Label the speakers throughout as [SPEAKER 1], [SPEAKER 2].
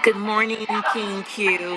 [SPEAKER 1] Good morning, King Q.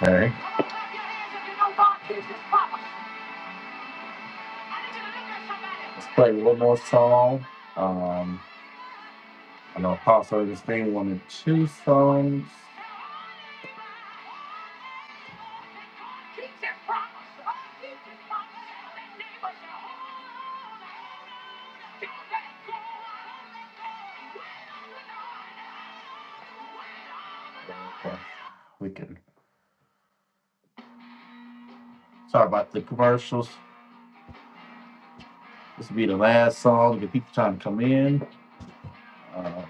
[SPEAKER 2] Okay. Let's play one more song. Um, I know Apostle Augustine wanted two songs. Okay. We can. Sorry about the commercials. This will be the last song. The people trying to come in. Um,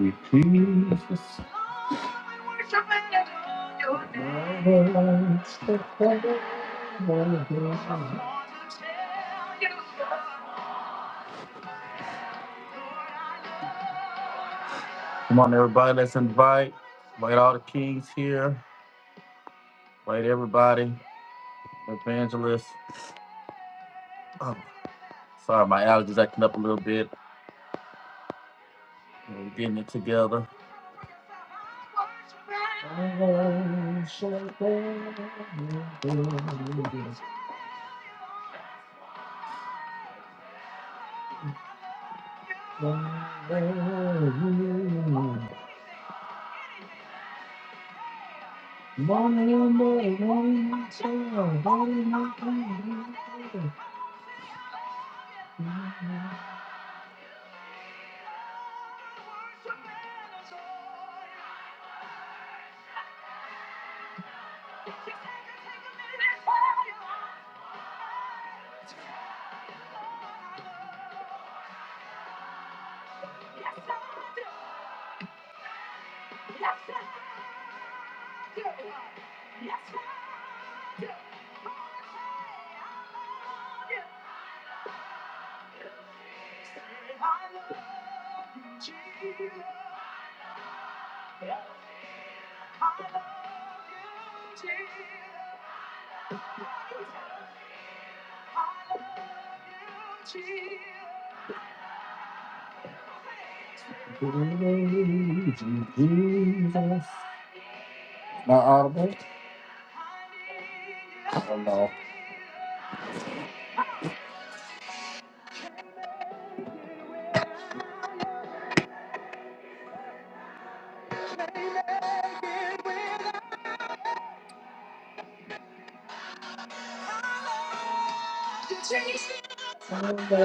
[SPEAKER 2] we please. Come on, everybody. Let's invite. Invite all the kings here. Invite everybody. Evangelist. Oh, sorry, my allergies acting up a little bit. We're getting it together. Not audible? Oh no. Nobody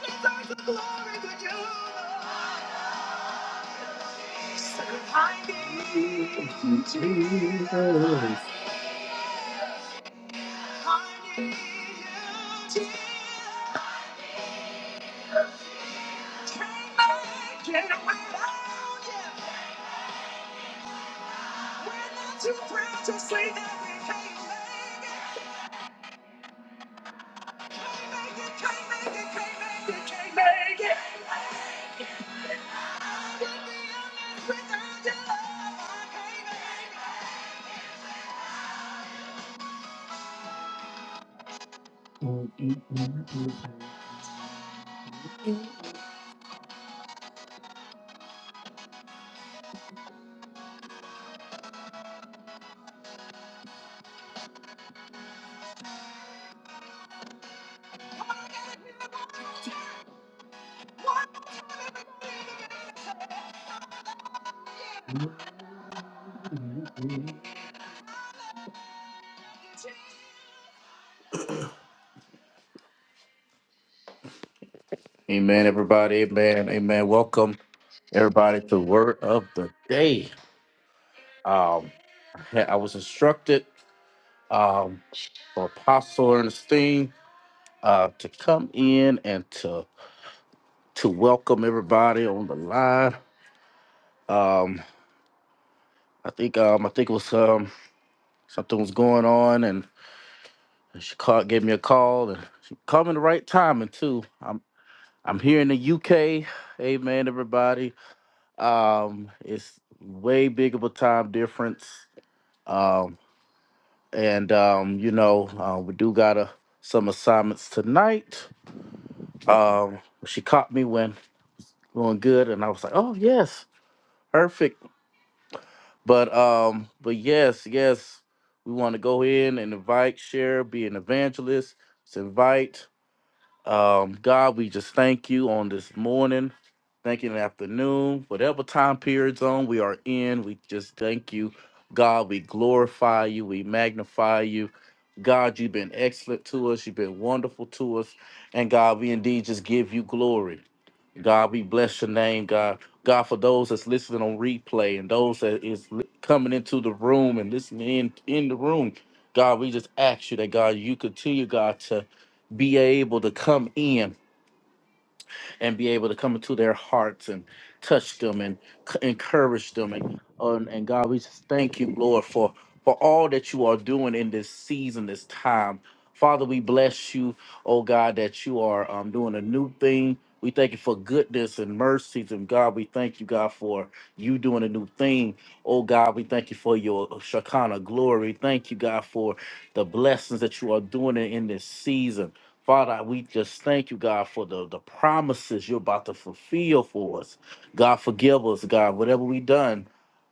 [SPEAKER 2] deserves the glory but you. So I need Jesus. Amen, everybody. Amen. Amen. Welcome, everybody, to Word of the Day. Um, I was instructed um, for Apostle Ernestine uh, to come in and to to welcome everybody on the line. Um, I think um, I think it was um, something was going on, and she called, gave me a call, and she called me the right timing too. I'm I'm here in the UK. Amen, everybody. Um, it's way big of a time difference, um, and um, you know uh, we do got a, some assignments tonight. Um, she caught me when going good, and I was like, oh yes, perfect But um, but yes, yes, we want to go in and invite, share, be an evangelist, to invite. Um, God, we just thank you on this morning, thank you in the afternoon, whatever time period zone we are in, we just thank you. God, we glorify you, we magnify you. God, you've been excellent to us, you've been wonderful to us, and God, we indeed just give you glory. God, we bless your name, God. God, for those that's listening on replay and those that is li- coming into the room and listening in, in the room, God, we just ask you that, God, you continue, God, to be able to come in and be able to come into their hearts and touch them and c- encourage them. And, and, and God, we just thank you, Lord, for, for all that you are doing in this season, this time. Father, we bless you, oh God, that you are um, doing a new thing. We thank you for goodness and mercies. And God, we thank you, God, for you doing a new thing. Oh God, we thank you for your uh, Shekinah glory. Thank you, God, for the blessings that you are doing in in this season. Father, we just thank you, God, for the, the promises you're about to fulfill for us. God, forgive us, God, whatever we done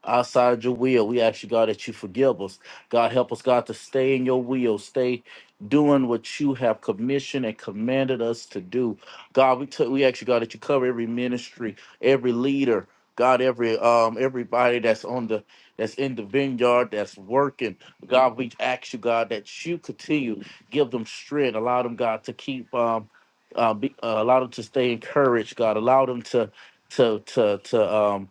[SPEAKER 2] outside your will. We ask you, God, that you forgive us. God, help us, God, to stay in your will, stay doing what you have commissioned and commanded us to do. God, we took we ask you, God, that you cover every ministry, every leader, God, every um everybody that's on the that's in the vineyard, that's working. God, we ask you, God, that you continue give them strength. Allow them, God, to keep um, uh, be, uh, allow them to stay encouraged. God, allow them to to to to um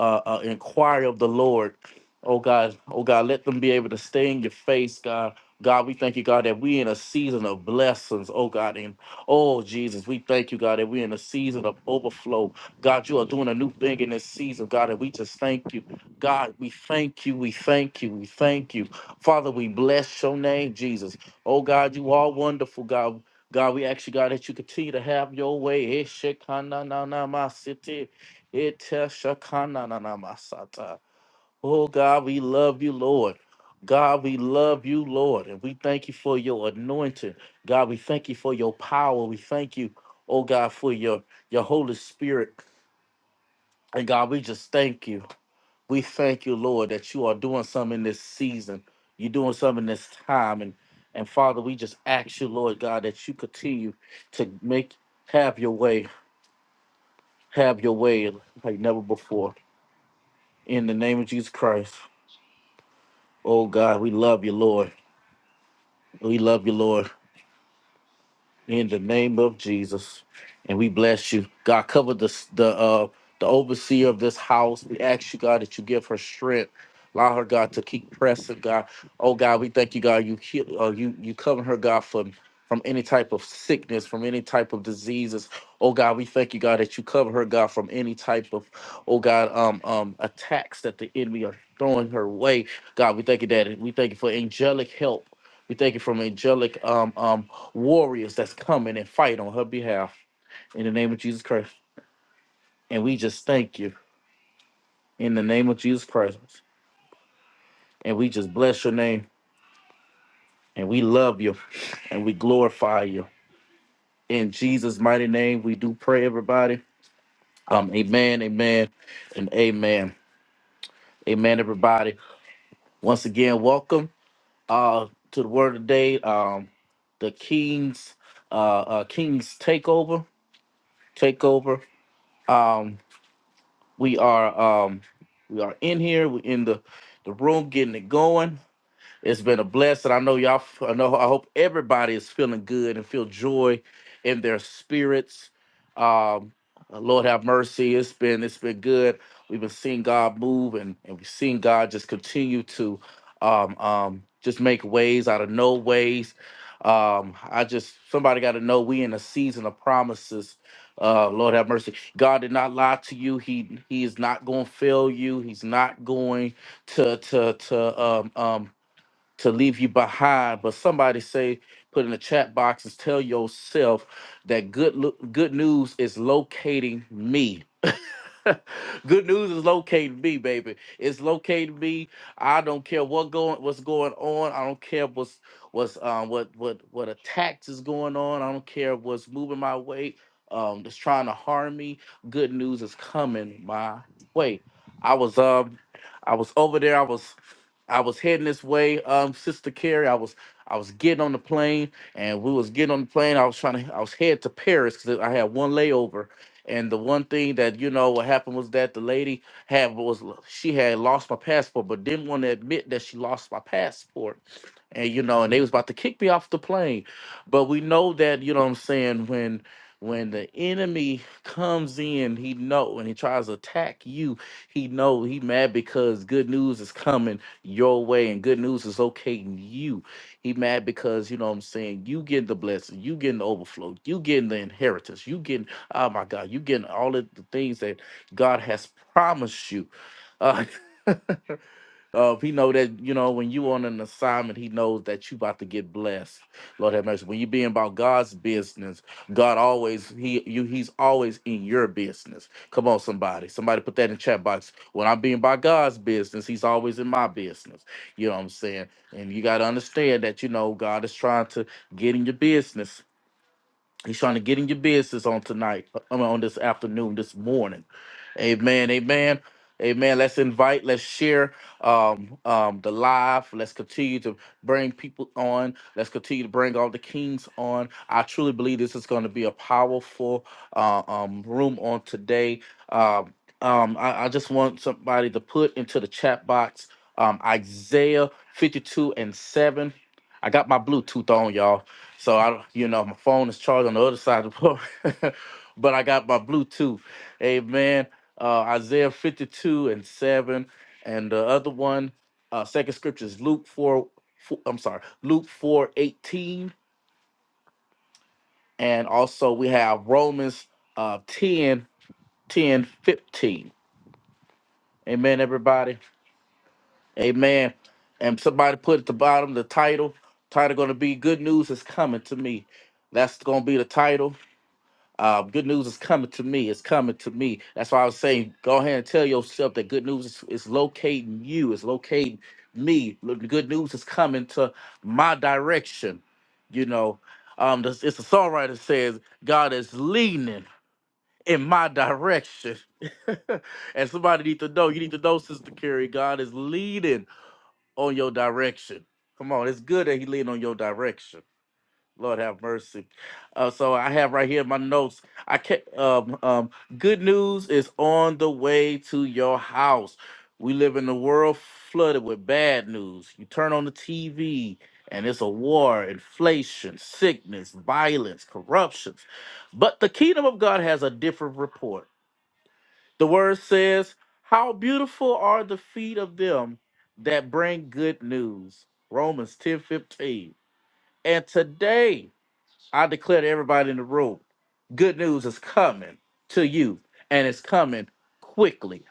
[SPEAKER 2] uh, uh, inquire of the Lord. Oh God, oh God, let them be able to stay in your face, God. God, we thank you, God, that we in a season of blessings, oh God. And oh Jesus, we thank you, God, that we in a season of overflow. God, you are doing a new thing in this season, God, and we just thank you. God, we thank you, we thank you, we thank you. Father, we bless your name, Jesus. Oh God, you are wonderful, God. God, we ask you, God, that you continue to have your way. Eshekananamasit. Ete shakana na na masata. Oh God, we love you, Lord. God, we love you, Lord, and we thank you for your anointing. God, we thank you for your power. We thank you, oh God, for your, your Holy Spirit. And God, we just thank you. We thank you, Lord, that you are doing something in this season. You're doing something in this time. And and Father, we just ask you, Lord God, that you continue to make have your way, have your way like never before. In the name of Jesus Christ. Oh God, we love you, Lord. We love you, Lord. In the name of Jesus, and we bless you. God, cover the the uh, the overseer of this house. We ask you, God, that you give her strength. Allow her, God, to keep pressing, God. Oh God, we thank you, God. You heal- uh, you you cover her, God, from from any type of sickness, from any type of diseases. Oh God, we thank you, God, that you cover her, God, from any type of, oh God, um um attacks that the enemy are throwing her way. God, we thank you, Daddy. We thank you for angelic help we thank you from angelic um, um, warriors that's coming and fight on her behalf in the name of Jesus Christ. And we just thank you in the name of Jesus Christ. And we just bless your name and we love you and we glorify you. In Jesus' mighty name, we do pray, everybody. Um, amen, amen, and amen. Amen, everybody. Once again, welcome uh to the word of the day. Um, the King's uh, uh King's takeover. Takeover. Um we are um we are in here we're in the the room getting it going it's been a blessing. I know y'all. f- I know. I hope everybody is feeling good and feel joy in their spirits. Um, Lord have mercy. It's been it's been good. We've been seeing God move, and and we've seen God just continue to um, um, just make ways out of no ways. Um, I just somebody got to know we in a season of promises. Uh, Lord have mercy. God did not lie to you. He He is not going to fail you. He's not going to to to um um to leave you behind. But somebody say, put in the chat box and tell yourself that good lo- good news is locating me. Good news is locating me, baby. It's locating me. I don't care what going what's going on. I don't care what's what's um what what what attacks is going on. I don't care what's moving my way. Um, that's trying to harm me. Good news is coming my way. I was um I was over there. I was I was heading this way. Um, Sister Carrie, I was I was getting on the plane, and we was getting on the plane. I was trying to I was head to Paris because I had one layover and the one thing that you know what happened was that the lady had was she had lost my passport, but didn't want to admit that she lost my passport. And you know, and they was about to kick me off the plane. But we know that, you know what I'm saying, when when the enemy comes in, he know when he tries to attack you, he know he mad because good news is coming your way and good news is locating you. He mad because you know what I'm saying, you getting the blessing, you getting the overflow, you getting the inheritance, you getting Oh my God, you getting all of the things that God has promised you. Uh, uh, he know that you know when you on an assignment, he knows that you about to get blessed. Lord have mercy. When you being about God's business, God always he you he's always in your business. Come on, somebody, somebody put that in the chat box. When I'm being about God's business, he's always in my business. You know what I'm saying? And you got to understand that you know God is trying to get in your business He's trying to get in your business on tonight, uh, I mean, on this afternoon, this morning. Amen. Amen. Amen. Let's invite, let's share um, um, the live. Let's continue to bring people on. Let's continue to bring all the kings on. I truly believe this is going to be a powerful uh, um, room on today. Um, um, I, I just want somebody to put into the chat box um, Isaiah 52 and 7. I got my Bluetooth on, y'all. So I, you know, my phone is charged on the other side of the port, but I got my Bluetooth. Amen. Uh, Isaiah 52 and 7. And the other one, uh, second scripture is Luke 4, four I'm sorry, Luke 4 18, And also we have Romans uh, 10, ten fifteen. Amen, everybody. Amen. And somebody put at the bottom the title. Title going to be Good News is Coming to Me. That's going to be the title Uh, good news is coming to me. It's coming to me. That's why I was saying, go ahead and tell yourself that good news is, is locating you. It's locating me. Look, The good news is coming to my direction. You know, um, this, it's a songwriter says God is leaning in my direction. and somebody need to know. You need to know, Sister Carrie. God is leading on your direction. Come on, it's good that He leaning on your direction. Lord have mercy. Uh, so I have right here my notes. I can um, um, good news is on the way to your house. We live in a world flooded with bad news. You turn on the TV and it's a war, inflation, sickness, violence, corruptions. But the kingdom of God has a different report. The word says, How beautiful are the feet of them that bring good news. Romans ten fifteen. And today, I declare to everybody in the room, good news is coming to you, and it's coming quickly.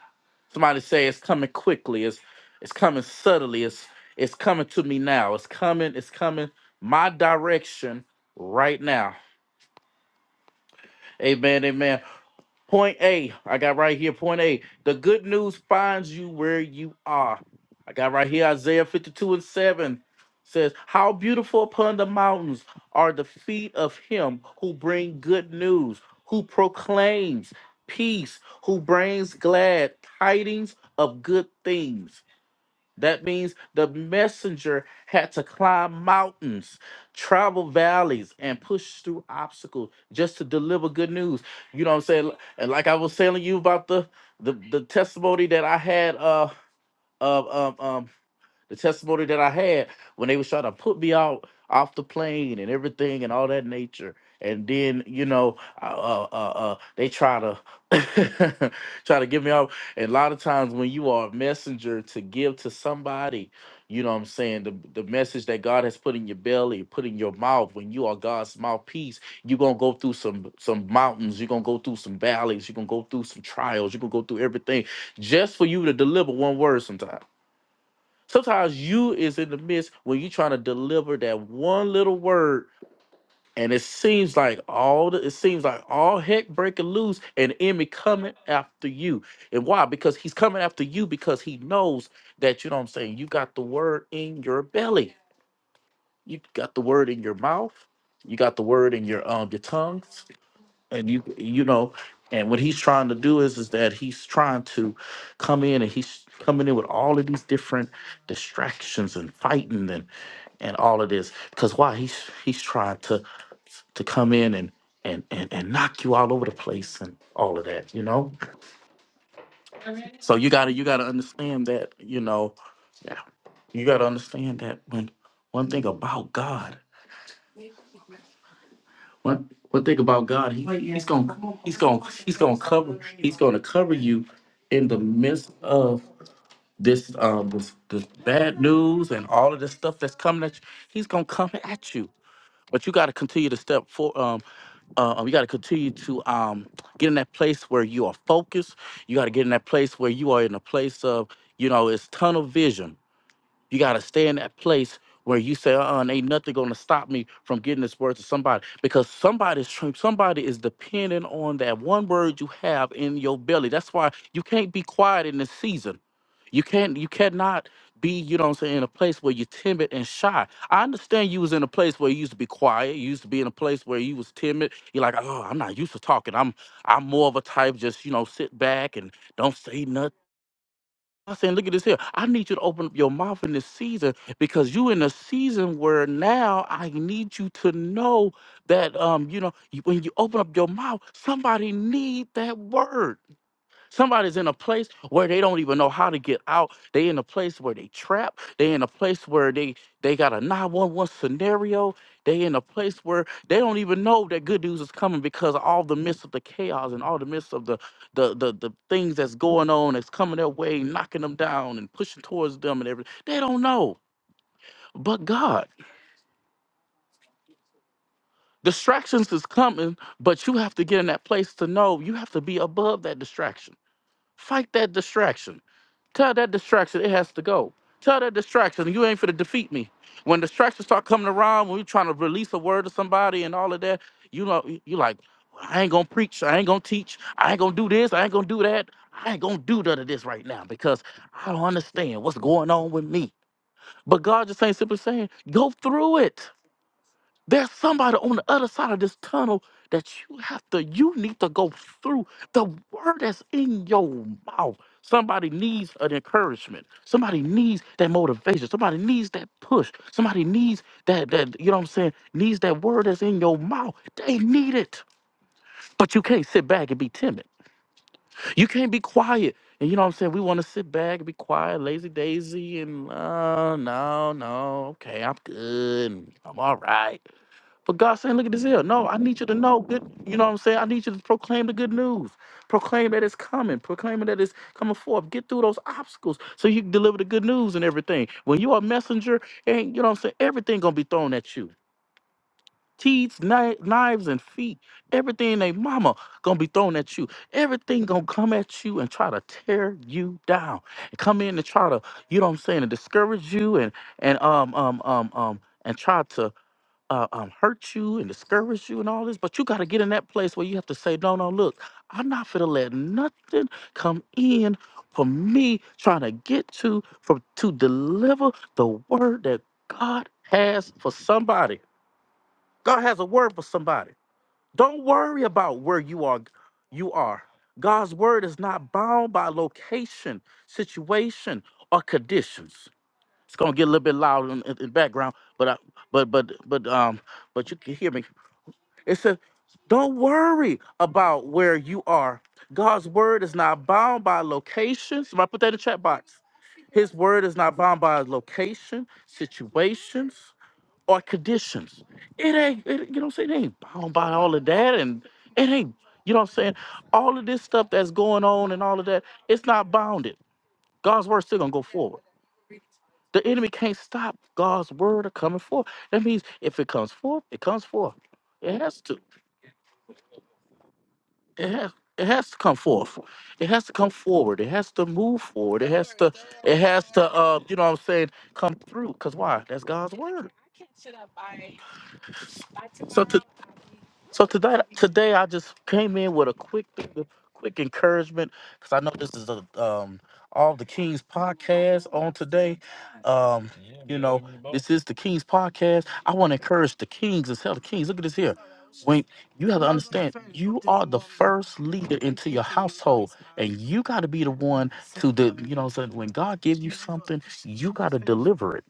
[SPEAKER 2] Somebody say it's coming quickly. It's it's coming subtly. It's it's coming to me now. It's coming. It's coming my direction right now. Amen. Amen. Point A, I got right here. Point A, the good news finds you where you are. I got right here Isaiah 52 and 7 says, How beautiful upon the mountains are the feet of him who bring good news, who proclaims peace, who brings glad tidings of good things that means the messenger had to climb mountains, travel valleys, and push through obstacles just to deliver good news. You know what I'm saying? And like I was telling you about the the, the testimony that I had uh, uh, the testimony that I had when they was trying to put me out off the plane and everything and all that nature. And then you know, uh, uh, uh, uh, they try to try to give me off. And a lot of times when you are a messenger to give to somebody, you know what I'm saying, the the message that God has put in your belly, put in your mouth. When you are God's mouthpiece, you're gonna go through some some mountains you're gonna go through some valleys you're gonna go through some trials you're gonna go through everything just for you to deliver one word sometimes Sometimes you is in the midst when you're trying to deliver that one little word, and it seems like all the it seems like all heck breaking loose, and the enemy coming after you. And why? Because he's coming after you because he knows that you know what I'm saying. You got the word in your belly. You got the word in your mouth. You got the word in your um your tongue and you you know and what he's trying to do is is that he's trying to come in and he's coming in with all of these different distractions and fighting and and all of this because why he's he's trying to to come in and and and, and knock you all over the place and all of that you know so you gotta you gotta understand that you know yeah you gotta understand that when one thing about god One one thing about God, he, he's gonna he's gonna he's gonna cover he's gonna cover you in the midst of this um this, this bad news and all of this stuff that's coming at you. He's gonna come at you, but you got to continue to step for um uh, um, you got to continue to um, get in that place where you are focused. You got to get in that place where you are in a place of, you know, it's tunnel vision you got to stay in that place where you say, uh-uh, ain't nothing going to stop me from getting this word to somebody because somebody's tr- somebody is depending on that one word you have in your belly. That's why you can't be quiet in this season. You can't you cannot be, you know what I'm saying, in a place where you're timid and shy. I understand you was in a place where you used to be quiet. You used to be in a place where you was timid. You're like, oh, I'm not used to talking. I'm I'm more of a type just, you know, sit back and don't say nothing I saying, look at this here. I need you to open up your mouth in this season because you in a season where now I need you to know that um, you know, you- when you open up your mouth, somebody need that word. Somebody's in a place where they don't even know how to get out. They in a place where they trap. They in a place where they they got a 911 scenario. They in a place where they don't even know that good news is coming because all the midst of the chaos and all the midst of the the the, the things that's going on that's coming their way, knocking them down and pushing towards them and everything. They don't know. But God, distractions is coming, but you have to get in that place to know you have to be above that distraction Fight that distraction. Tell that distraction it has to go. Tell that distraction you ain't for to defeat me. When distractions start coming around, when you are trying to release a word to somebody and all of that, you know you like, "Well, I ain't gonna preach, I ain't gonna teach, I ain't gonna do this, I ain't gonna do that, I ain't gonna do none of this right now because I don't understand what's going on with me. But God just ain't simply saying, go through it there's somebody on the other side of this tunnel that you have to, you need to go through the word that's in your mouth. Somebody needs an encouragement. Somebody needs that motivation. Somebody needs that push. Somebody needs that, that, you know what I'm saying, needs that word that's in your mouth. They need it. But you can't sit back and be timid. You can't be quiet. And you know what I'm saying? We want to sit back and be quiet, lazy daisy, and uh, no, no, okay, I'm good. and I'm all right. But God saying, look at this here. No, I need you to know good. You know what I'm saying? I need you to proclaim the good news. Proclaim that it's coming. Proclaim that it's coming forth. Get through those obstacles so you can deliver the good news and everything. When you are a messenger, and you know what I'm saying, everything gonna be thrown at you. Teeth, kni- knives, and feet. Everything they mama gonna be thrown at you. Everything gonna come at you and try to tear you down. And Come in and try to, you know what I'm saying, to discourage you and and um um um um and try to uh, um, hurt you and discourage you and all this, but you got to get in that place where you have to say, no, no, look, I'm not finna let nothing come in for me trying to get to for to deliver the word that God has for somebody. God has a word for somebody. Don't worry about where you are. You are. God's word is not bound by location, situation, or conditions. It's gonna get a little bit loud in, in the background, but I, but but but um, but you can hear me it says, don't worry about where you are. God's word is not bound by location. Somebody put that in the chat box. His word is not bound by location, situations, or conditions. It ain't, it, you know what I'm saying? It ain't bound by all of that. And it ain't, you know what I'm saying? All of this stuff that's going on and all of that, it's not bounded. God's word's still gonna go forward. The enemy can't stop God's word of coming forth. That means if it comes forth, it comes forth. It has to. it has it has to come forth. It has to come forward. It has to move forward. It has to it has to uh you know what I'm saying come through. Cause why? That's God's word. So to. So today, today I just came in with a quick, quick encouragement because I know this is a um all the Kings podcast on today. Um, you know, this is the Kings podcast. I want to encourage the Kings and tell the Kings. Look at this here. When you have to understand, you are the first leader into your household, and you got to be the one to the. You know, what I'm saying when God gives you something, you got to deliver it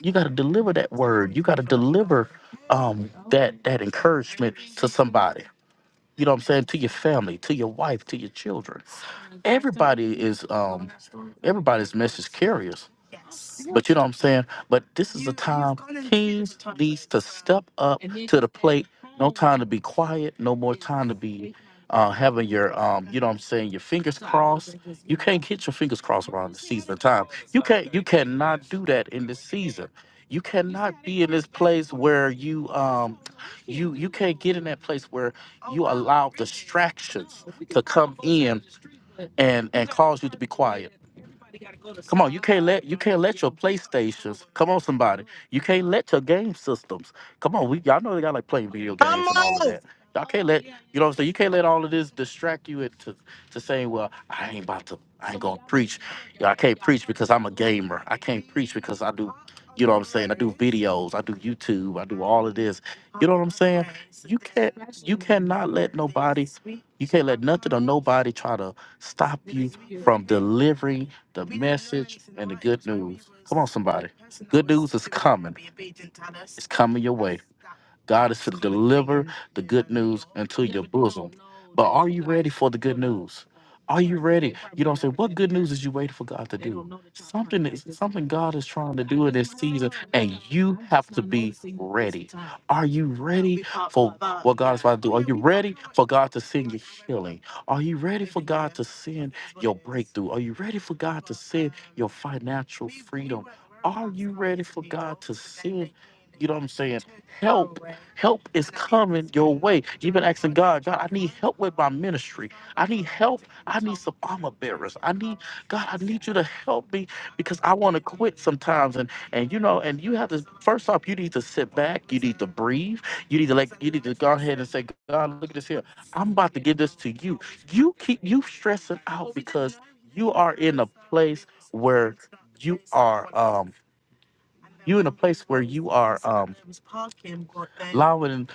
[SPEAKER 2] you got to deliver that word you got to deliver um that that encouragement to somebody you know what i'm saying to your family to your wife to your children everybody is um everybody's message carriers but you know what I'm saying? But this is a time kings needs to step up to the plate. No time to be quiet. No more time to be uh, having your um, you know what I'm saying, your fingers crossed. You can't get your fingers crossed around the season of time. You can't you cannot do that in this season. You cannot be in this place where you um you you can't get in that place where you allow distractions to come in and and cause you to be quiet. Come on, you can't let you can't let your PlayStations. Come on, somebody, you can't let your game systems. Come on, we y'all know they got like playing video
[SPEAKER 3] Come
[SPEAKER 2] games and all of
[SPEAKER 3] on.
[SPEAKER 2] that. Y'all can't let you know what I'm saying. You can't let all of this distract you into to saying, well, I ain't about to, I ain't gonna preach. Yeah, I can't preach because I'm a gamer. I can't preach because I do, you know what I'm saying. I do videos. I do YouTube. I do all of this. You know what I'm saying. You can't, you cannot let nobody, you can't let nothing or nobody try to stop you from delivering the message and the good news. Come on, somebody. good news is coming. It's coming your way. God is to deliver the good news into your bosom. But are you ready for the good news? Are you ready? You don't say, what good news is you waiting for God to do? Something is something God is trying to do in this season, and you have to be ready. Are you ready for what God is about to do? Are you ready for God to send your healing? Are you ready for God to send your breakthrough? Are you ready for God to send your financial freedom? Are you ready for God to send, you know what I'm saying, help Help is coming your way. Even asking God, God, I need help with my ministry. I need help. I need some armor bearers. I need God. I need you to help me because I want to quit sometimes. And and you know, and you have to first off, you need to sit back. You need to breathe. You need to like. You need to go ahead and say, God, look at this here. I'm about to give this to you. You keep you stressing out because you are in a place where you are um you in a place where you are um allowing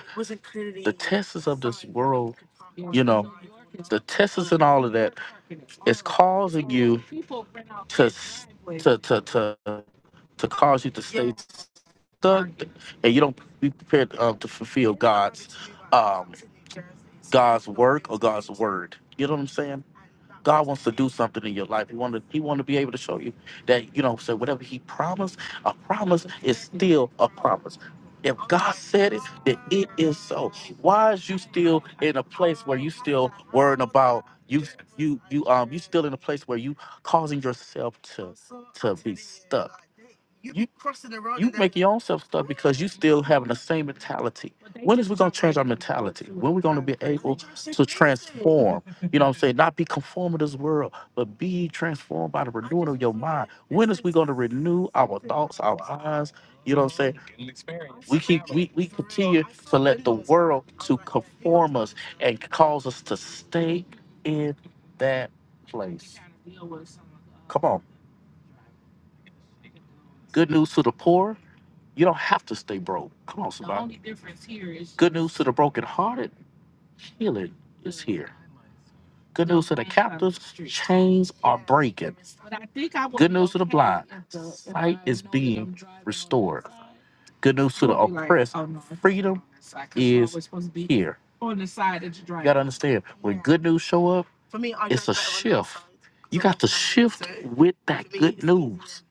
[SPEAKER 2] the tests of this world, you know, the tests and all of that is causing you to s- to to to to cause you to stay stuck, and you don't be prepared um, to fulfill God's um God's work or God's word. You know what I'm saying? God wants to do something in your life. He wanted. He want to be able to show you that you know. So whatever He promised, a promise is still a promise. If God said it, then it is so. Why is you still in a place where you still worrying about you you you um you still in a place where you causing yourself to to be stuck? You you make your own self stuck because you still having the same mentality. When is we gonna change our mentality? When we gonna be able to transform? You know what I'm saying? Not be conformed to this world, but be ye transformed by the renewing of your mind. When is we going to renew our thoughts, our minds? You know what I'm saying? We keep we, we continue to let the world to conform us and cause us to stay in that place. Come on. Good news to the poor. You don't have to stay broke. Come on, somebody. Good news to the brokenhearted. Healing is here. Good news to the captives. Chains are breaking. Good news here. I understand when good news show up, it's a shift. You got to shift with that good news.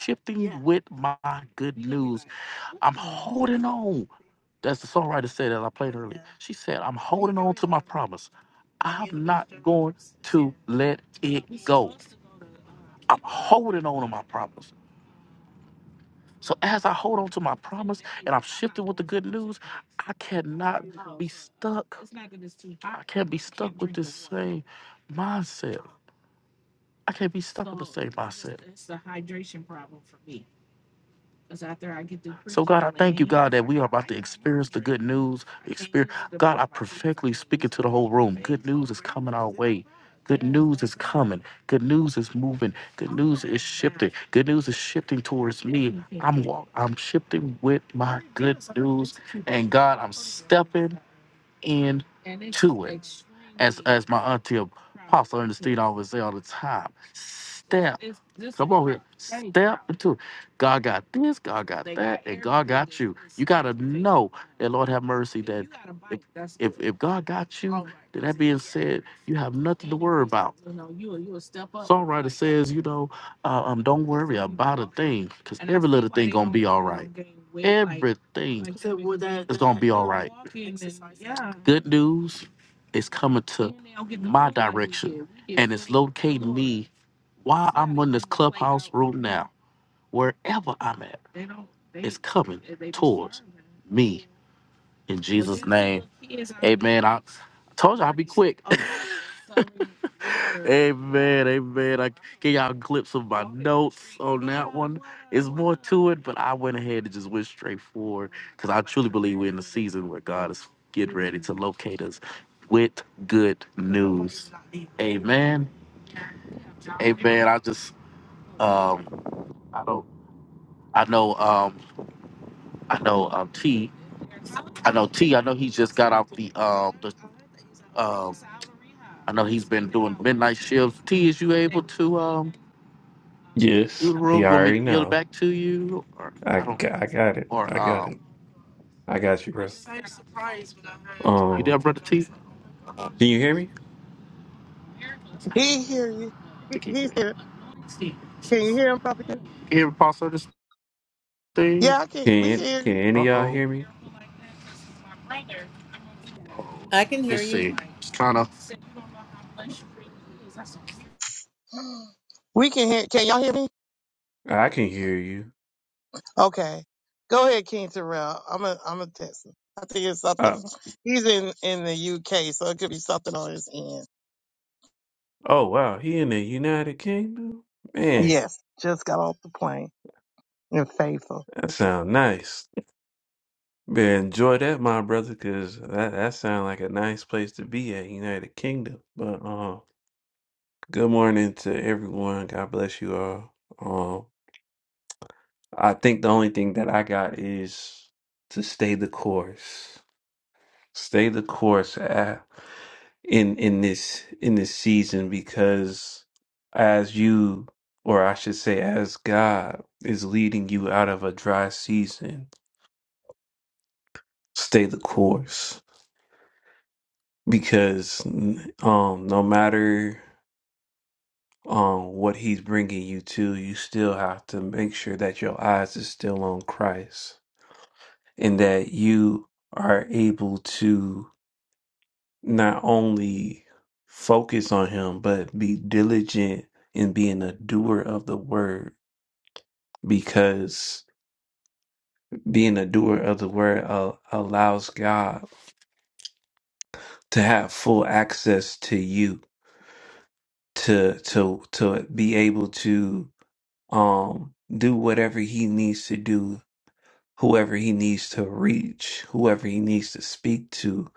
[SPEAKER 2] Shifting Yeah. with my good news, I'm holding on. That's the songwriter said that I played earlier. Yeah. She said, I'm holding on to my promise. I to let it I'm holding on to my promise. So as I hold on to my promise, I cannot look mindset. I can't be stuck. News, good news is moving. Good, good news is shifting towards me. I'm shifting with my end until Apostle understand. always say all the time. Step, step into it. God got this, God got that. Have mercy. got you. You have nothing all right. It says, you know, uh, um, don't worry, because good thing, good news is coming to wow, wherever I'm at. Coming in Jesus. Talk. Amen, amen. I give y'all a glimpse of my do it, but I went ahead and just went straight forward because I truly believe we're in a season where God is getting ready to locate us with good news. Amen. And I just um I don't I know um I know um T he just got off the um shift. T is you able do
[SPEAKER 4] Yes,
[SPEAKER 2] the room?
[SPEAKER 4] you
[SPEAKER 2] You want me
[SPEAKER 4] already
[SPEAKER 2] to yield it
[SPEAKER 4] know.
[SPEAKER 2] back to you? Or
[SPEAKER 4] I
[SPEAKER 2] I
[SPEAKER 4] got, I got it. I got
[SPEAKER 2] um
[SPEAKER 4] it. I got you, bro.
[SPEAKER 2] you
[SPEAKER 4] Um,
[SPEAKER 2] there, brother T? Uh,
[SPEAKER 4] can you hear me?
[SPEAKER 3] He hear you. He-
[SPEAKER 2] Sticky. You
[SPEAKER 3] He's here. Can you hear him, Papa? Ken?
[SPEAKER 2] hear me, Pastor this thing?
[SPEAKER 3] Yeah, I can. We can
[SPEAKER 4] Can
[SPEAKER 3] hear
[SPEAKER 4] Can
[SPEAKER 3] you.
[SPEAKER 4] any
[SPEAKER 2] Uh
[SPEAKER 4] of y'all
[SPEAKER 2] oh.
[SPEAKER 4] hear me?
[SPEAKER 5] I can hear
[SPEAKER 2] Let's
[SPEAKER 5] you.
[SPEAKER 2] see. Just kind of
[SPEAKER 3] We can hear. Can y'all hear me?
[SPEAKER 4] I can hear you.
[SPEAKER 3] Okay. Go ahead, King Terrell. I'm a I'm a test him. I think it's something.
[SPEAKER 4] Uh,
[SPEAKER 3] He's in in the UK, so it could be something on his end.
[SPEAKER 4] oh wow, he in the United Kingdom. Man,
[SPEAKER 3] Yes, just got off the plane and faithful.
[SPEAKER 4] that sound nice. Man, enjoy that, my brother, cause that that sound like a nice place to be at United Kingdom. But uh, good morning to everyone. God bless you all. Um, I think the only thing that I got is to stay the course. Stay the course uh, in in this in this season because as you or I should say as God is leading you out of a dry season, stay the course because um no matter um what he's bringing you to, you still have to make sure that your eyes is still on Christ and that you are able to not only focus on him, but be diligent in being a doer of the word because being a doer of the word uh, allows God to have full access to you to to to be able to um do whatever he needs to do whoever he needs to reach whoever he needs to speak to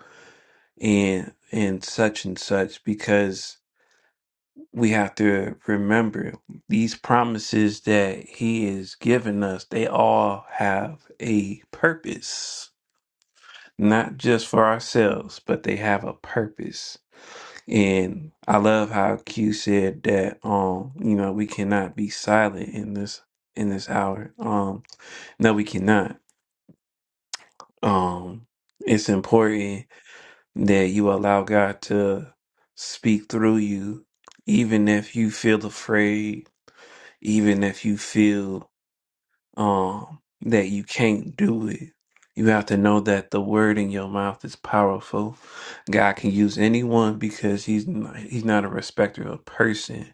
[SPEAKER 4] and and such and such because we have to remember these promises that he is giving us they all have a purpose not just for ourselves but they have a purpose and i love how q said that um you know we cannot be silent in this in this hour um no we cannot um it's important that you allow god to speak through you even if you feel afraid even if you feel um that you can't do it you have to know that the word in your mouth is powerful god can use anyone because he's not, he's not a respecter of person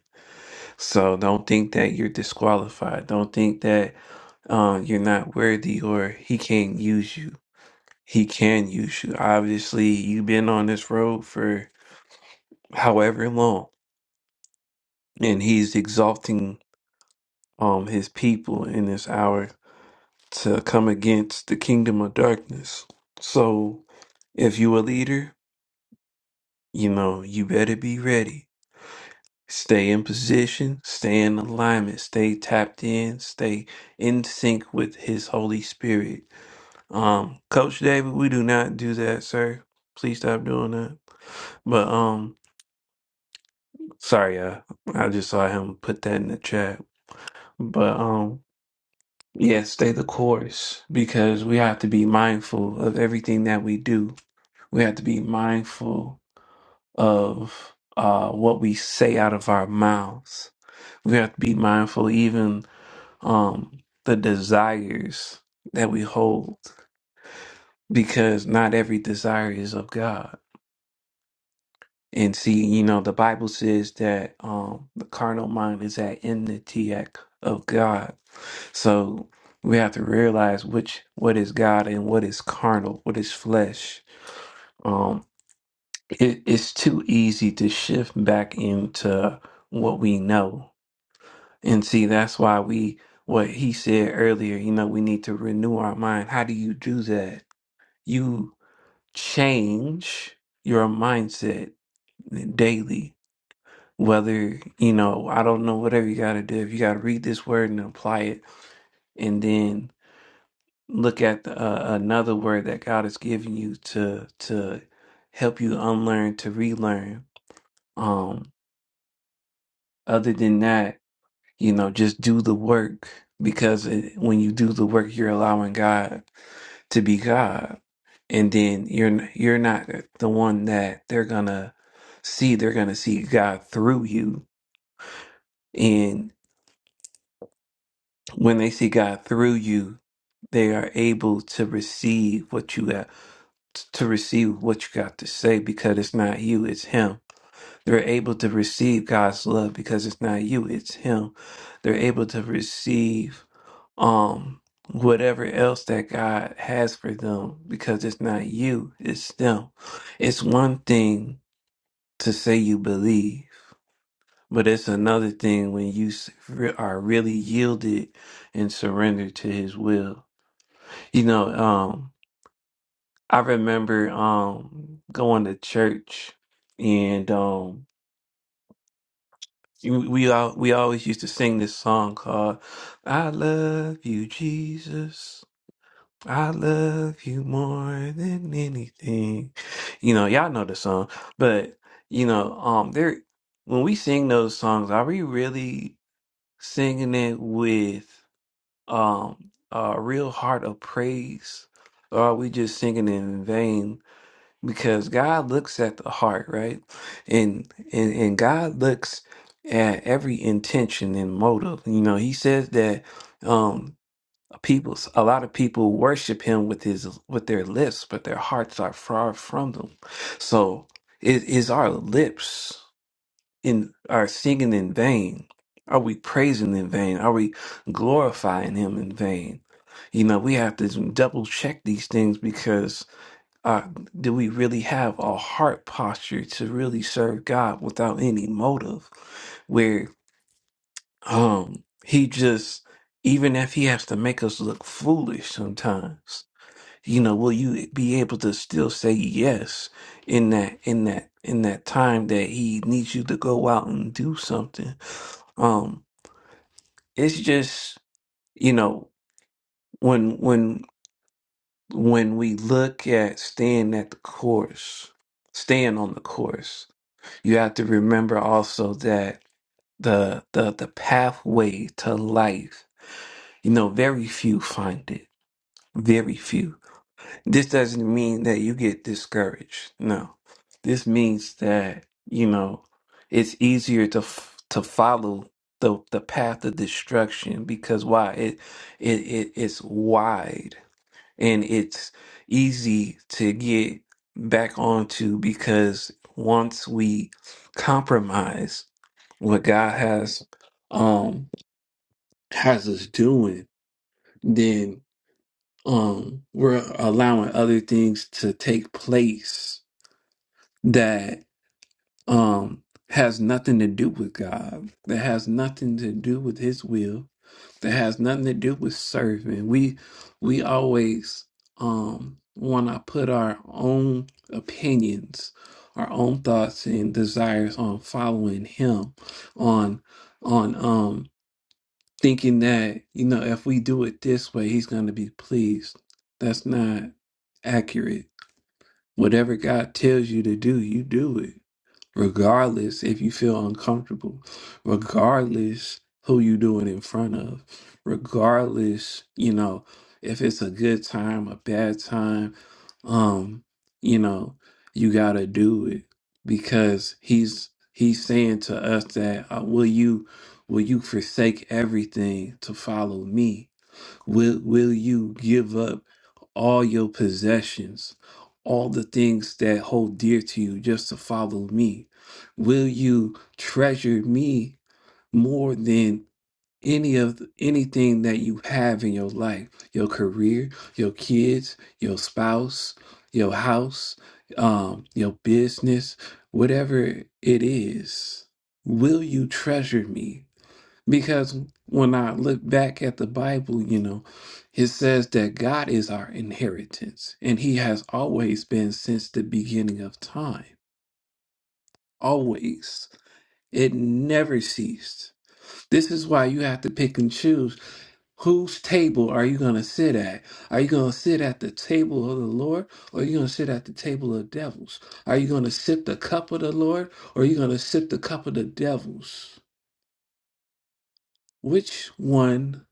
[SPEAKER 4] so don't think that you're disqualified don't think that um you're not worthy or he can't use you he can use you obviously you've been on this road for however long and he's exalting um his people in this hour to come against the kingdom of darkness. So if you a leader, you know, you better be ready. Stay in position, stay in alignment, stay tapped in, stay in sync with his Holy Spirit. Um, Coach David, we do not do that, sir. Please stop doing that. But um sorry, uh, I just saw him put that in the chat. But um yeah, stay the course because we have to be mindful of everything that we do We have to be mindful of uh, what we say out of our mouths. We have to be mindful even um, the desires that we hold, because not every desire is of God. And see, you know, the Bible says that um, the carnal mind is at enmity at- of God. So we have to realize which what is God and what is carnal, what is flesh. Um, it, it's too easy to shift back into what we know. And see, that's why we, what he said earlier, you know, we need to renew our mind. How do you do that? You change your mindset daily. Whether, you know, I don't know, whatever you got to do, if you got to read this word and apply it and then look at the, uh, another word that God has given you to, to help you unlearn, to relearn. Um, other than that, You know, just do the work because it, when you do the work, you're allowing God to be God, and then you're you're not the one that they're gonna see. They're gonna see God through you, and when they see God through you, they are able to receive what you got to receive what you got to say because it's not you, it's Him. They're able to receive God's love because it's not you, it's Him. They're able to receive um whatever else that God has for them because it's not you, it's them. It's one thing to say you believe, but it's another thing when you s- re- are really yielded and surrendered to His will. You know, um, I remember um going to church and um, You- We all we always used to sing this song called "I Love You, Jesus." I love you more than anything. You know, y'all know the song, but you know, um, there when we sing those songs, are we really singing it with um a real heart of praise, or are we just singing it in vain? because God looks at the heart, right? And and and God looks at every intention and motive. You know, He says that um people, a lot of people worship Him with his with their lips, but their hearts are far from them. So, it is our lips in are singing in vain? Are we praising in vain? Are we glorifying Him in vain? You know, we have to double check these things because. Uh, do we really have a heart posture to really serve God without any motive? Where um he just even if he has to make us look foolish sometimes, you know, will you be able to still say yes in that in that in that time that he needs you to go out and do something? Um, it's just you know when when when we look at staying at the course, staying on the course you have to remember also that the the the pathway to life you know very few find it very few this doesn't mean that you get discouraged no this means that you know it's easier to f- to follow the the path of destruction because why it it, it it's wide and it's easy to get back onto because once we compromise what God has um has us doing, then um we're allowing other things to take place that um has nothing to do with God, that has nothing to do with his will, that has nothing to do with serving. We we always um wanna put our own opinions, our own thoughts and desires on following him, on on um thinking that, you know, if we do it this way, he's going to be pleased. That's not accurate. Whatever God tells you to do, you do it, regardless if you feel uncomfortable, regardless who you do it in front of, regardless, you know, if it's a good time, a bad time um you know you got to do it because he's he's saying to us that uh, will you will you forsake everything to follow me will will you give up all your possessions all the things that hold dear to you just to follow me will you treasure me more than any of anything that you have in your life your career your kids your spouse your house um your business whatever it is will you treasure me because when i look back at the bible you know it says that god is our inheritance and he has always been since the beginning of time always it never ceased this is why you have to pick and choose Whose table are you going to sit at? Are you going to sit at the table of the Lord or are you going to sit at the table of devils? Are you going to sip the cup of the Lord or are you going to sip the cup of the devils? Which one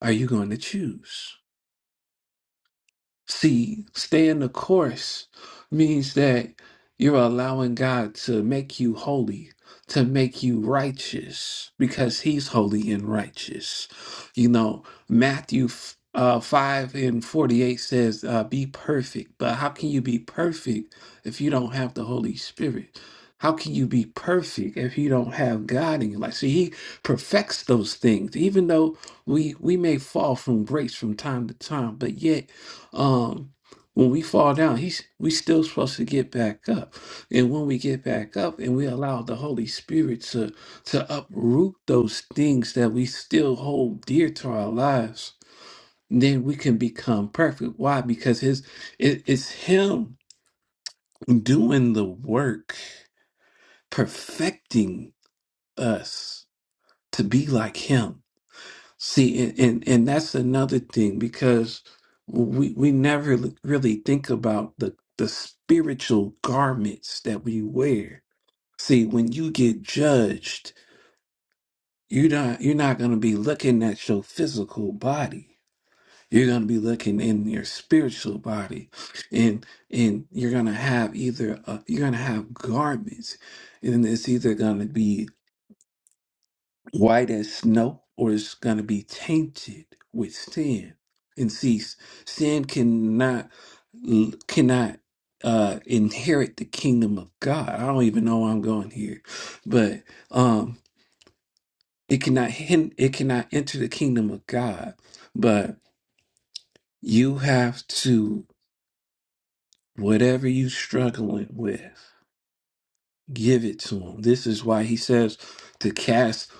[SPEAKER 4] are you going to choose? See, staying the course means that you're allowing God to make you holy, to make you righteous, because He's holy and righteous. You know, Matthew f- uh, 5 and 48 says, uh, Be perfect. But how can you be perfect if you don't have the Holy Spirit? How can you be perfect if you don't have God in your life? See, He perfects those things, even though we we may fall from grace from time to time, but yet um when we fall down he's we still supposed to get back up and when we get back up and we allow the holy spirit to to uproot those things that we still hold dear to our lives then we can become perfect why because his it, it's him doing the work perfecting us to be like him See, and, and, and that's another thing because we we never l- really think about the the spiritual garments that we wear. See, when you get judged, you're not you're not going to be looking at your physical body. You're going to be looking in your spiritual body, and and you're going to have either uh you're going to have garments, and it's either going to be white as snow or it's going to be tainted with sin and see sin cannot cannot uh inherit the kingdom of god i don't even know where i'm going here but um it cannot hin- it cannot enter the kingdom of god but you have to whatever you struggling with give it to him this is why he says to cast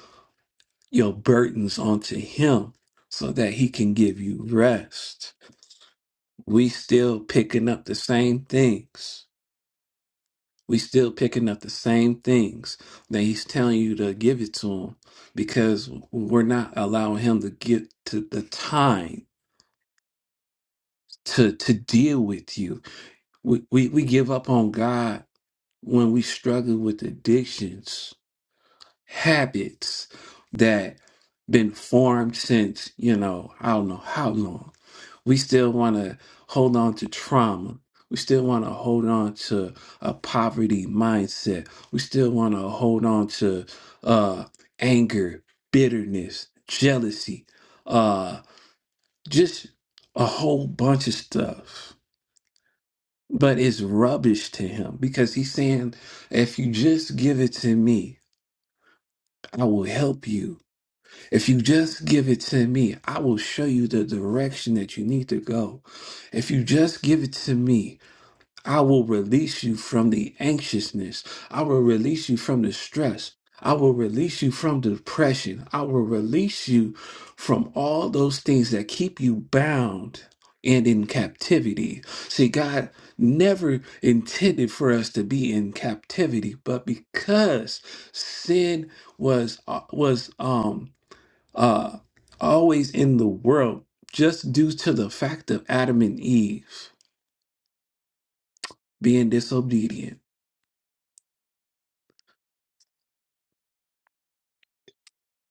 [SPEAKER 4] your burdens onto him so that he can give you rest we still picking up the same things. We still picking up the same things that he's telling you to give it to him because we're not allowing him to get to the time to to deal with you. We we, we give up on God when we struggle with addictions, habits that been formed since, you know, I don't know how long We still want to hold on to trauma. We still want to hold on to a poverty mindset. We still want to hold on to uh, anger, bitterness, jealousy, uh, just a whole bunch of stuff. But it's rubbish to him because he's saying, if you just give it to me, I will help you. If you just give it to me, I will show you the direction that you need to go. If you just give it to me, I will release you from the anxiousness. I will release you from the stress. I will release you from depression. I will release you from all those things that keep you bound and in captivity. See, God never intended for us to be in captivity, but because sin was uh, was um uh always in the world just due to the fact of Adam and Eve being disobedient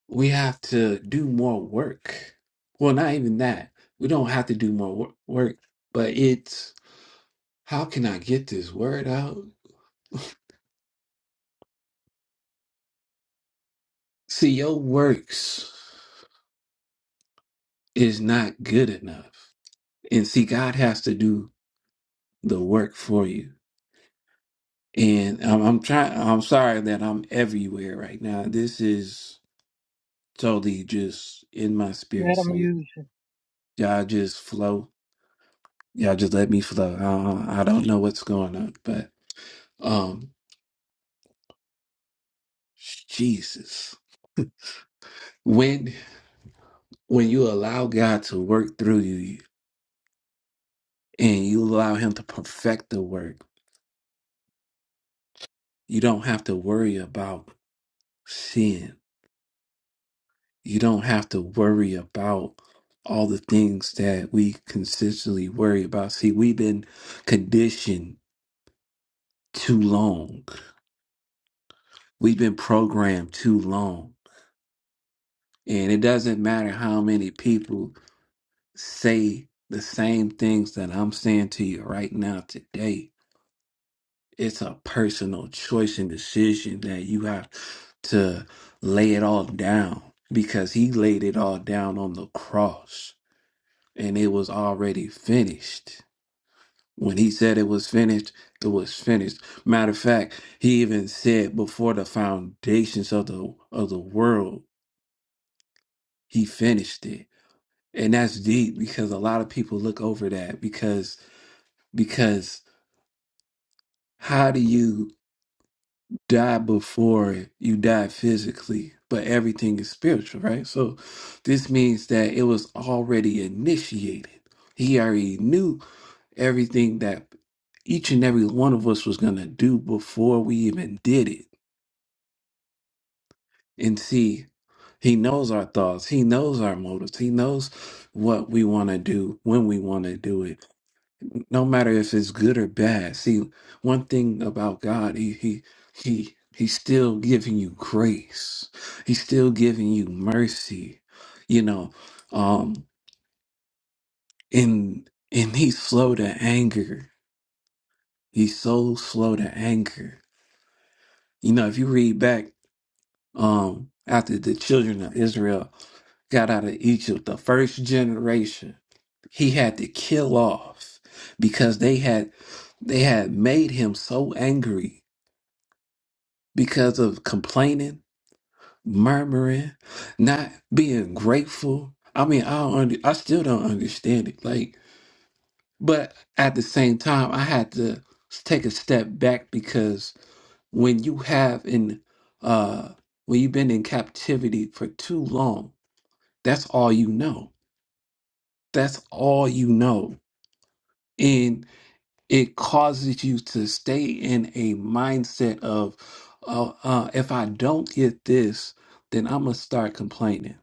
[SPEAKER 4] we have to do more work. Well, not even that. We don't have to do more wor- work, but it's how can I get this word out? See, your works is not good enough. And see, God has to do the work for you. And I'm, I'm trying, I'm sorry that I'm everywhere right now. This is totally just in my spirit.
[SPEAKER 3] Let him
[SPEAKER 4] So y-
[SPEAKER 3] use you.
[SPEAKER 4] y'all just flow. Y'all just let me flow. I, I don't know what's going on, but. um. Jesus. When when you allow God to work through you and you allow him to perfect the work, you don't have to worry about sin. You don't have to worry about all the things that we consistently worry about. See, we've been conditioned too long. We've been programmed too long. And it doesn't matter how many people say the same things that I'm saying to you right now today It's a personal choice and decision that you have to lay it all down because he laid it all down on the cross and it was already finished. When he said it was finished, it was finished. Matter of fact, he even said before the foundations of the of the world, he finished it. And that's deep because a lot of people look over that because because how do you die before you die physically, but everything is spiritual, right? So this means that it was already initiated. He already knew everything that each and every one of us was going to do before we even did it. And see, he knows our thoughts, he knows our motives, he knows what we want to do when we want to do it no matter if it's good or bad. See, one thing about God, he he he he's still giving you grace. He's still giving you mercy. You know, um and and he's slow to anger. He's so slow to anger. You know, if you read back um after the children of Israel got out of Egypt, the first generation, he had to kill off because they had they had made him so angry because of complaining, murmuring, not being grateful. I mean, I don't under, I still don't understand it. Like, but at the same time, I had to s- take a step back because when you have in uh when you've been in captivity for too long, that's all you know. That's all you know. it causes you to stay in a mindset of uh, uh, if i don't get this then i'm gonna start complaining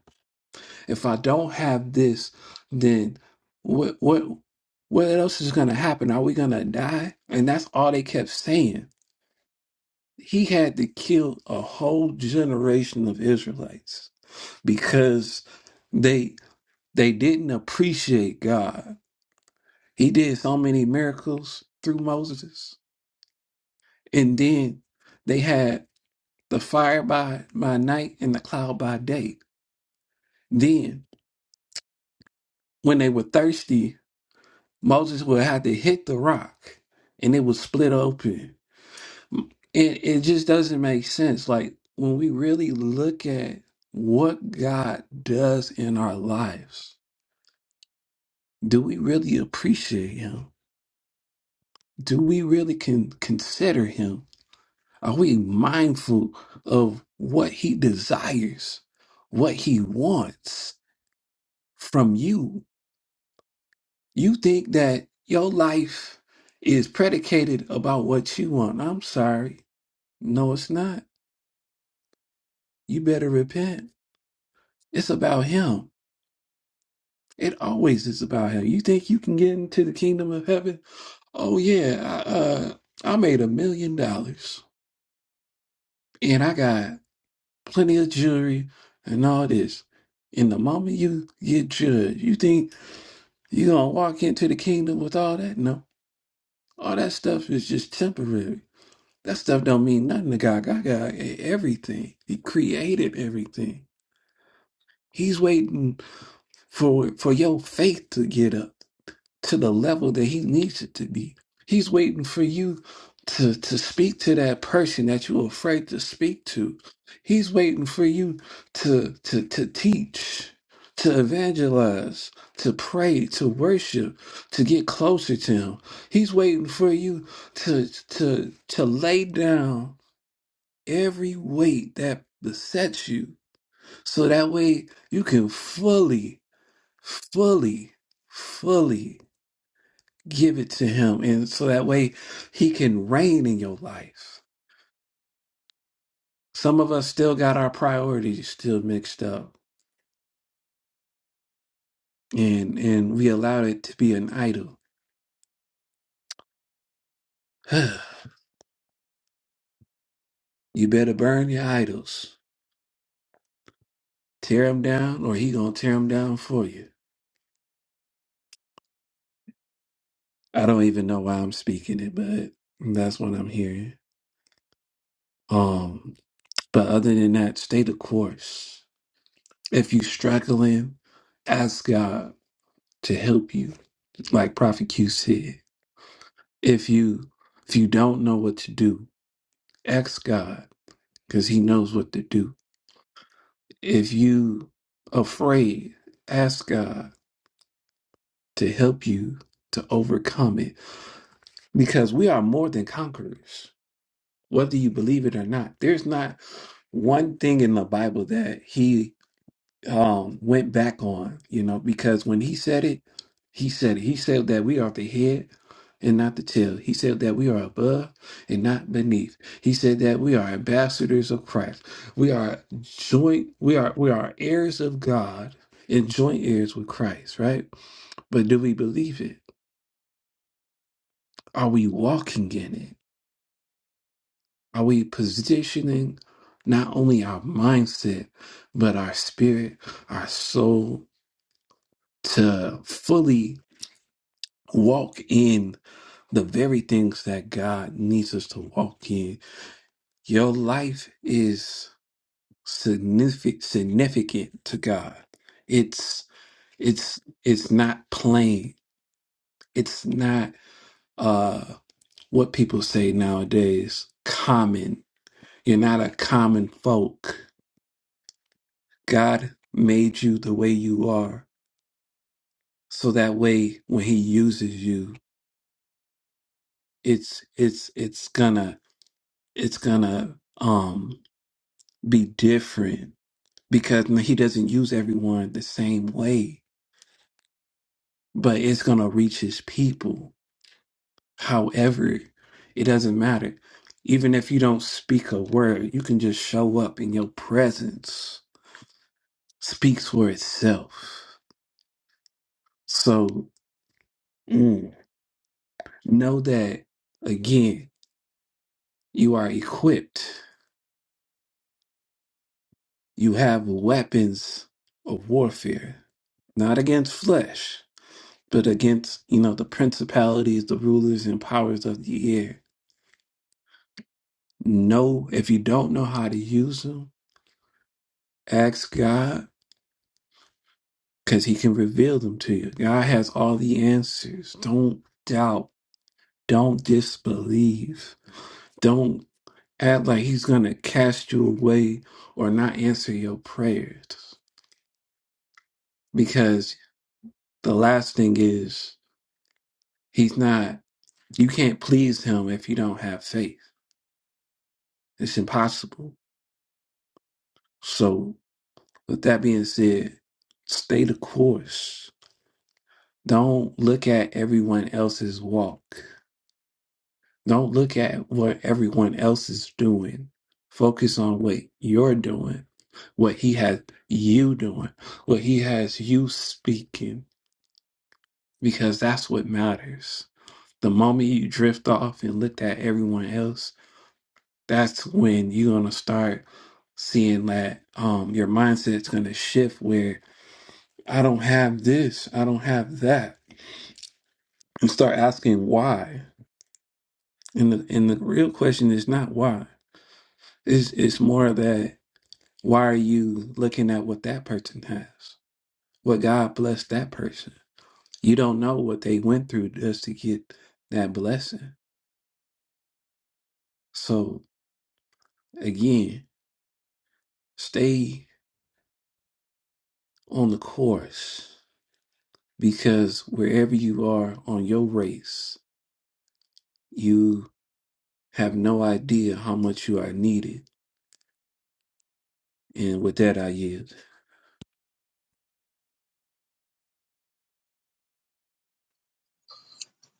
[SPEAKER 4] if i don't have this then what what what else is gonna happen are we gonna die and that's all they kept saying he had to kill a whole generation of israelites because they they didn't appreciate god he did so many miracles through moses And then they had the fire by, by night and the cloud by day. Then, when they were thirsty, Moses would have to hit the rock and it would split open. It, it just doesn't make sense. Like, when we really look at what God does in our lives, do we really appreciate Him? Do we really can consider Him? Are we mindful of what He desires, what He wants? from you. You think that your life is predicated about what you want. I'm sorry. No, it's not. You better repent. It's about him. It always is about him. You think you can get into the kingdom of heaven? Oh yeah, I, uh, I made a million dollars and I got plenty of jewelry and all this. And the moment you get judged, you think you're gonna walk into the kingdom with all that? No, all that stuff is just temporary. That stuff don't mean nothing to God. God got e- everything. He created everything. He's waiting for for your faith to get up to the level that he needs it to be. He's waiting for you to to speak to that person that you're afraid to speak to. He's waiting for you to to to teach, to evangelize, to pray, to worship, to get closer to him. He's waiting for you to to to lay down every weight that besets you so that way you can fully fully fully give it to him and so that way he can reign in your life some of us still got our priorities still mixed up and and we allowed it to be an idol you better burn your idols tear them down or he gonna tear them down for you i don't even know why i'm speaking it but that's what i'm hearing um But other than that, stay the course. If you struggling, ask God to help you, like Prophet Q said. If you if you don't know what to do, ask God, because He knows what to do. If you afraid, ask God to help you to overcome it. Because we are more than conquerors, whether you believe it or not. There's not one thing in the Bible that he um went back on, you know, because when he said it, he said it. He said that we are the head and not the tail. He said that we are above and not beneath. He said that we are ambassadors of Christ. We are joint we are we are heirs of God and joint heirs with Christ, right? But do we believe it? Are we walking in it? Are we positioning not only our mindset, but our spirit, our soul to fully walk in the very things that God needs us to walk in. Your life is significant significant to God. It's it's it's not plain. It's not uh what people say nowadays common. You're not a common folk. God made you the way you are. So that way when he uses you, it's it's it's gonna it's gonna um be different because man, he doesn't use everyone the same way, but it's going to reach his people. However, it doesn't matter. Even if you don't speak a word, you can just show up and your presence speaks for itself. So mm, know that again, you are equipped, you have weapons of warfare, not against flesh. but against you know the principalities the rulers and powers of the air know if you don't know how to use them ask god because he can reveal them to you god has all the answers don't doubt don't disbelieve don't act like he's gonna cast you away or not answer your prayers because the last thing is he's not you can't please him if you don't have faith it's impossible so With that being said, stay the course. Don't look at everyone else's walk. Don't look at what everyone else is doing. Focus on what you're doing, what he has you doing, what he has you speaking, because that's what matters. The moment you drift off and look at everyone else, that's when you're gonna start seeing that um your mindset's gonna shift where I don't have this, I don't have that. and start asking why. And the, and the real question is not why. It's, it's more that why are you looking at what that person has? What God blessed that person. You don't know what they went through just to get that blessing. So again, stay on the course because wherever you are on your race, you have no idea how much you are needed. And with that, I yield.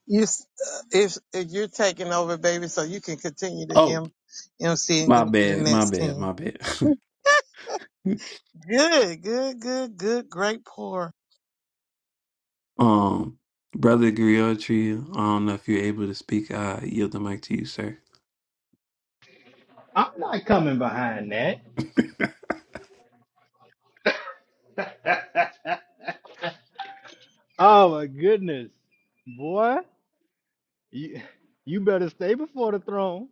[SPEAKER 3] You, s- uh, if if you're taking over, baby, so you can continue to
[SPEAKER 4] Oh,
[SPEAKER 3] M, MC and
[SPEAKER 4] my
[SPEAKER 3] go to the
[SPEAKER 4] bad, my
[SPEAKER 3] next
[SPEAKER 4] bad,
[SPEAKER 3] king.
[SPEAKER 4] my bad.
[SPEAKER 3] Good, good, good, good. Great pour.
[SPEAKER 4] Um, Brother Griotri, I don't know if you're able to speak. I yield the mic to you, sir.
[SPEAKER 6] I'm not coming behind that. Oh my goodness, boy, you you better stay before the throne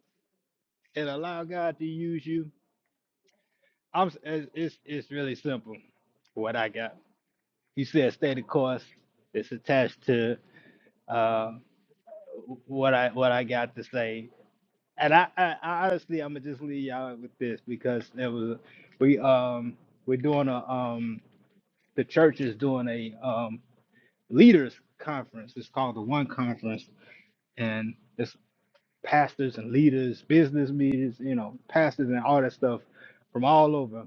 [SPEAKER 6] and allow God to use you. I'm s- it's it's, it's really simple. What I got, you said stay the course. It's attached to uh, what I what I got to say, and I, I, I honestly I'm gonna just leave y'all with this because there was we um we're doing a um the church is doing a um leaders conference. It's called the One Conference and it's pastors and leaders, business leaders, you know, pastors and all that stuff from all over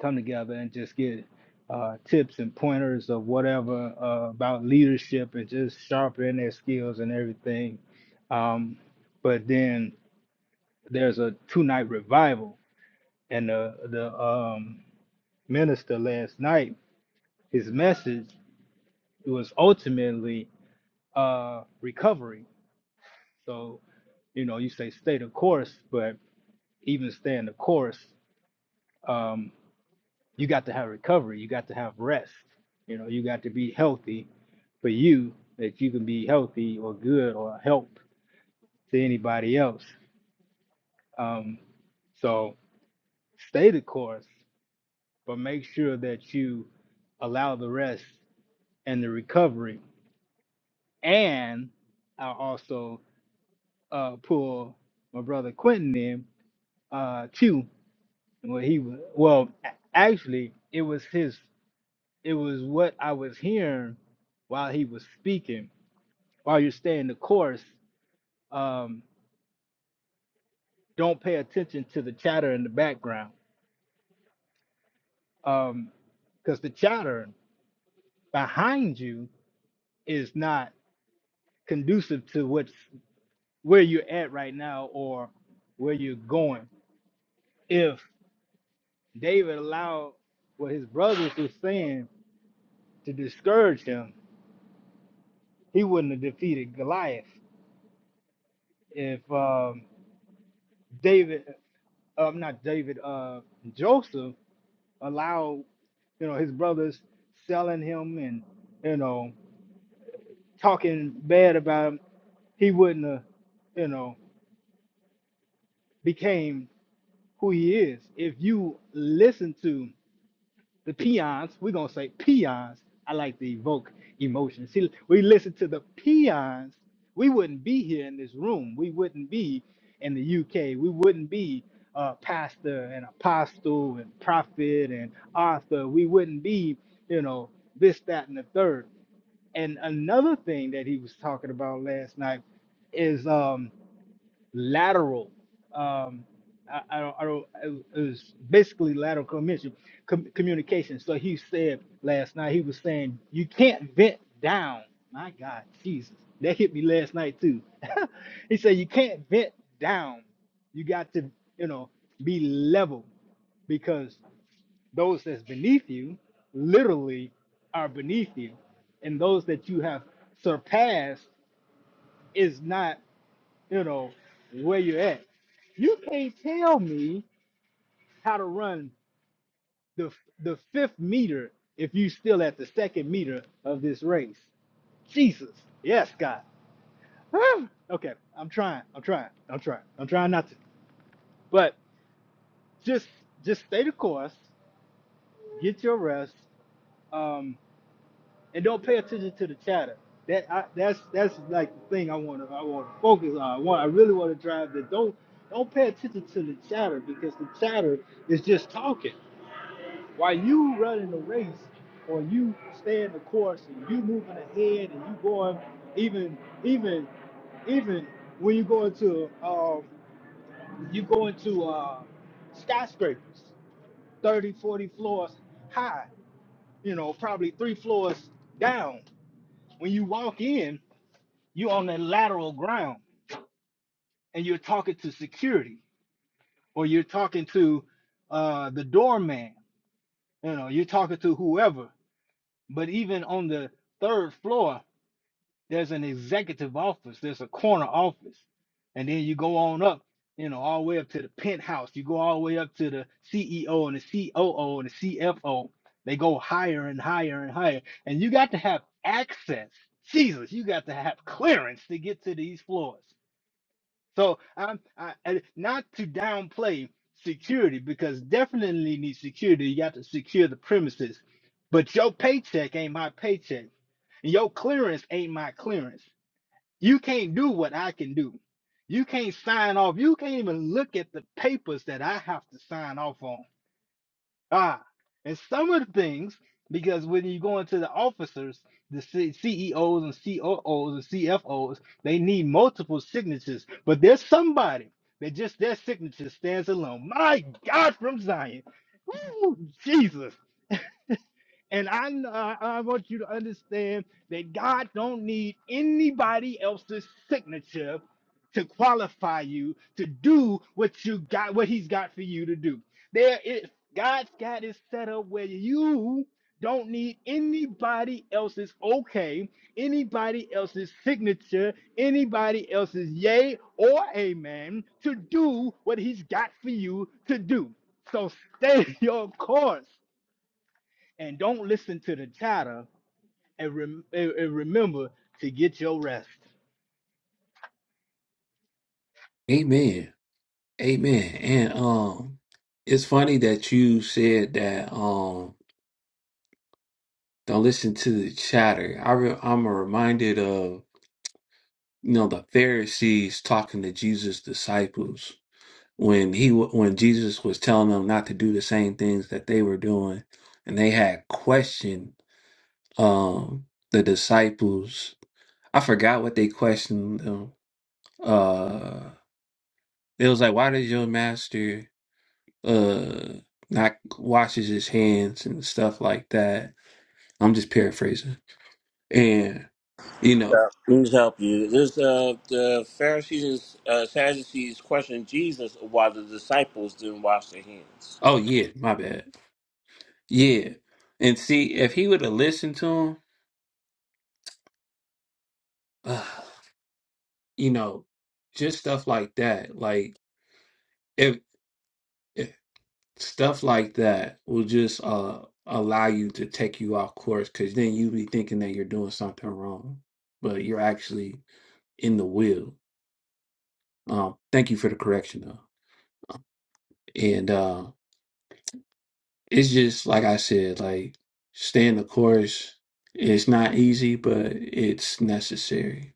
[SPEAKER 6] come together and just get uh, tips and pointers of whatever uh, about leadership and just sharpen their skills and everything. Um, but then there's a two night revival, and the the um, minister last night, his message was ultimately uh, recovery. So you know, you say stay the course, but even staying the course, um, you got to have recovery. You got to have rest. You know, you got to be healthy for you that you can be healthy or good or help to anybody else. Um, so stay the course, but make sure that you allow the rest and the recovery. And I'll also uh, pull my brother Quentin in uh, too. Well, he was, well, actually, it was his. It was what I was hearing while he was speaking. While you're staying the course, um, don't pay attention to the chatter in the background. Um, because the chatter behind you is not conducive to what's where you're at right now or where you're going. If David allowed what his brothers were saying to discourage him, he wouldn't have defeated Goliath. If um, David, um, not David, uh, Joseph allow you know his brothers selling him and you know talking bad about him he wouldn't have you know became who he is if you listen to the peons, we're gonna say peons. I like to evoke emotion. See, we listen to the peons. We wouldn't be here in this room. We wouldn't be in the UK. We wouldn't be a pastor and apostle and prophet and author. We wouldn't be, you know, this, that, and the third. And another thing that he was talking about last night is um lateral. Um, I, I don't, I don't, it was basically lateral commission, com- communication. So he said last night, he was saying, you can't vent down. My God, Jesus. That hit me last night too. he said, you can't vent down. You got to, you know, be level because those that's beneath you literally are beneath you. And those that you have surpassed is not you know, where you're at. You can't tell me how to run the the fifth meter if you still at the second meter of this race. Jesus. Yes, God. Whew. okay, I'm trying. I'm trying. I'm trying. I'm trying not to. But just just stay the course. Get your rest. Um, and don't pay attention to the chatter. That I, that's that's like the thing I want to I want to focus on. I want I really want to drive that. Don't don't pay attention to the chatter because the chatter is just talking. While you running the race or you staying the course and you moving ahead and you going even even even when you go into um you go into uh skyscrapers 30 40 floors high you know probably three floors down when you walk in you on that lateral ground and you're talking to security or you're talking to uh, the doorman you know you're talking to whoever but even on the third floor there's an executive office there's a corner office and then you go on up you know all the way up to the penthouse you go all the way up to the ceo and the coo and the cfo they go higher and higher and higher and you got to have access jesus you got to have clearance to get to these floors So I'm I, I- not to downplay security because definitely need security. You got to secure the premises, but your paycheck ain't my paycheck. and Your clearance ain't my clearance. You can't do what I can do. You can't sign off. You can't even look at the papers that I have to sign off on. Ah, and some of the things, because when you go into the officers, the C- CEOs and COOs and CFOs, they need multiple signatures. But there's somebody that just their signature stands alone. My God, from Zion, Woo, Jesus. And I, kn- I I want you to understand that God don't need anybody else's signature to qualify you to do what you got, what He's got for you to do. There is God's got it set up where you don't need anybody else's okay, anybody else's signature, anybody else's yay or amen to do what He's got for you to do. So stay your course and don't listen to the chatter and, rem- and and remember to get your rest.
[SPEAKER 4] Amen. Amen. And um it's funny that you said that um don't listen to the chatter. I re- I'm reminded of you know the Pharisees talking to Jesus' disciples when he wa- when Jesus was telling them not to do the same things that they were doing and they had questioned um the disciples. I forgot what they questioned them uh it was like why does your master uh not washes his hands and stuff like that i'm just paraphrasing and you
[SPEAKER 7] Yeah.
[SPEAKER 4] know
[SPEAKER 7] Let me help you. This uh, the Pharisees and uh, Sadducees questioned Jesus why the disciples didn't wash their hands.
[SPEAKER 4] oh yeah my bad yeah and see if he would have listened to him uh, you know just stuff like that like if, if stuff like that will just uh allow you to take you off course because then you be thinking that you're doing something wrong but you're actually in the will Um, thank you for the correction though. And uh, it's just like I said, like staying the course is not easy, but it's necessary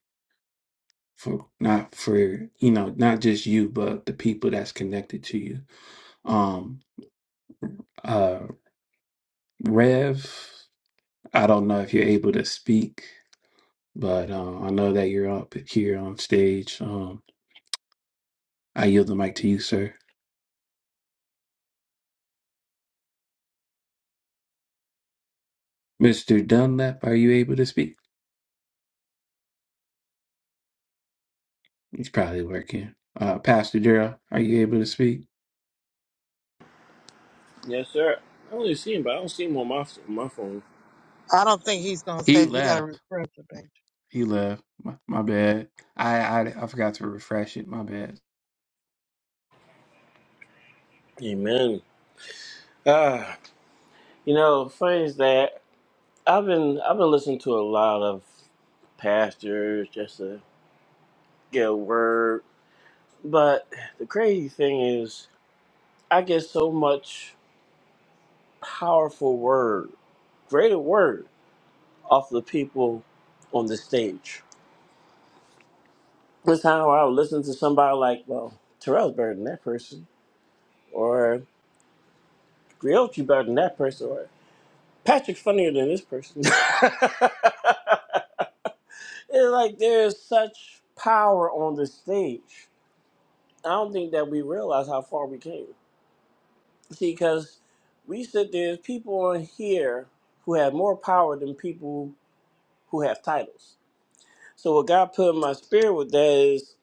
[SPEAKER 4] for not for you know not just you, but the people that's connected to you. Um, uh, Rev, I don't know if you're able to speak, but uh, I know that you're up here on stage. Um, I yield the mic to you, sir. Mr. Dunlap, are you able to speak? He's probably working. Uh, Pastor Daryl, are you able to speak?
[SPEAKER 7] Yes, sir. I only see him, but I don't see him on my my phone.
[SPEAKER 3] I don't think he's going to
[SPEAKER 4] He
[SPEAKER 3] say it. you got to
[SPEAKER 4] left.
[SPEAKER 3] refresh the page.
[SPEAKER 4] He left. My, my bad. I, I I forgot to refresh it. My bad.
[SPEAKER 7] Amen. Ah, you know, funny is that I've been I've been listening to a lot of pastors just to get a word, but the crazy thing is I get so much powerful word, greater word off the people on the stage. That's how I would listen to somebody like, well, Terrell's better than that person, or Griotchi better than that person, or Patrick's funnier than this person. it's like there's such power on the stage. I don't think that we realize how far we came. See, because we said there's people on here who have more power than people who have titles. So what God put in my spirit with that is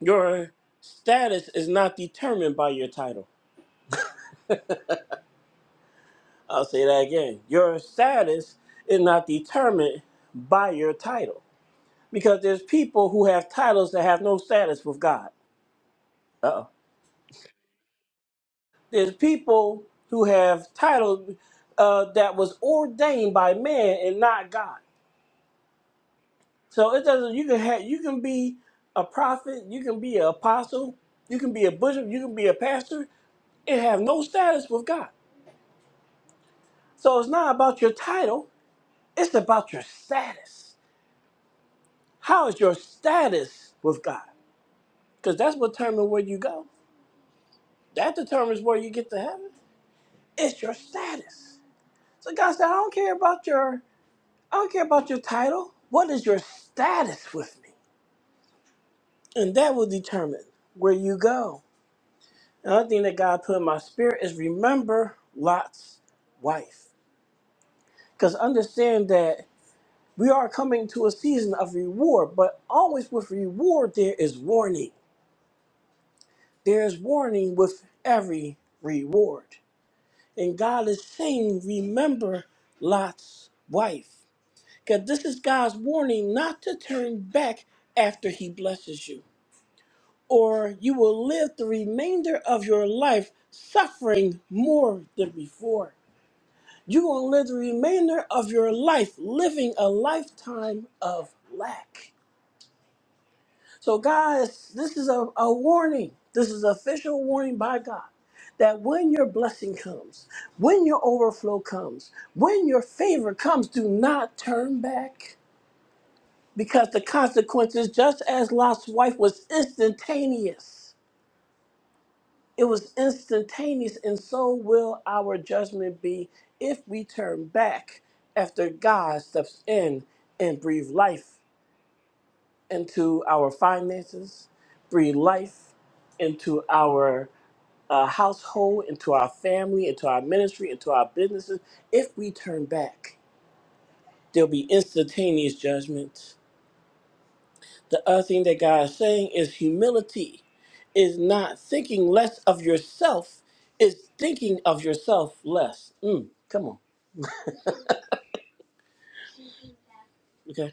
[SPEAKER 7] your status is not determined by your title. I'll say that again. Your status is not determined by your title. Because there's people who have titles that have no status with God. Uh-oh. There's people who have titles uh, that was ordained by man and not God. So it doesn't you can have you can be a prophet, you can be an apostle, you can be a bishop, you can be a pastor, and have no status with God. So it's not about your title, it's about your status. How is your status with God? Because that's what determines where you go. That determines where you get to heaven. It's your status. So God said, I don't care about your I don't care about your title. What is your status with me? And that will determine where you go. Another thing that God put in my spirit is remember Lot's wife. Because understand that we are coming to a season of reward, but always with reward there is warning. There is warning with every reward. And God is saying, remember Lot's wife. Because this is God's warning not to turn back after he blesses you, or you will live the remainder of your life suffering more than before. You're going to live the remainder of your life living a lifetime of lack. So, guys, this is a, a warning. This is an official warning by God that when your blessing comes, when your overflow comes, when your favor comes, do not turn back because the consequences, just as Lot's wife, was instantaneous. It was instantaneous, and so will our judgment be if we turn back after God steps in and breathe life into our finances, breathe life into our uh, household, into our family, into our ministry, into our businesses. If we turn back, there'll be instantaneous judgment. The other thing that God is saying is humility is not thinking less of yourself, is thinking of yourself less. Mm, come on. okay?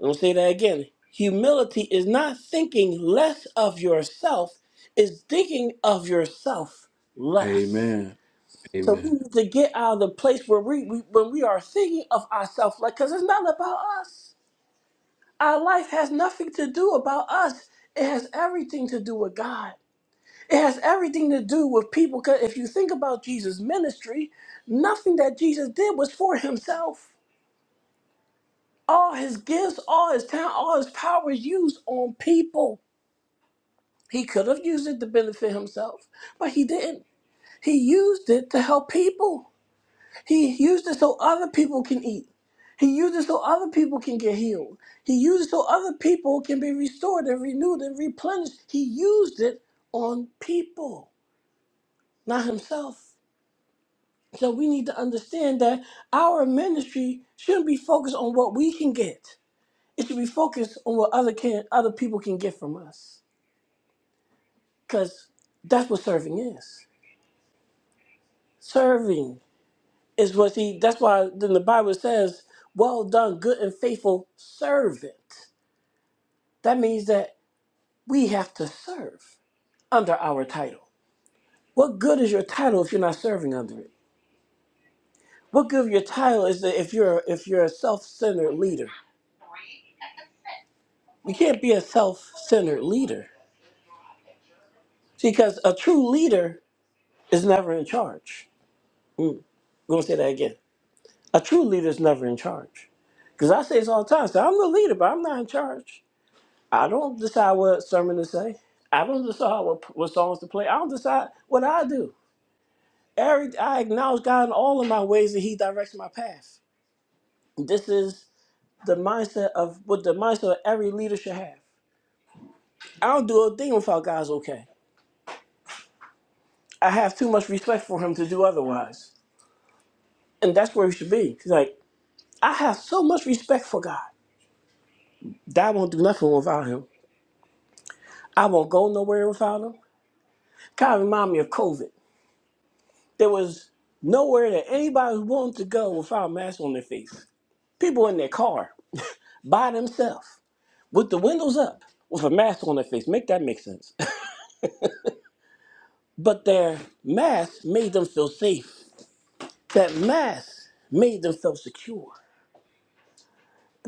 [SPEAKER 7] I'm gonna say that again. Humility is not thinking less of yourself, it's thinking of yourself less.
[SPEAKER 4] Amen.
[SPEAKER 7] So we
[SPEAKER 4] Amen.
[SPEAKER 7] need to get out of the place where we, we when we are thinking of ourselves like because it's not about us. Our life has nothing to do about us. It has everything to do with God. It has everything to do with people. Because if you think about Jesus' ministry, nothing that Jesus did was for himself. All his gifts, all his talent, all his power was used on people. He could have used it to benefit himself, but he didn't. He used it to help people. He used it so other people can eat. He used it so other people can get healed. He used it so other people can be restored and renewed and replenished. He used it on people, not himself. So we need to understand that our ministry shouldn't be focused on what we can get. It should be focused on what other can other people can get from us. Because that's what serving is. Serving. Is what he that's why then the Bible says, Well done, good and faithful servant. That means that we have to serve under our title. What good is your title if you're not serving under it? What good of your title is that if you're if you're a self-centered leader? You can't be a self-centered leader. See, because a true leader is never in charge. We're gonna say that again. A true leader is never in charge. Because I say this all the time. So I'm the leader, but I'm not in charge. I don't decide what sermon to say. I don't decide what, what songs to play. I don't decide what I do. Every, I acknowledge God in all of my ways that He directs my path. This is the mindset of what the mindset of every leader should have. I don't do a thing without God's okay. I have too much respect for Him to do otherwise, and that's where we should be. 'Cause, Like I have so much respect for God that I won't do nothing without Him. I won't go nowhere without Him. Kind of remind me of COVID. There was nowhere that anybody wanted to go without a mask on their face. People in their car by themselves with the windows up with a mask on their face. Make that make sense. but their mask made them feel safe. That mask made them feel secure.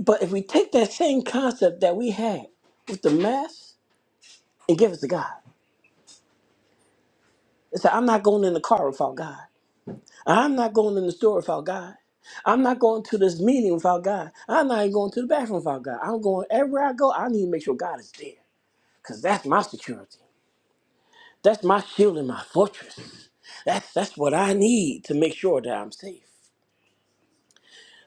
[SPEAKER 7] But if we take that same concept that we had with the mask and give it to God and say, I'm not going in the car without God. I'm not going in the store without God. I'm not going to this meeting without God. I'm not even going to the bathroom without God. I'm going everywhere I go. I need to make sure God is there because that's my security. That's my shield and my fortress. That's that's what I need to make sure that I'm safe.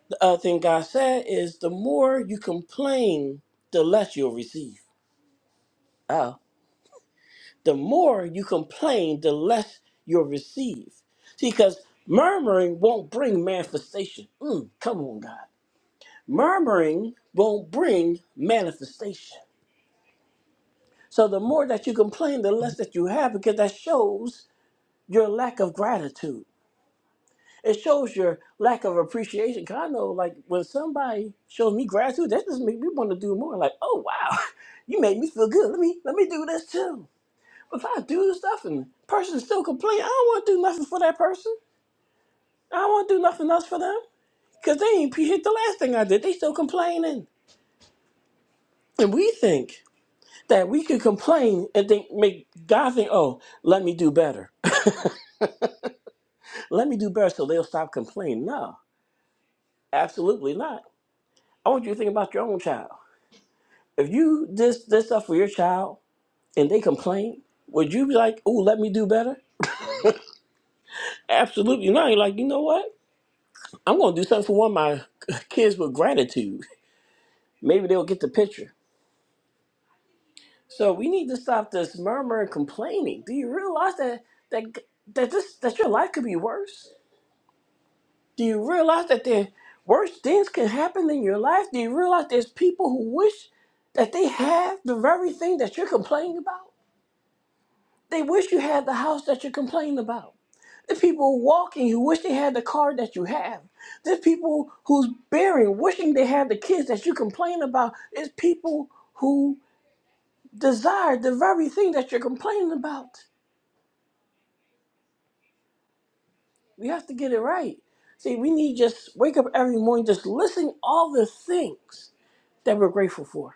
[SPEAKER 7] The other thing God said is the more you complain, the less you'll receive. Oh. The more you complain, the less you'll receive. See, because murmuring won't bring manifestation. Mm, come on, God. Murmuring won't bring manifestation. So the more that you complain, the less that you have, because that shows your lack of gratitude. It shows your lack of appreciation. 'Cause I know, like, when somebody shows me gratitude, that just makes me want to do more. Like, oh wow, you made me feel good. Let me let me do this too. If I do this stuff and person still complain, I don't want to do nothing for that person. I don't want to do nothing else for them because they ain't appreciate the last thing I did. They still complaining, and we think. that we can complain and think make God think, oh, let me do better. let me do better so they'll stop complaining. No, absolutely not. I want you to think about your own child. If you this this stuff for your child and they complain, would you be like, oh, let me do better? Absolutely not. You're like, you know what? I'm gonna do something for one of my kids with gratitude. Maybe they'll get the picture. So we need to stop this murmur and complaining. Do you realize that that that this that your life could be worse? Do you realize that the worst things can happen in your life? Do you realize there's people who wish that they have the very thing that you're complaining about? They wish you had the house that you're complaining about. There's people walking who wish they had the car that you have. There's people who's bearing, wishing they had the kids that you complain about. There's people who desire the very thing that you're complaining about. We have to get it right. See, we need just wake up every morning, just listing all the things that we're grateful for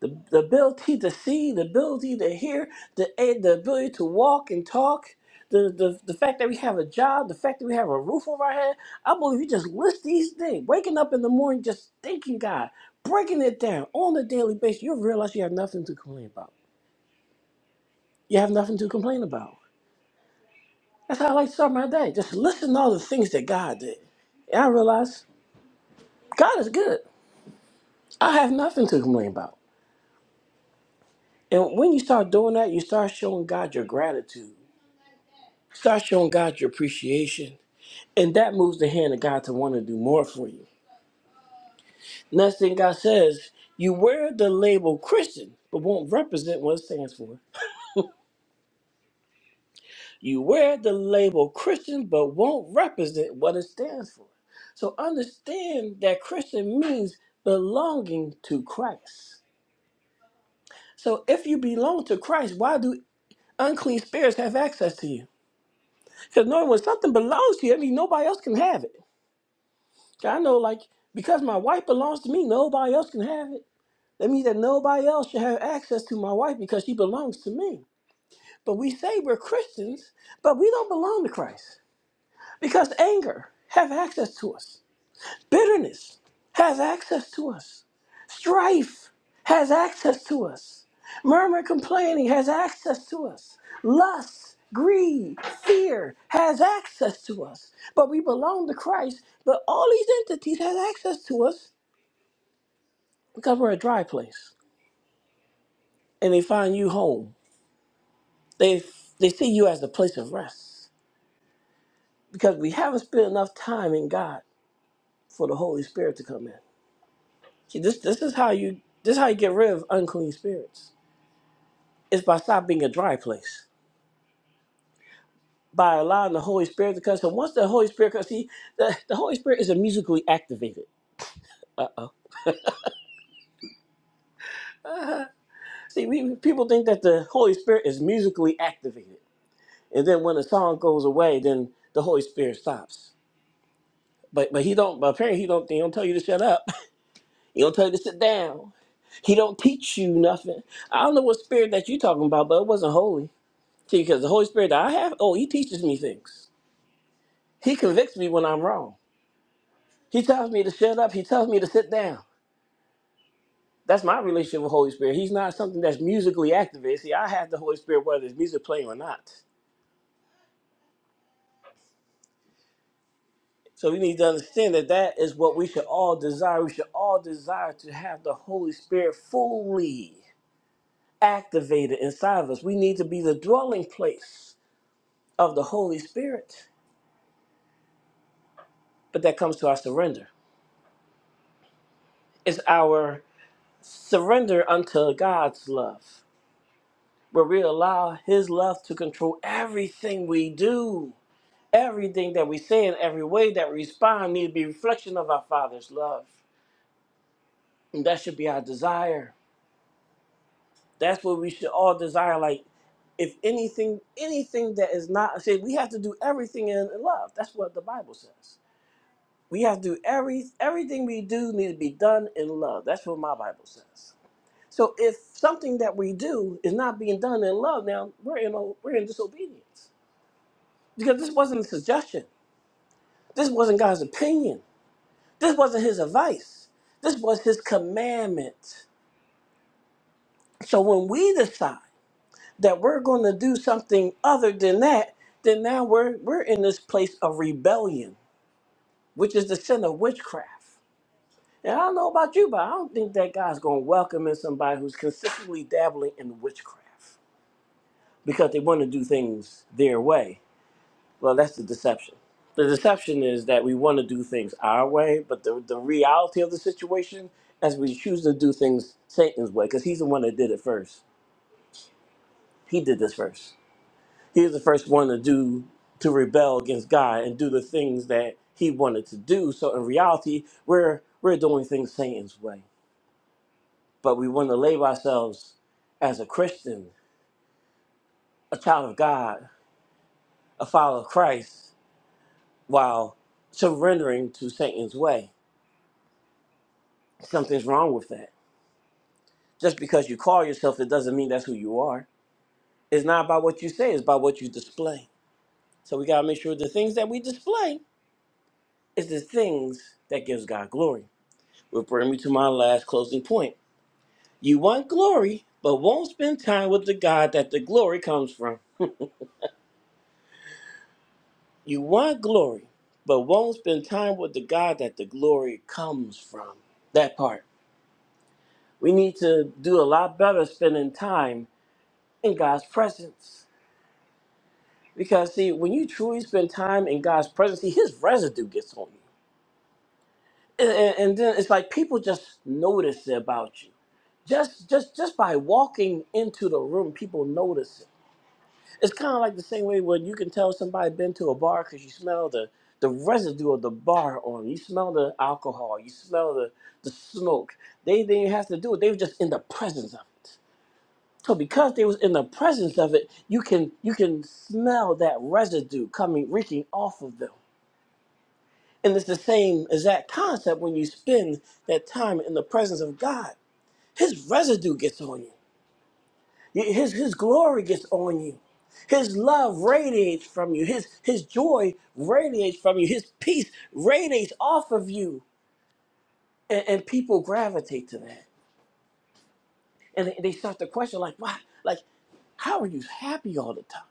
[SPEAKER 7] the, the ability to see, the ability to hear, the, eh, the ability to walk and talk, the, the, the fact that we have a job, the fact that we have a roof over our head. I believe you just list these things. Waking up in the morning, just thanking God, breaking it down on a daily basis, you'll realize you have nothing to complain about. You have nothing to complain about. That's how I like to start my day. Just listen to all the things that God did. And I realized God is good. I have nothing to complain about. And when you start doing that, you start showing God your gratitude Start showing God your appreciation. And that moves the hand of God to want to do more for you. Next thing God says, you wear the label Christian, but won't represent what it stands for. You wear the label Christian, but won't represent what it stands for. So understand that Christian means belonging to Christ. So if you belong to Christ, why do unclean spirits have access to you? Because knowing when something belongs to you, I mean nobody else can have it. I know, like, because my wife belongs to me, nobody else can have it. That means that nobody else should have access to my wife because she belongs to me. But we say we're Christians, but we don't belong to Christ because anger has access to us. Bitterness has access to us. Strife has access to us. Murmur, complaining has access to us. Lust, greed, fear has access to us. But we belong to Christ. But all these entities have access to us because we're a dry place and they find you home they they see you as the place of rest because we haven't spent enough time in god for the holy spirit to come in see this this is how you this is how you get rid of unclean spirits it's by stop being a dry place by allowing the holy spirit to come so once the holy spirit comes see the, the holy spirit is musically activated Uh-oh. see we, people think that the holy spirit is musically activated and then when the song goes away then the holy spirit stops But but he don't. But apparently he don't. He don't tell you to shut up. He don't tell you to sit down. He don't teach you nothing. I don't know what spirit that you talking about, but it wasn't holy. See, because the Holy Spirit that I have, oh, he teaches me things. He convicts me when I'm wrong. He tells me to shut up. He tells me to sit down. That's my relationship with Holy Spirit. He's not something that's musically activated. See, I have the Holy Spirit whether it's music playing or not. So we need to understand that that is what we should all desire. We should all desire to have the Holy Spirit fully. activated inside of us. We need to be the dwelling place of the Holy Spirit. But that comes to our surrender. It's our surrender unto God's love, where we allow His love to control everything we do. Everything that we say and every way that we respond need to be a reflection of our Father's love. And that should be our desire. That's what we should all desire. Like, if anything, anything that is not, see, we have to do everything in love. That's what the Bible says. We have to do every everything we do need to be done in love. That's what my Bible says. So if something that we do is not being done in love, now we're in a, we're in disobedience because this wasn't a suggestion. This wasn't God's opinion. This wasn't His advice. This was His commandment. So when we decide that we're going to do something other than that, then now we're we're in this place of rebellion, which is the sin of witchcraft. And I don't know about you, but I don't think that God's going to welcome in somebody who's consistently dabbling in witchcraft because they want to do things their way. Well, that's the deception. The deception is that we want to do things our way, but the, the reality of the situation is we choose to do things Satan's way because he's the one that did it first. He did this first. He was the first one to do, to rebel against God and do the things that he wanted to do. So in reality, we're, we're doing things Satan's way. but we want to label ourselves as a Christian, a child of God, a follower of Christ, while surrendering to Satan's way. Something's wrong with that. Just because you call yourself, it doesn't mean that's who you are. It's not about what you say, it's about what you display. So we gotta make sure the things that we display is the things that gives God glory. Will bring me to my last closing point. You want glory, but won't spend time with the God that the glory comes from. You want glory, but won't spend time with the God that the glory comes from. That part. We need to do a lot better spending time in God's presence. Because, see, when you truly spend time in God's presence, see, His residue gets on you. And, and and then it's like people just notice about you. Just, just, just by walking into the room, people notice it It's kind of like the same way when you can tell somebody been to a bar because you smell the the residue of the bar on. it. You smell the alcohol. You smell the the smoke. They didn't have to do it. They were just in the presence of it. So because they was in the presence of it, you can you can smell that residue coming reeking off of them. And it's the same exact concept when you spend that time in the presence of God. His residue gets on you. You- His, his glory gets on you. His love radiates from you. His, his joy radiates from you. His peace radiates off of you. And, and people gravitate to that. And they, they start to question, like, why? Like, how are you happy all the time?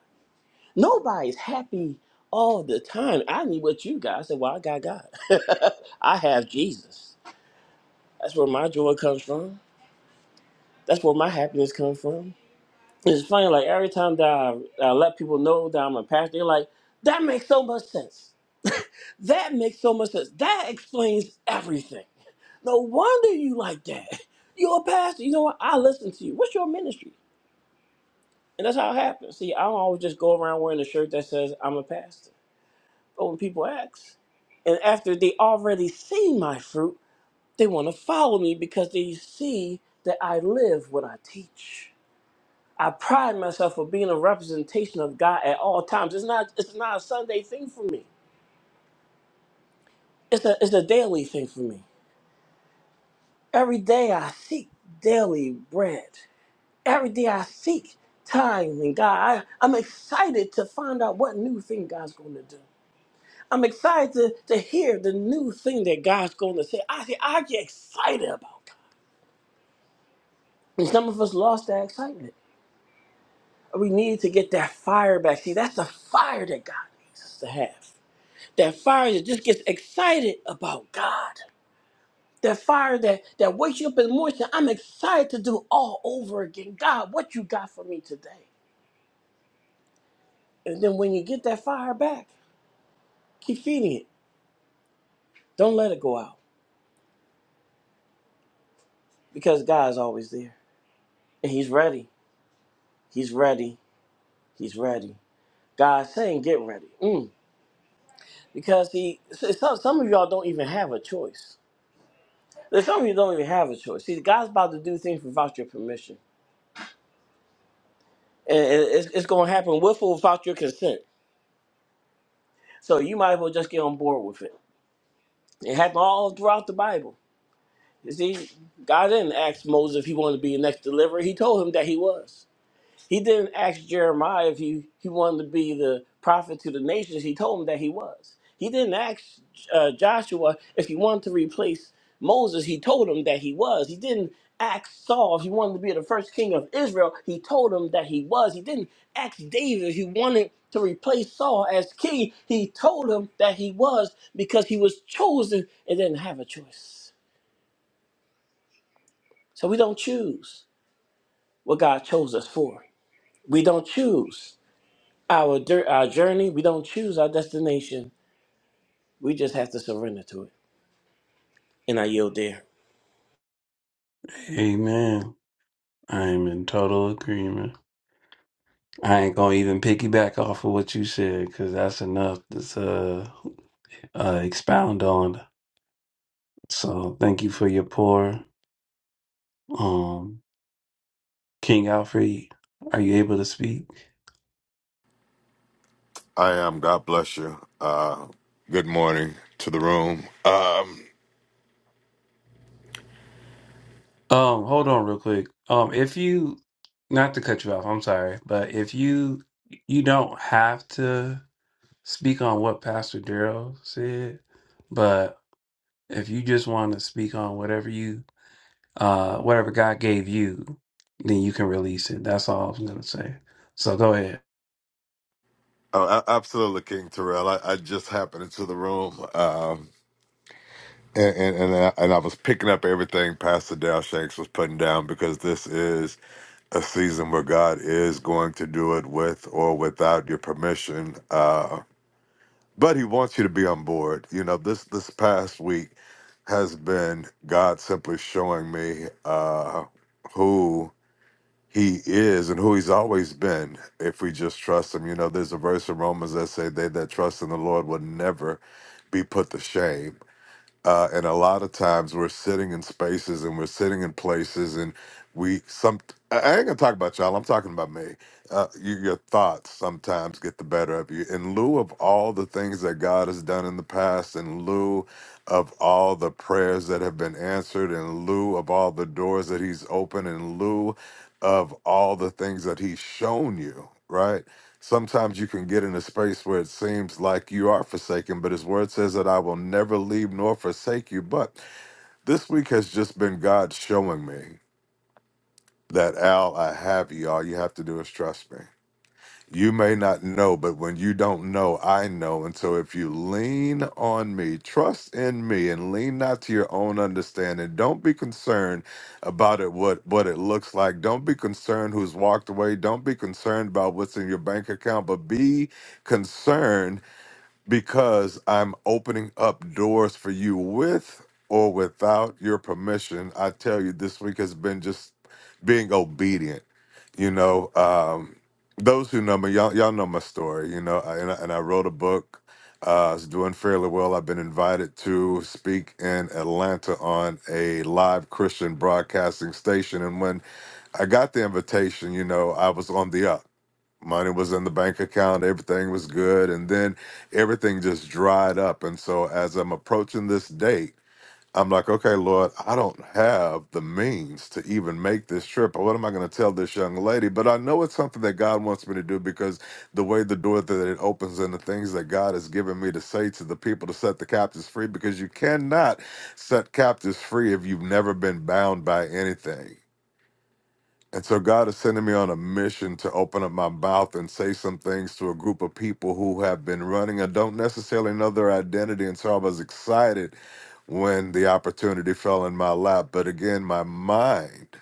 [SPEAKER 7] Nobody's happy all the time. I need what you got. I said, well, I got God. I have Jesus. That's where my joy comes from. That's where my happiness comes from. It's funny, like every time that I, I let people know that I'm a pastor, they're like, that makes so much sense. That makes so much sense. That explains everything. No wonder you like that. You're a pastor. You know what? I listen to you. What's your ministry? And that's how it happens. See, I don't always just go around wearing a shirt that says I'm a pastor. But when people ask, and after they already see my fruit, they want to follow me because they see that I live what I teach. I pride myself for being a representation of God at all times. It's not it's not a Sunday thing for me. It's a it's a daily thing for me. Every day I seek daily bread. Every day I seek time in God. I, I'm excited to find out what new thing God's gonna do. I'm excited to, to hear the new thing that God's gonna say. I see I get excited about God. And some of us lost that excitement. We need to get that fire back. See, that's the fire that God needs us to have. that fire that just gets excited about God. That fire that, that wakes you up in the morning, say, I'm excited to do all over again. God, what you got for me today? And then when you get that fire back, keep feeding it. Don't let it go out because God's always there. And He's ready. He's ready. He's ready. God's saying, get ready. Mm. Because He, so- so- some of y'all don't even have a choice. There's some of you don't even have a choice. See, God's about to do things without your permission. And it- it's, it's going to happen with or without your consent. So you might as well just get on board with it. It happened all throughout the Bible. You see, God didn't ask Moses if he wanted to be the next deliverer. He told him that he was. He didn't ask Jeremiah if he, he wanted to be the prophet to the nations. He told him that he was. He didn't ask uh, Joshua if he wanted to replace Moses. He told him that he was. He didn't ask Saul if he wanted to be the first king of Israel. He told him that he was. He didn't ask David if he wanted to replace Saul as king. He told him that he was because he was chosen and didn't have a choice. So we don't choose what God chose us for. We don't choose Our, dir- our journey, we don't choose our destination. We just have to surrender to it. And I yield there.
[SPEAKER 4] Amen. I am in total agreement. I ain't gonna even piggyback off of what you said because that's enough to uh, uh, expound on. So thank you for your pour. Um, King Alfred, are you able to speak?
[SPEAKER 8] I am. God bless you. Uh, good morning to the room. Um,
[SPEAKER 4] Um, hold on real quick. Um, if you, not to cut you off, I'm sorry, but if you, you don't have to speak on what Pastor Darrell said, but if you just want to speak on whatever you, uh, whatever God gave you, then you can release it. That's all I'm gonna say. So go ahead.
[SPEAKER 8] oh, a- absolutely, King Terrell. I, I just happened into the room, um, and and and I, and I was picking up everything Pastor Dal Shanks was putting down because this is a season where God is going to do it with or without your permission. Uh, but He wants you to be on board. You know, this this past week has been God simply showing me uh, who. he is and who he's always been if we just trust him. You know, there's a verse in Romans that say they that trust in the Lord will never be put to shame uh, and a lot of times we're sitting in spaces and we're sitting in places and we some I I ain't gonna talk about y'all. I'm talking about me. Uh, you, your thoughts sometimes get the better of you. In lieu of all the things that God has done in the past, in lieu of all the prayers that have been answered, in lieu of all the doors that He's opened, in lieu of all the things that He's shown you, right? Sometimes you can get in a space where it seems like you are forsaken, but his word says that I will never leave nor forsake you. But this week has just been God showing me that, Al, I have you. All you have to do is trust me. You may not know, but when you don't know, I know. And so if you lean on me, trust in me, and lean not to your own understanding, don't be concerned about it, what, what it looks like. Don't be concerned who's walked away. Don't be concerned about what's in your bank account, but be concerned because I'm opening up doors for you with or without your permission. I tell you, this week has been just being obedient. You know, um, those who know me, y'all, y'all know my story. You know, I, and, I, and I wrote a book. Uh, it's doing fairly well. I've been invited to speak in Atlanta on a live Christian broadcasting station, and when I got the invitation, you know, I was on the up money was in the bank account everything was good and then everything just dried up and so as i'm approaching this date i'm like okay lord i don't have the means to even make this trip what am i going to tell this young lady but i know it's something that god wants me to do because the way the door that it opens and the things that god has given me to say to the people to set the captives free because you cannot set captives free if you've never been bound by anything and so God is sending me on a mission to open up my mouth and say some things to a group of people who have been running and don't necessarily know their identity. And so I was excited when the opportunity fell in my lap. But again, my mind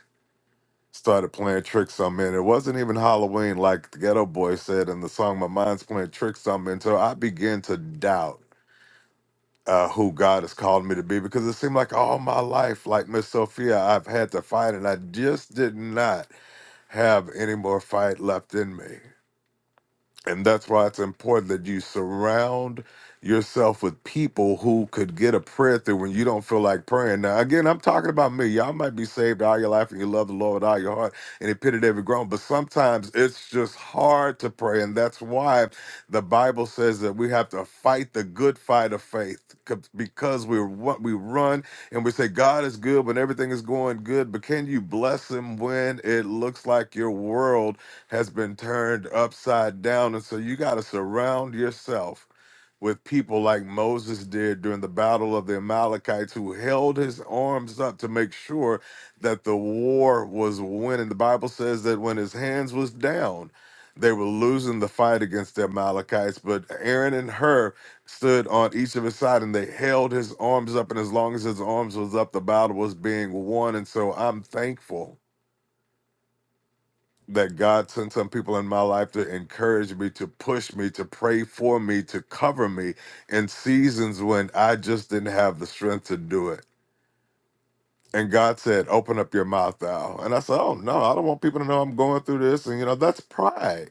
[SPEAKER 8] started playing tricks on me. And it wasn't even Halloween, like the Ghetto Boy said in the song, My Mind's Playing Tricks on Me. And so I began to doubt uh, who God has called me to be because it seemed like all my life, like Miss Sophia, I've had to fight and I just did not have any more fight left in me. And that's why it's important that you surround yourself with people who could get a prayer through when you don't feel like praying. Now, again, I'm talking about me. Y'all might be saved all your life and you love the Lord with all your heart and it pitted every groan, but sometimes it's just hard to pray. And that's why the Bible says that we have to fight the good fight of faith 'cause- because we what we run and we say God is good when everything is going good, but can you bless him when it looks like your world has been turned upside down. And so you got to surround yourself with people like Moses did during the battle of the Amalekites, who held his arms up to make sure that the war was winning. The Bible says that when his hands was down, they were losing the fight against the Amalekites, but Aaron and Hur stood on each of his side and they held his arms up, and as long as his arms was up, the battle was being won. And so I'm thankful that God sent some people in my life to encourage me, to push me, to pray for me, to cover me in seasons when I just didn't have the strength to do it. And God said, Open up your mouth, thou. And I said, Oh, no, I don't want people to know I'm going through this. And, you know, that's pride.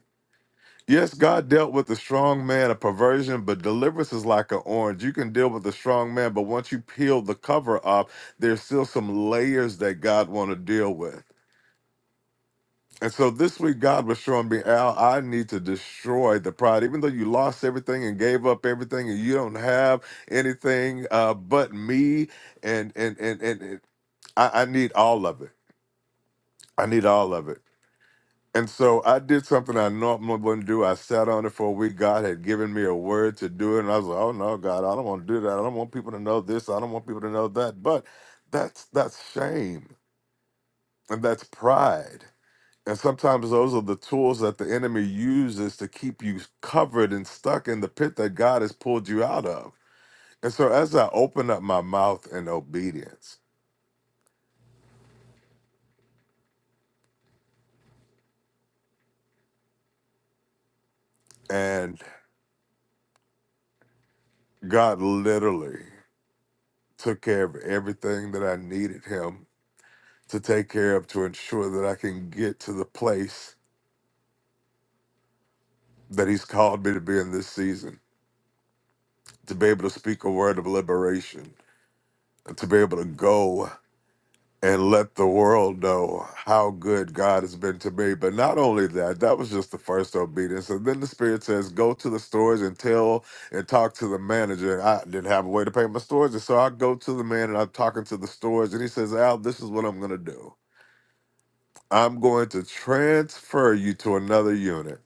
[SPEAKER 8] Yes, God dealt with the strong man, a perversion, but deliverance is like an orange. You can deal with the strong man, but once you peel the cover off, there's still some layers that God want to deal with. And so this week, God was showing me, Al, I need to destroy the pride. Even though you lost everything and gave up everything, and you don't have anything uh, but me, and and and and, and I, I need all of it. I need all of it. And so I did something I normally wouldn't do. I sat on it for a week. God had given me a word to do it, and I was like, "Oh no, God, I don't want to do that. I don't want people to know this. I don't want people to know that." But that's that's shame and that's pride. And sometimes those are the tools that the enemy uses to keep you covered and stuck in the pit that God has pulled you out of. And so as I opened up my mouth in obedience, and God literally took care of everything that I needed him to take care of to ensure that I can get to the place that he's called me to be in this season, to be able to speak a word of liberation, and to be able to go and let the world know how good God has been to me. But not only that, that was just the first obedience. And then the Spirit says, go to the stores and tell and talk to the manager. And I didn't have a way to pay my stores. And so I go to the man and I'm talking to the stores. And he says, Al, this is what I'm going to do. I'm going to transfer you to another unit.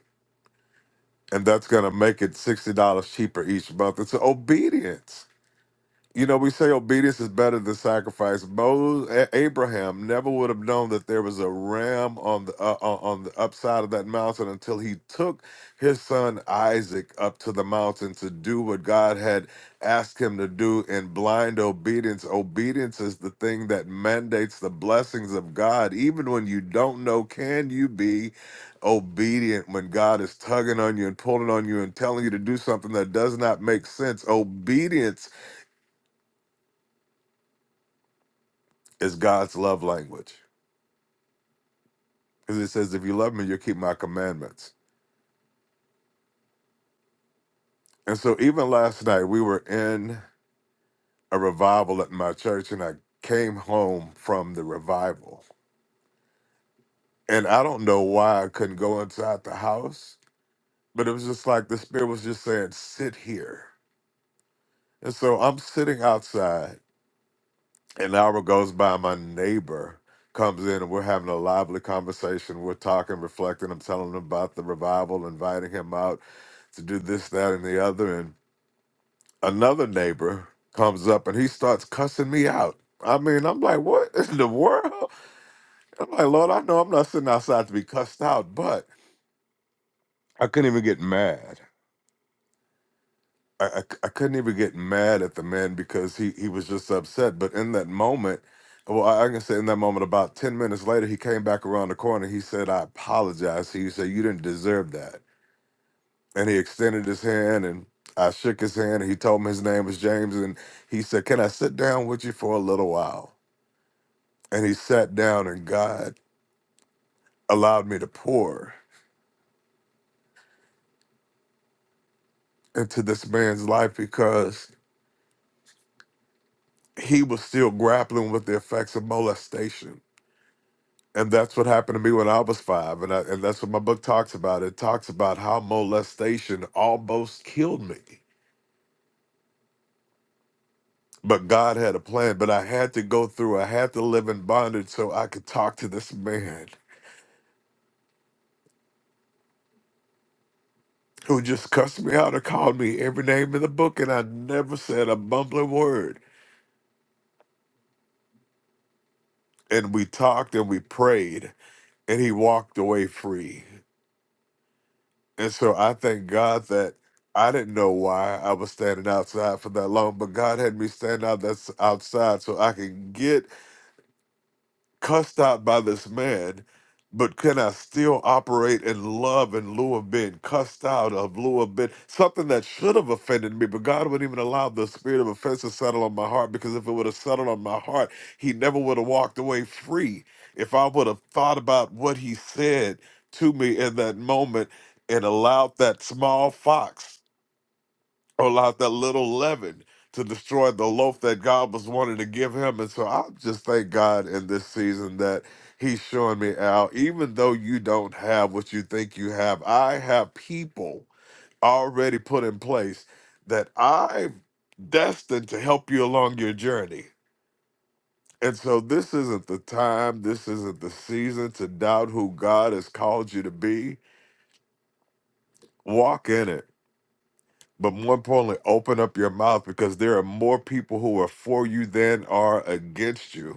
[SPEAKER 8] And that's going to make it $60 cheaper each month. It's obedience. You know, we say obedience is better than sacrifice. Moses, A- Abraham never would have known that there was a ram on the uh, on on the upside of that mountain until he took his son Isaac up to the mountain to do what God had asked him to do in blind obedience. Obedience is the thing that mandates the blessings of God, even when you don't know. Can you be obedient when God is tugging on you and pulling on you and telling you to do something that does not make sense? Obedience is God's love language. Because it says, if you love me, you'll keep my commandments. And so even last night, we were in a revival at my church, and I came home from the revival. And I don't know why I couldn't go inside the house, but it was just like the Spirit was just saying, sit here. And so I'm sitting outside. An hour goes by, my neighbor comes in, and we're having a lively conversation. We're talking, reflecting. I'm telling him about the revival, inviting him out to do this, that, and the other. and. another neighbor comes up and he starts cussing me out. I mean, I'm like, what in the world? I'm like, Lord, I know I'm not sitting outside to be cussed out, but I couldn't even get mad. I, I, I couldn't even get mad at the man because he, he was just upset. But in that moment, well, I, I can say in that moment, about 10 minutes later, he came back around the corner. He said, I apologize. He said, You didn't deserve that. And he extended his hand and I shook his hand and he told me his name was James. And he said, Can I sit down with you for a little while? and he sat down and God allowed me to pour into this man's life because he was still grappling with the effects of molestation. And that's what happened to me when I was five. And, I, and that's what my book talks about. It talks about how molestation almost killed me. But God had a plan. But I had to go through, I had to live in bondage so I could talk to this man who just cussed me out and called me every name in the book. And I never said a bumbling word. And we talked and we prayed and he walked away free. And so I thank God that I didn't know why I was standing outside for that long, but God had me stand out that's outside so I can get cussed out by this man, but can I still operate in love in lieu of being cussed out, of lieu of being something that should have offended me, but God wouldn't even allow the spirit of offense to settle on my heart because if it would have settled on my heart, he never would have walked away free. If I would have thought about what he said to me in that moment and allowed that small fox or allowed that little leaven to destroy the loaf that God was wanting to give him. And so I just thank God in this season that He's showing me out, even though you don't have what you think you have, I have people already put in place that I've destined to help you along your journey. And so this isn't the time, this isn't the season to doubt who God has called you to be. Walk in it but more importantly, open up your mouth because there are more people who are for you than are against you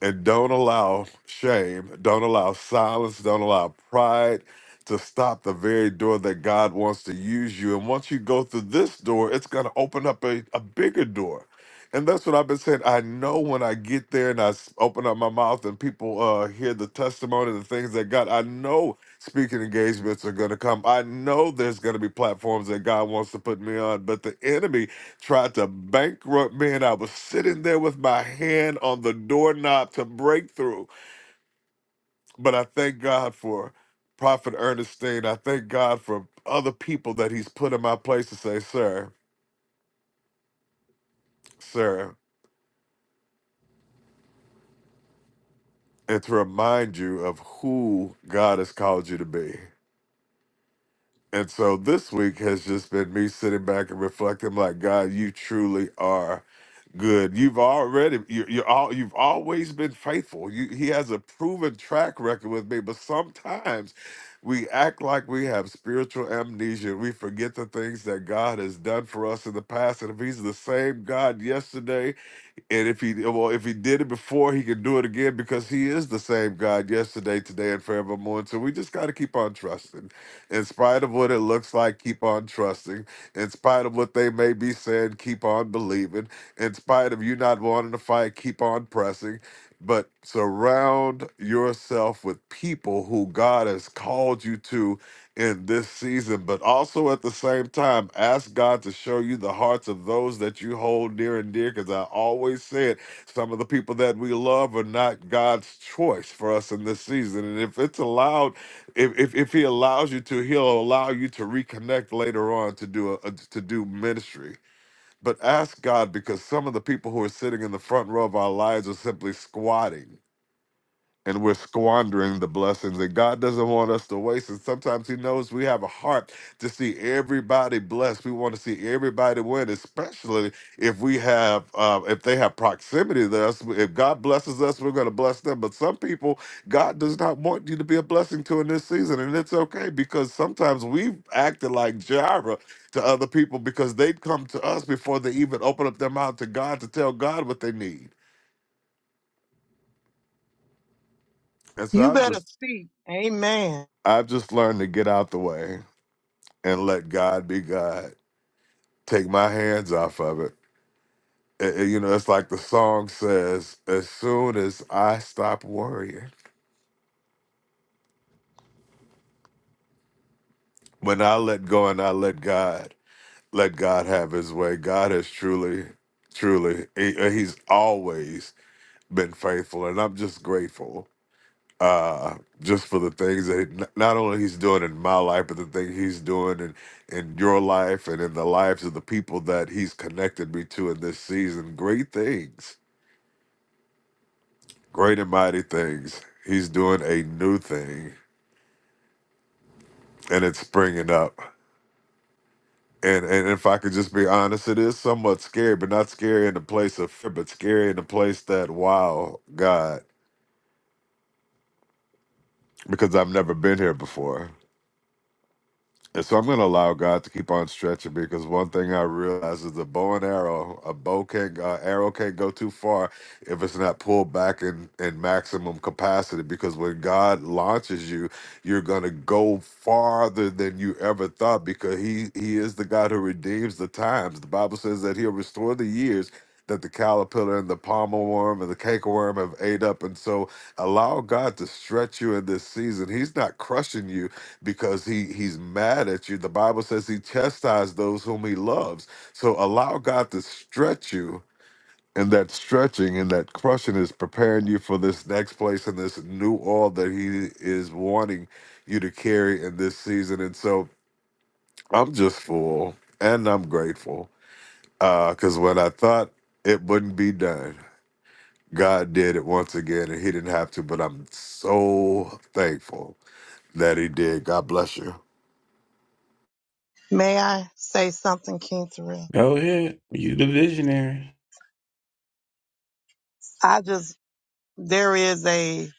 [SPEAKER 8] and don't allow shame, don't allow silence, don't allow pride to stop the very door that God wants to use you. And once you go through this door, it's going to open up a, a bigger door. And that's what I've been saying. I know when I get there and I s- open up my mouth and people uh, hear the testimony, the things that God, I know speaking engagements are going to come. I know there's going to be platforms that God wants to put me on, but the enemy tried to bankrupt me, and I was sitting there with my hand on the doorknob to break through. But I thank God for Prophet Ernestine. I thank God for other people that He's put in my place to say, Sir, sir, and to remind you of who God has called you to be. And so this week has just been me sitting back and reflecting, like, God, you truly are. Good. You've already you you all you've always been faithful. You, he has a proven track record with me, but sometimes we act like we have spiritual amnesia. We forget the things that God has done for us in the past. And if he's the same God yesterday, and if he well, if he did it before, he can do it again because he is the same God yesterday, today, and forevermore. And so we just gotta keep on trusting. In spite of what it looks like, keep on trusting. In spite of what they may be saying, keep on believing. In spite of you not wanting to fight, keep on pressing. But surround yourself with people who God has called you to in this season, but also at the same time, ask God to show you the hearts of those that you hold near and dear. Because I always said, some of the people that we love are not God's choice for us in this season. And if it's allowed, if if, if He allows you to, He'll allow you to reconnect later on to do a, to do ministry. But ask God because some of the people who are sitting in the front row of our lives are simply squatting and we're squandering the blessings and god doesn't want us to waste it sometimes he knows we have a heart to see everybody blessed we want to see everybody win especially if we have uh, if they have proximity to us if god blesses us we're going to bless them but some people god does not want you to be a blessing to in this season and it's okay because sometimes we've acted like jireh to other people because they come to us before they even open up their mouth to god to tell god what they need and so
[SPEAKER 3] You
[SPEAKER 8] i'm
[SPEAKER 3] better
[SPEAKER 8] just
[SPEAKER 3] speak. Amen.
[SPEAKER 8] I've just learned to get out the way and let God be God. Take my hands off of it. A- a- you know, it's like the song says, as soon as I stop worrying, when I let go and I let God, let God have his way, God has truly, truly, he- uh, he's always been faithful. And I'm just grateful uh, just for the things that n- not only he's doing in my life, but the thing he's doing in, in your life and in the lives of the people that he's connected me to in this season. Great things, great and mighty things. He's doing a new thing and it's springing up. And, and if I could just be honest, it is somewhat scary, but not scary in the place of fear, but scary in the place that, wow, God, because I've never been here before. And so I'm going to allow God to keep on stretching me because one thing I realize is the bow and arrow, a bow can uh, arrow can't go too far if it's not pulled back in, in maximum capacity. Because when God launches you, you're going to go farther than you ever thought because he, he is the God who redeems the times. The Bible says that he'll restore the years that the caterpillar and the palmer worm and the cake have ate up. And so allow God to stretch you in this season. He's not crushing you because he he's mad at you. The Bible says he chastised those whom he loves. So allow God to stretch you, and that stretching and that crushing is preparing you for this next place and this new oil that he is wanting you to carry in this season. And so I'm just full and I'm grateful. Uh, cause when I thought it wouldn't be done, God did it once again and he didn't have to, but I'm so thankful that he did. God bless you.
[SPEAKER 3] May I say something, King Terrell?
[SPEAKER 4] Go ahead. You the visionary.
[SPEAKER 3] I just, there is a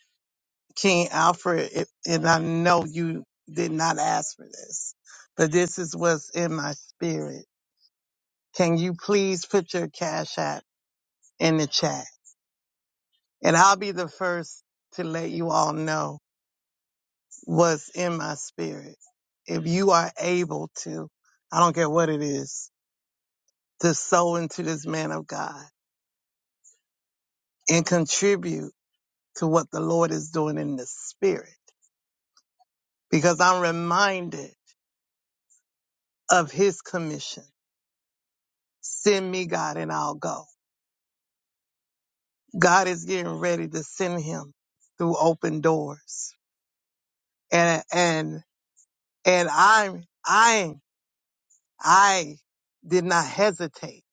[SPEAKER 3] King Alfred, it- and I know you did not ask for this, but this is what's in my spirit. Can you please put your cash app in the chat? And I'll be the first to let you all know what's in my spirit. If you are able to, I don't care what it is to sow into this man of God and contribute to what the Lord is doing in the spirit. Because I'm reminded of his commission. Send me God and I'll go. God is getting ready to send him through open doors. And, and, and I'm, I, I did not hesitate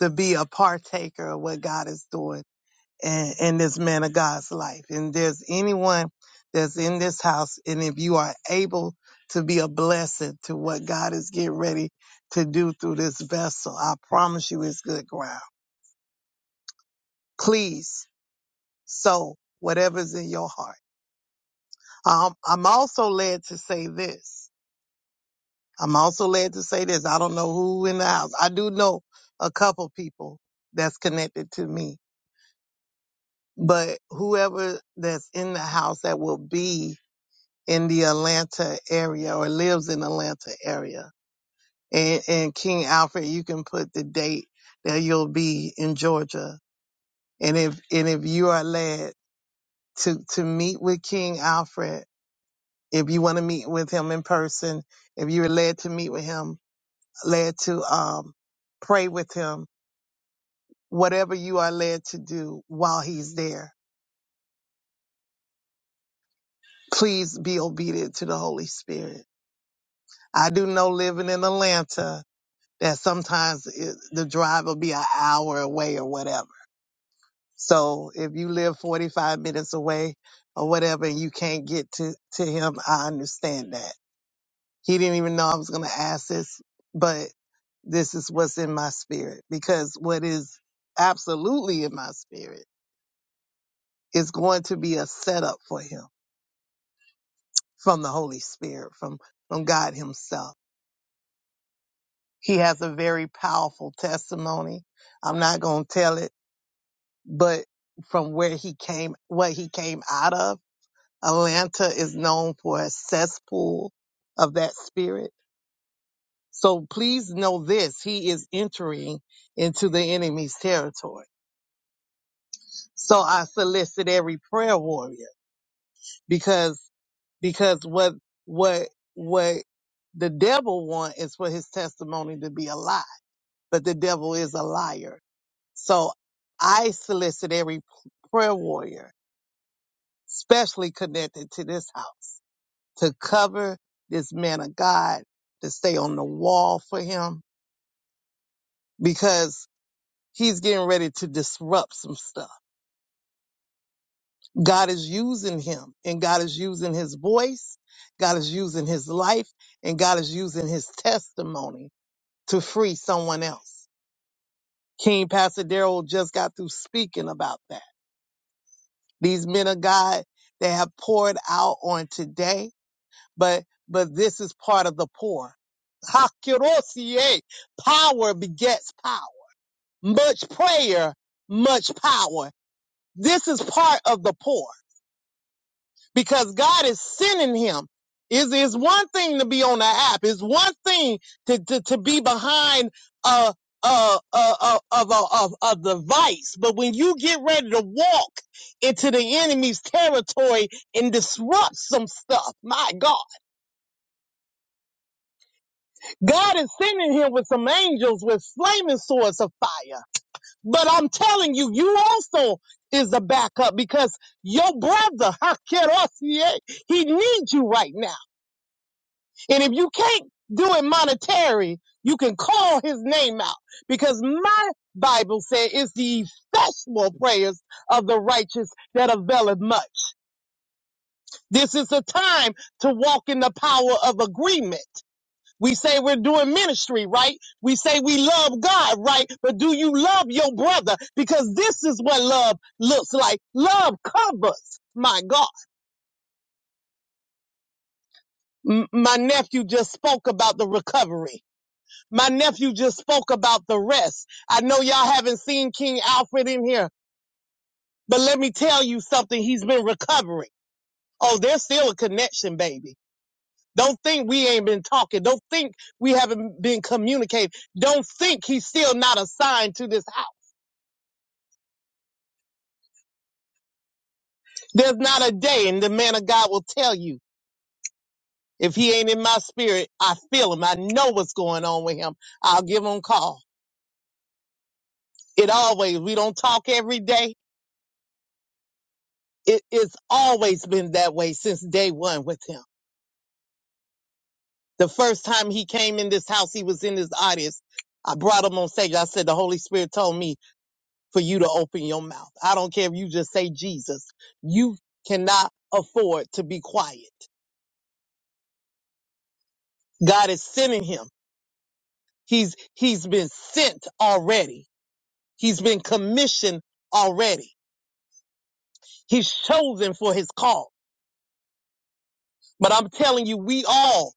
[SPEAKER 3] to be a partaker of what God is doing in, in this man of God's life. And there's anyone that's in this house, and if you are able to be a blessing to what God is getting ready to do through this vessel, I promise you it's good ground. Please sow whatever's in your heart. Um, I'm also led to say this. I'm also led to say this. I don't know who in the house. I do know a couple people that's connected to me, but whoever that's in the house that will be in the Atlanta area or lives in Atlanta area. And, and King Alfred, you can put the date that you'll be in Georgia. And if, and if you are led to, to meet with King Alfred, if you want to meet with him in person, if you're led to meet with him, led to, um, pray with him, whatever you are led to do while he's there, please be obedient to the Holy Spirit. I do know living in Atlanta, that sometimes it, the drive will be an hour away or whatever. So if you live 45 minutes away or whatever and you can't get to, to him, I understand that. He didn't even know I was going to ask this, but this is what's in my spirit because what is absolutely in my spirit is going to be a setup for him from the Holy Spirit, from, from God himself. He has a very powerful testimony. I'm not going to tell it but from where he came, what he came out of, Atlanta is known for a cesspool of that spirit. So please know this, he is entering into the enemy's territory. So I solicit every prayer warrior because, because what, what, what the devil want is for his testimony to be a lie, but the devil is a liar. So I solicit every prayer warrior especially connected to this house, to cover this man of God, to stay on the wall for him, because he's getting ready to disrupt some stuff. God is using him, and God is using his voice, God is using his life, and God is using his testimony to free someone else. King Pastor Daryl just got through speaking about that. These men of God, they have poured out on today, but but this is part of the pour Hakirosie. Power begets power. Much prayer, much power. This is part of the poor because God is sending him. It's, it's one thing to be on the app. It's one thing to, to, to be behind a, a, a, of a, of a device. But when you get ready to walk into the enemy's territory and disrupt some stuff, my God, God is sending him with some angels with flaming swords of fire. But I'm telling you, you also is a backup because your brother, Hakerosie, he needs you right now. And if you can't do it monetary, you can call his name out because my Bible said it's the effectual prayers of the righteous that availeth much. This is a time to walk in the power of agreement. We say we're doing ministry, right? We say we love God, right? But do you love your brother? Because this is what love looks like. Love covers. My God. M- my nephew just spoke about the recovery. My nephew just spoke about the rest. I know y'all haven't seen King Alfred in here, but let me tell you something. He's been recovering. Oh, there's still a connection, baby. Don't think we ain't been talking. Don't think we haven't been communicating. Don't think he's still not assigned to this house. There's not a day, and the man of God will tell you. If he ain't in my spirit, I feel him. I know what's going on with him. I'll give him a call. It always, we don't talk every day. It, it's always been that way since day one with him. The first time he came in this house, he was in this audience. I brought him on stage. I said, the Holy Spirit told me for you to open your mouth. I don't care if you just say Jesus. You cannot afford to be quiet. God is sending him. He's, he's been sent already He's been commissioned already. He's chosen for his call. But I'm telling you, we all,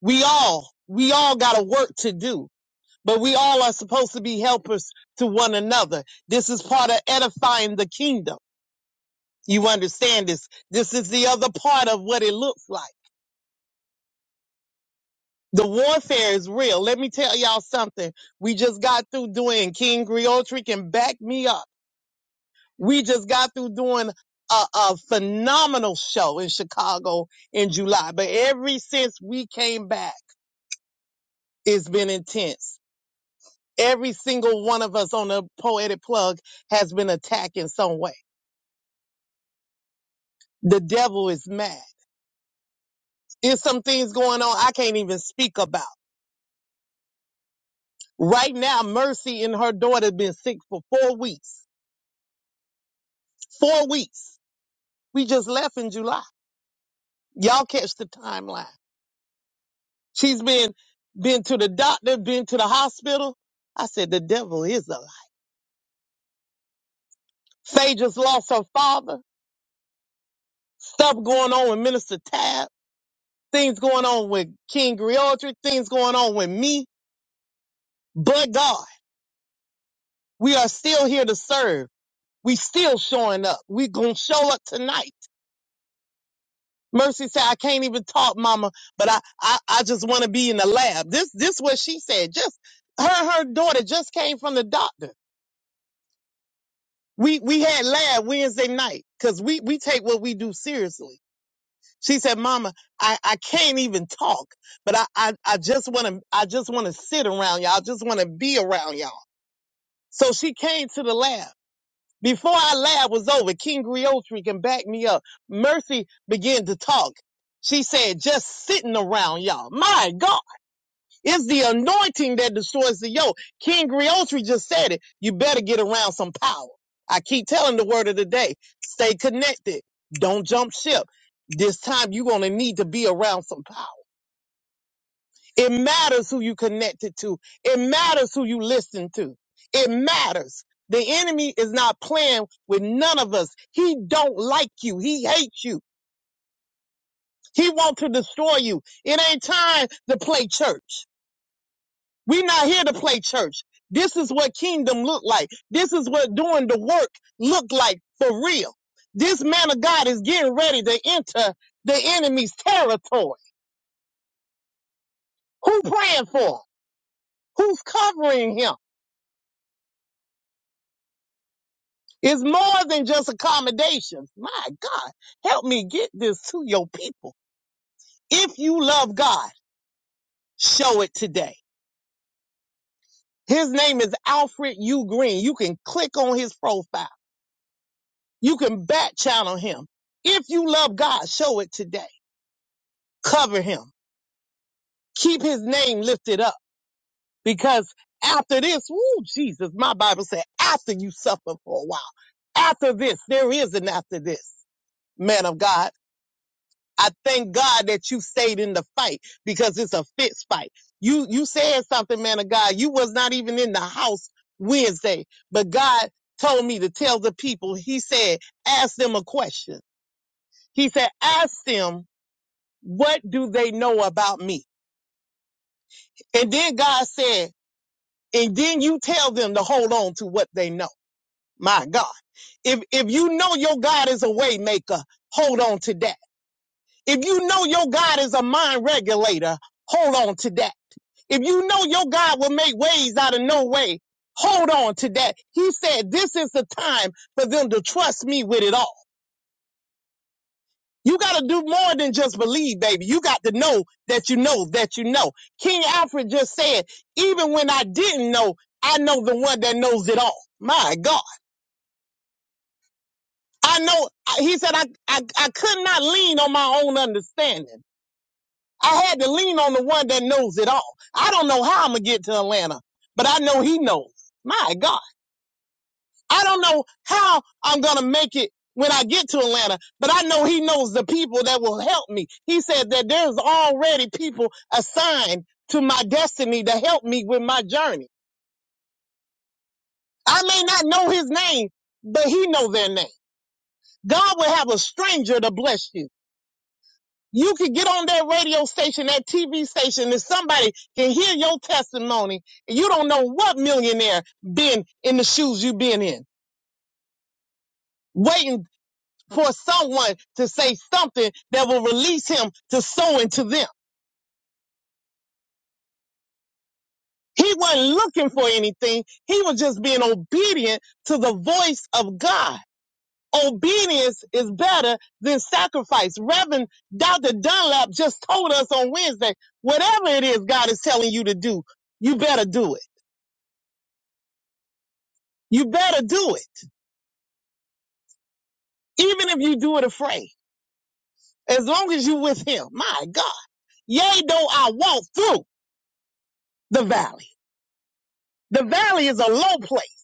[SPEAKER 3] we all, we all got a work to do. But we all are supposed to be helpers to one another. This is part of edifying the kingdom. You understand this? This is the other part of what it looks like. The warfare is real. Let me tell y'all something. We just got through doing King Griotri can back me up. We just got through doing a, a phenomenal show in Chicago in July, but every since we came back, it's been intense. Every single one of us on the poetic plug has been attacked in some way. The devil is mad. There's some things going on I can't even speak about. Right now, Mercy and her daughter have been sick for four weeks. Four weeks. We just left in July. Y'all catch the timeline. She's been been to the doctor, been to the hospital. I said the devil is a lie. Faye just lost her father. Stuff going on with Minister Tab. Things going on with King Griotry. Things going on with me. But God, we are still here to serve. We still showing up. We gonna show up tonight. Mercy said, I can't even talk, mama, but I, I, I just want to be in the lab. This, this what she said. Just her, her daughter just came from the doctor. We we had lab Wednesday night because we we take what we do seriously. She said, "Mama, I I can't even talk, but I I, I just want to I just want to sit around y'all. I just want to be around y'all." So she came to the lab. Before our lab was over, King Griotri can back me up. Mercy began to talk. She said, "Just sitting around y'all." My God. It's the anointing that destroys the yoke. King Griotri just said it. You better get around some power. I keep telling the word of the day. Stay connected. Don't jump ship. This time you're going to need to be around some power. It matters who you connected to. It matters who you listen to. It matters. The enemy is not playing with none of us. He don't like you. He hates you. He wants to destroy you. It ain't time to play church. We're not here to play church. This is what kingdom look like. This is what doing the work look like for real. This man of God is getting ready to enter the enemy's territory. Who praying for him? Who's covering him? It's more than just accommodations. My God, help me get this to your people. If you love God, show it today. His name is Alfred U. Green. You can click on his profile. You can back channel him. If you love God, show it today. cover him. Keep his name lifted up because after this, woo, Jesus, my Bible said, after you suffer for a while, after this, there is an after this, man of God. I thank God that you stayed in the fight because it's a fist fight. You, you said something, man of God. You was not even in the house Wednesday, but God told me to tell the people, he said, ask them a question. He said, ask them, what do they know about me? And then God said, and then you tell them to hold on to what they know. My God. If if you know your God is a way maker, hold on to that. If you know your God is a mind regulator, hold on to that. If you know your God will make ways out of no way, hold on to that. He said this is the time for them to trust me with it all. You got to do more than just believe, baby. You got to know that you know that you know. King Alfred just said, even when I didn't know, I know the one that knows it all. My God. I know he said I, I I could not lean on my own understanding. I had to lean on the one that knows it all. I don't know how I'm gonna get to Atlanta, but I know he knows. My God. I don't know how I'm gonna make it when I get to Atlanta, but I know he knows the people that will help me. He said that there's already people assigned to my destiny to help me with my journey. I may not know his name, but he knows their name. God will have a stranger to bless you. You can get on that radio station, that TV station, and somebody can hear your testimony. And you don't know what millionaire been in the shoes you have been in, waiting for someone to say something that will release him to sow into them. He wasn't looking for anything. He was just being obedient to the voice of God. Obedience is better than sacrifice. Reverend Dr. Dunlap just told us on Wednesday, whatever it is God is telling you to do, you better do it. You better do it. Even if you do it afraid. As long as you with him. My God. Yea, though I walk through the valley. The valley is a low place.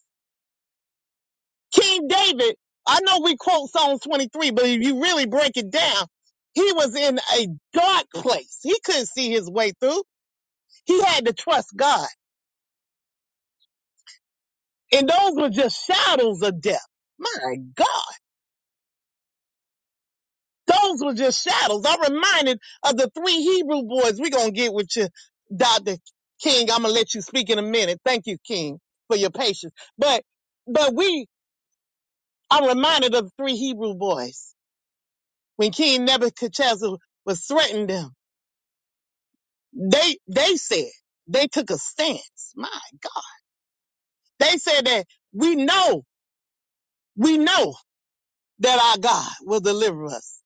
[SPEAKER 3] King David, I know we quote Psalms 23, but if you really break it down, he was in a dark place. He couldn't see his way through. He had to trust God. And those were just shadows of death. My God. Those were just shadows. I'm reminded of the three Hebrew boys. We're going to get with you, Dr. King. I'm going to let you speak in a minute. Thank you, King, for your patience. But, but we, i reminded of the three Hebrew boys. When King Nebuchadnezzar was threatening them, they, they said, they took a stance. My God. They said that we know, we know that our God will deliver us.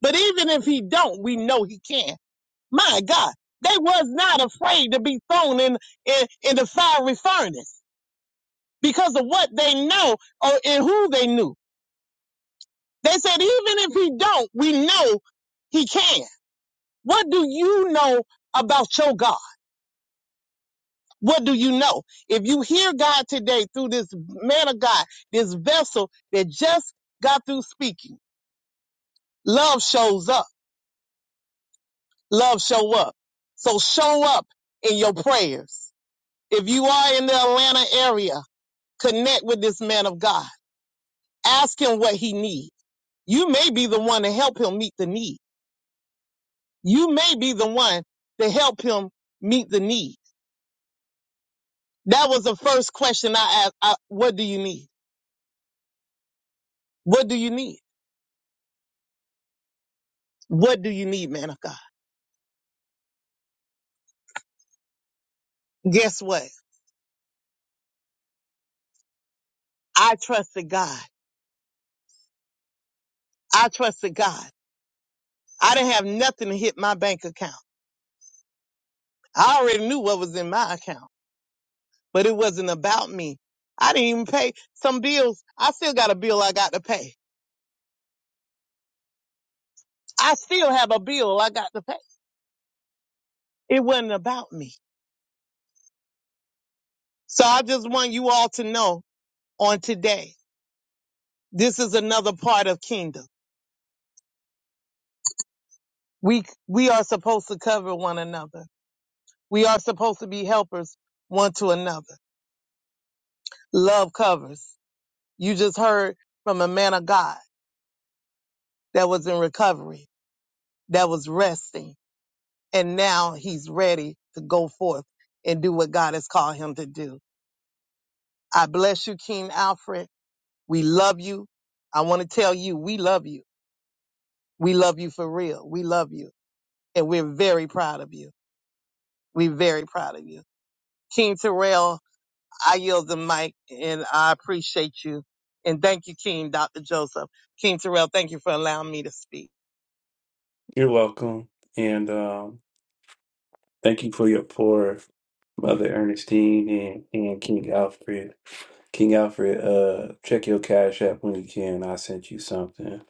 [SPEAKER 3] But even if he don't, we know he can My God, they was not afraid to be thrown in, in, in the fiery furnace because of what they know or and who they knew. They said, even if he don't, we know he can. What do you know about your God? What do you know? If you hear God today through this man of God, this vessel that just got through speaking, love shows up. Love show up. So show up in your prayers. If you are in the Atlanta area, Connect with this man of God. Ask him what he needs. You may be the one to help him meet the need. You may be the one to help him meet the need. That was the first question I asked. I, what do you need? What do you need? What do you need, man of God? Guess what? I trusted God. I trusted God. I didn't have nothing to hit my bank account. I already knew what was in my account, but it wasn't about me. I didn't even pay some bills. I still got a bill I got to pay. I still have a bill I got to pay. It wasn't about me. So I just want you all to know on today, this is another part of kingdom. We, we are supposed to cover one another. We are supposed to be helpers one to another. Love covers. You just heard from a man of God that was in recovery, that was resting, and now he's ready to go forth and do what God has called him to do. I bless you, King Alfred. We love you. I want to tell you, we love you. We love you for real. We love you. And we're very proud of you. We're very proud of you. King Terrell, I yield the mic and I appreciate you. And thank you, King Dr. Joseph. King Terrell, thank you for allowing me to speak.
[SPEAKER 4] You're welcome. And um, thank you for your pour, Mother Ernestine and, and King Alfred. King Alfred, uh, check your cash app when you can. I sent you something.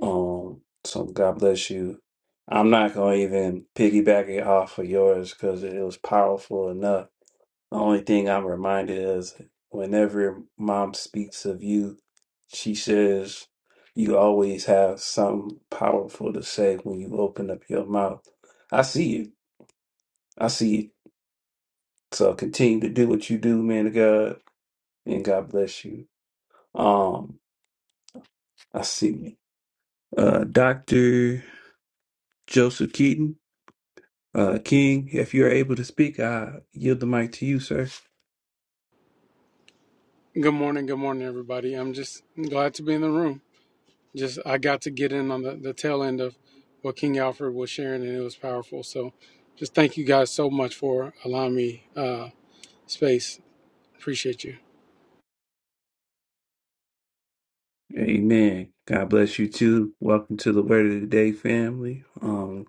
[SPEAKER 4] Um, so God bless you. I'm not gonna even piggyback it off of yours because it was powerful enough. The only thing I'm reminded is whenever mom speaks of you, she says you always have something powerful to say when you open up your mouth. I see you. I see you. So continue to do what you do, man of God, and God bless you. Um, I see. Uh, Dr. Joseph Keaton, uh, King, if you're able to speak, I yield the mic to you, sir.
[SPEAKER 9] Good morning, good morning, everybody. I'm just glad to be in the room. Just I got to get in on the, the tail end of what King Alfred was sharing, and it was powerful. So, just thank you guys so much for allowing me uh, space. Appreciate you.
[SPEAKER 4] Amen. God bless you too. Welcome to the Word of the Day family. Um,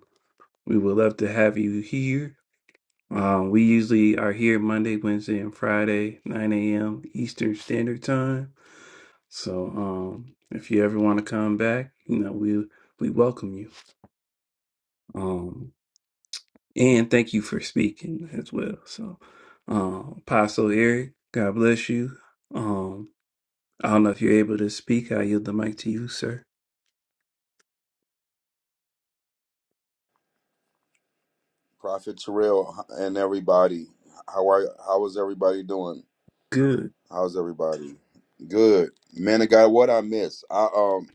[SPEAKER 4] we would love to have you here. Um, we usually are here Monday, Wednesday, and Friday, 9 a.m. Eastern Standard Time. So um, if you ever want to come back, you know, we we welcome you. Um, And thank you for speaking as well. So, um, Apostle Eric, God bless you. Um, I don't know if you're able to speak. I yield the mic to you, sir.
[SPEAKER 10] Prophet Terrell and everybody. How are how is everybody doing?
[SPEAKER 4] Good.
[SPEAKER 10] How's everybody? Good. Man of God, what I miss, I um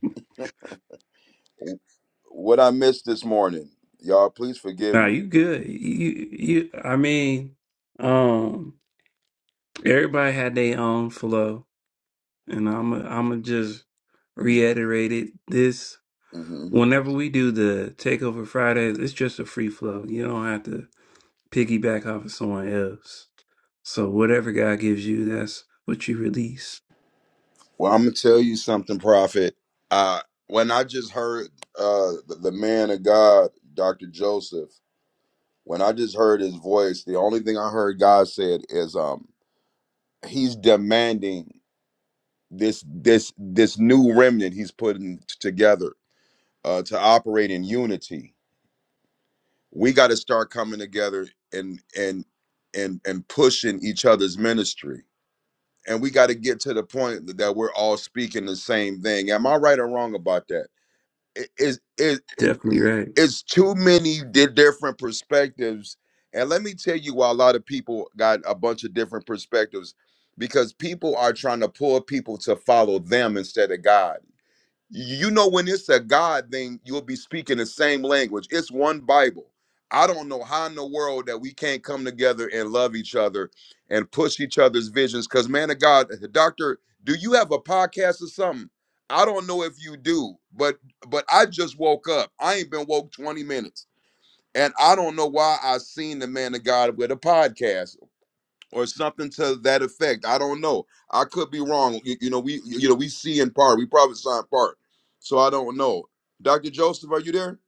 [SPEAKER 10] what I missed this morning. Y'all please forgive
[SPEAKER 4] Now
[SPEAKER 10] me.
[SPEAKER 4] you good. You, you. I mean, um, everybody had their own flow, and I'm, i I'm gonna just reiterate it. This,
[SPEAKER 10] hmm
[SPEAKER 4] whenever we do the Takeover Fridays, it's just a free flow. You don't have to piggyback off of someone else. So whatever God gives you, that's what you release.
[SPEAKER 10] Well, I'm gonna tell you something, Prophet. Uh when I just heard uh the, the man of God, Dr. Joseph, when I just heard his voice, the only thing I heard God said is um he's demanding this this this new remnant he's putting t- together uh, to operate in unity. We got to start coming together and and and and pushing each other's ministry, and we got to get to the point th- that we're all speaking the same thing. Am I right or wrong about that? It is it, it,
[SPEAKER 4] Definitely right.
[SPEAKER 10] it's too many di- different perspectives, and let me tell you why a lot of people got a bunch of different perspectives because people are trying to pull people to follow them instead of God you know when it's a god thing you'll be speaking the same language it's one bible i don't know how in the world that we can't come together and love each other and push each other's visions because man of god doctor do you have a podcast or something i don't know if you do but but i just woke up i ain't been woke 20 minutes and i don't know why i seen the man of god with a podcast or something to that effect. I don't know. I could be wrong. You, you know, we you know we see in part. We probably saw in part. So I don't know. Dr. Joseph, are you there?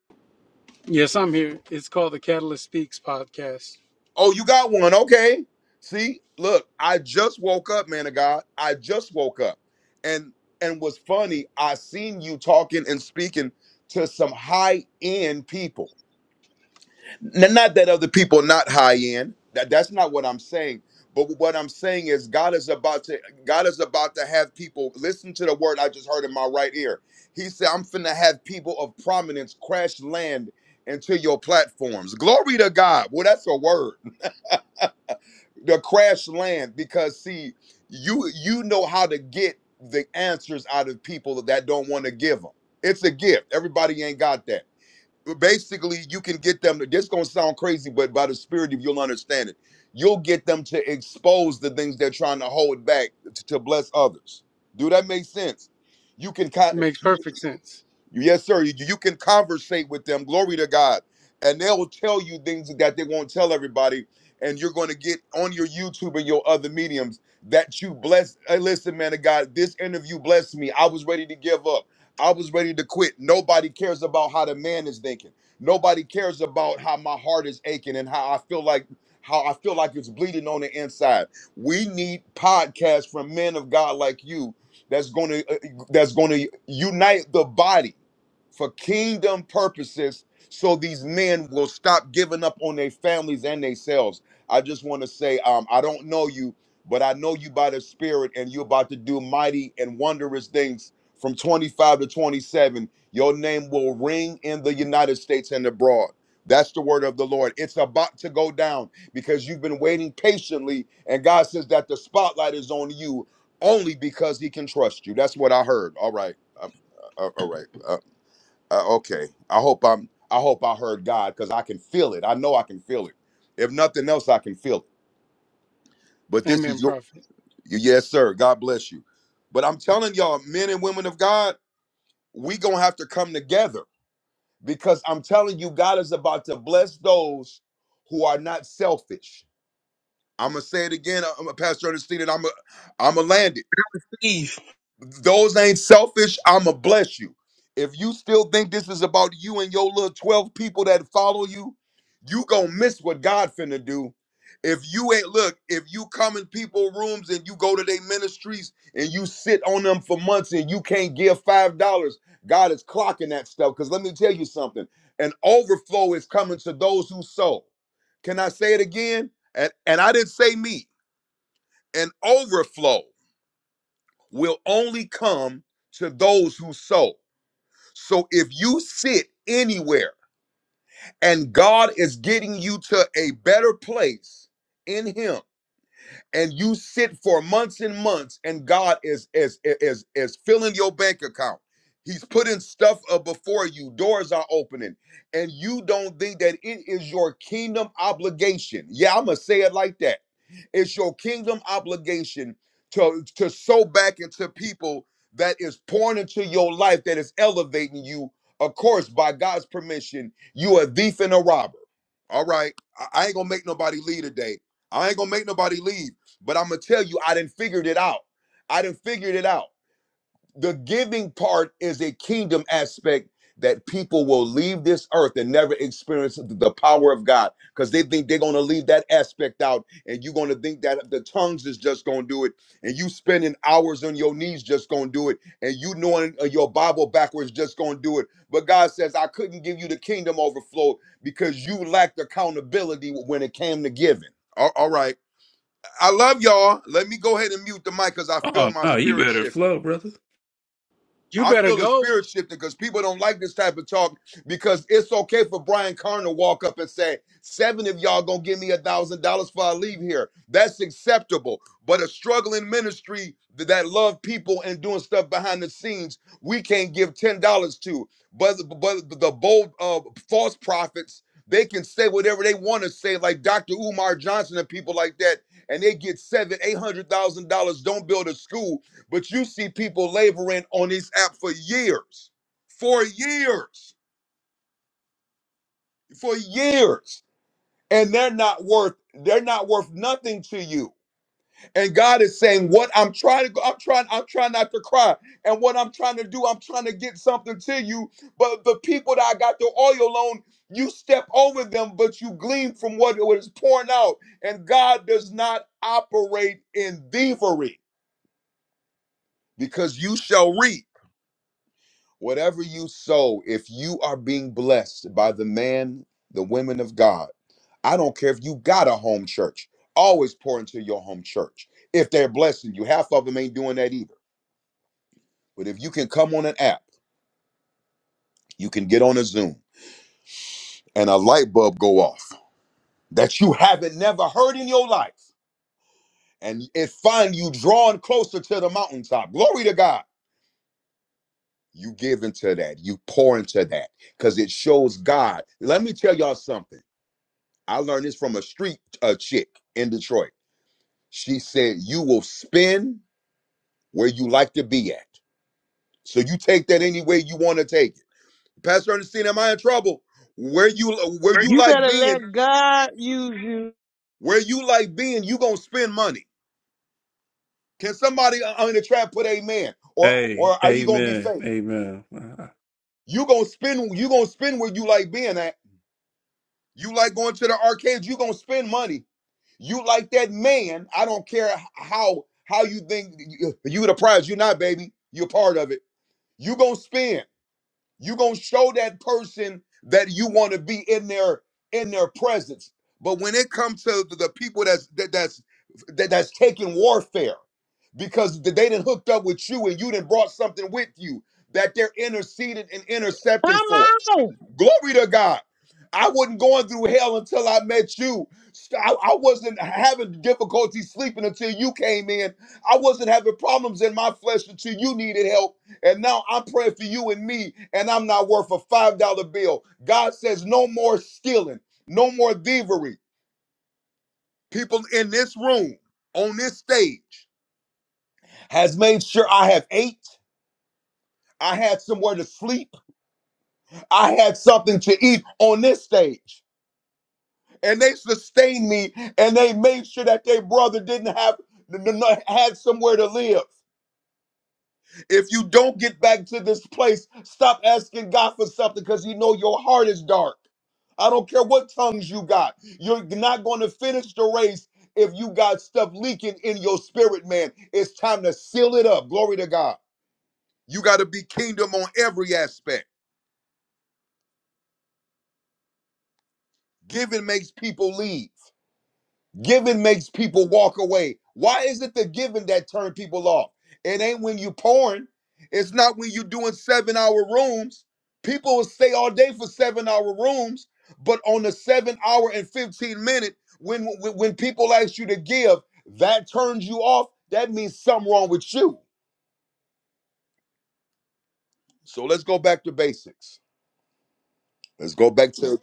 [SPEAKER 9] Yes, I'm here. It's called the Catalyst Speaks podcast.
[SPEAKER 10] Oh, you got one. Okay. See, look, I just woke up, man of God. I just woke up. And and what's funny, I seen you talking and speaking to some high-end people. N- not that other people are not high end that that's not what i'm saying but what i'm saying is god is about to god is about to have people listen to the word i just heard in my right ear he said i'm finna have people of prominence crash land into your platforms glory to god well that's a word the crash land because see you you know how to get the answers out of people that don't want to give them it's a gift everybody ain't got that basically you can get them to, this is gonna sound crazy but by the spirit if you'll understand it you'll get them to expose the things they're trying to hold back to, to bless others do that make sense you can kind
[SPEAKER 9] It makes
[SPEAKER 10] you
[SPEAKER 9] perfect sense.
[SPEAKER 10] Yes, sir. You, you can conversate with them. Glory to God. And they will tell you things that they won't tell everybody. And you're going to get on your YouTube and your other mediums that you bless. Hey, listen, man of God, this interview blessed me. I was ready to give up. I was ready to quit. Nobody cares about how the man is thinking. Nobody cares about how my heart is aching and how I feel like how I feel like it's bleeding on the inside. We need podcasts from men of God like you that's going to uh, that's going to unite the body for kingdom purposes so these men will stop giving up on their families and themselves i just want to say um, i don't know you but i know you by the spirit and you're about to do mighty and wondrous things from 25 to 27 your name will ring in the united states and abroad that's the word of the lord it's about to go down because you've been waiting patiently and god says that the spotlight is on you only because he can trust you. That's what I heard. All right. Um, uh, uh, all right. Uh, uh, okay. I hope I'm. I hope I heard God because I can feel it. I know I can feel it. If nothing else, I can feel it. But this
[SPEAKER 9] Amen,
[SPEAKER 10] is your.
[SPEAKER 9] Prophet.
[SPEAKER 10] Yes, sir. God bless you. But I'm telling y'all, men and women of God, we gonna have to come together because I'm telling you, God is about to bless those who are not selfish. I'm gonna say it again, I'm a Pastor Ernestine, and I'm a, I'm a land it.
[SPEAKER 3] Please.
[SPEAKER 10] those ain't selfish. I'ma bless you. If you still think this is about you and your little 12 people that follow you, you gonna miss what God finna do. If you ain't look, if you come in people rooms and you go to their ministries and you sit on them for months and you can't give five dollars, God is clocking that stuff. Cause let me tell you something, an overflow is coming to those who sow. Can I say it again? And and I didn't say me. An overflow will only come to those who sow. So if you sit anywhere and God is getting you to a better place in Him, and you sit for months and months and god is is is is filling your bank account he's putting stuff up before you doors are opening and you don't think that it is your kingdom obligation yeah i'm gonna say it like that it's your kingdom obligation to to sow back into people that is pouring into your life that is elevating you of course by god's permission you are a thief and a robber all right. I, I ain't gonna make nobody leave today. I ain't gonna make nobody leave. But I'm gonna tell you, I didn't figured it out. I didn't figured it out the giving part is a kingdom aspect that people will leave this earth and never experience the power of God because they think they're going to leave that aspect out and you're going to think that the tongues is just going to do it and you spending hours on your knees just going to do it and you knowing uh, your Bible backwards just going to do it. But God says, I couldn't give you the kingdom overflow because you lacked accountability when it came to giving. All all right. I love y'all. Let me go ahead and mute the mic because I
[SPEAKER 4] Oh
[SPEAKER 10] feel my
[SPEAKER 4] no, you
[SPEAKER 10] spirit
[SPEAKER 4] better
[SPEAKER 10] shifting.
[SPEAKER 4] flow, brother.
[SPEAKER 9] You
[SPEAKER 10] I
[SPEAKER 9] better
[SPEAKER 10] feel the
[SPEAKER 9] go.
[SPEAKER 10] spirit shifting because people don't like this type of talk because it's okay for Brian Carn to walk up and say, seven of y'all gonna give me a thousand dollars for I leave here. That's acceptable. But a struggling ministry th- that love people and doing stuff behind the scenes, we can't give ten dollars to. But but the bold uh, false prophets, they can say whatever they want to say, like Dr. Umar Johnson and people like that, and they get seven, eight hundred thousand dollars, don't build a school but you see people laboring on this app for years, for years, for years, and they're not worth they're not worth nothing to you. And God is saying, "What I'm trying to go, I'm trying, I'm trying not to cry, and what I'm trying to do, I'm trying to get something to you." But the people that I got the oil on, you step over them, but you glean from what what is pouring out. And God does not operate in thievery because you shall reap. Whatever you sow, if you are being blessed by the man, the women of God, I don't care if you got a home church, always pour into your home church. If they're blessing you, half of them ain't doing that either. But if you can come on an app, you can get on a Zoom and a light bulb go off that you haven't never heard in your life. And it find you drawing closer to the mountaintop. Glory to God. You give into that. You pour into that because it shows God. Let me tell y'all something. I learned this from a street uh, chick in Detroit. She said, "You will spin where you like to be at, so you take that any way you want to take it." Pastor Ernestine, am I in trouble? Where you uh, where you
[SPEAKER 11] You
[SPEAKER 10] like
[SPEAKER 11] better
[SPEAKER 10] being,
[SPEAKER 11] let God use you.
[SPEAKER 10] where you like being, you gonna spend money. Can somebody uh, uh, in the trap put amen? Or
[SPEAKER 4] Hey,
[SPEAKER 10] or are you gonna be
[SPEAKER 4] amen,
[SPEAKER 10] fake?
[SPEAKER 4] amen. Uh,
[SPEAKER 10] You gonna spend you gonna spend where you like being at. You like going to the arcades, you gonna spend money You like that man? I don't care how how you think you, you the prize. You're not, baby. You're part of it. You gonna spend. You gonna show that person that you want to be in their in their presence. But when it comes to the the people that's that, that's that, that's taking warfare because they didn't hooked up with you and you didn't brought something with you that they're interceding and intercepting for.
[SPEAKER 11] Come on.
[SPEAKER 10] Glory to God. I wasn't going through hell until I met you. St- I, I wasn't having difficulty sleeping until you came in. I wasn't having problems in my flesh until you needed help. And now I'm praying for you and me, and I'm not worth a $5 bill. God says, no more stealing, no more thievery. People in this room, on this stage, has made sure I have ate, I had somewhere to sleep, I had something to eat on this stage. and they sustained me and they made sure that their brother didn't have n- n- n- had somewhere to live if you don't get back to this place stop asking god for something because you know your heart is dark i don't care what tongues you got you're not going to finish the race if you got stuff leaking in your spirit man it's time to seal it up glory to god you got to be kingdom on every aspect giving makes people leave Giving makes people walk away. Why is it the giving that turn people off? It ain't when you pouring. It's not when you doing seven hour rooms. People will stay all day for seven hour rooms, but on the seven hour and 15 minute, when, when, when people ask you to give, that turns you off. That means something wrong with you. So let's go back to basics. Let's go back to,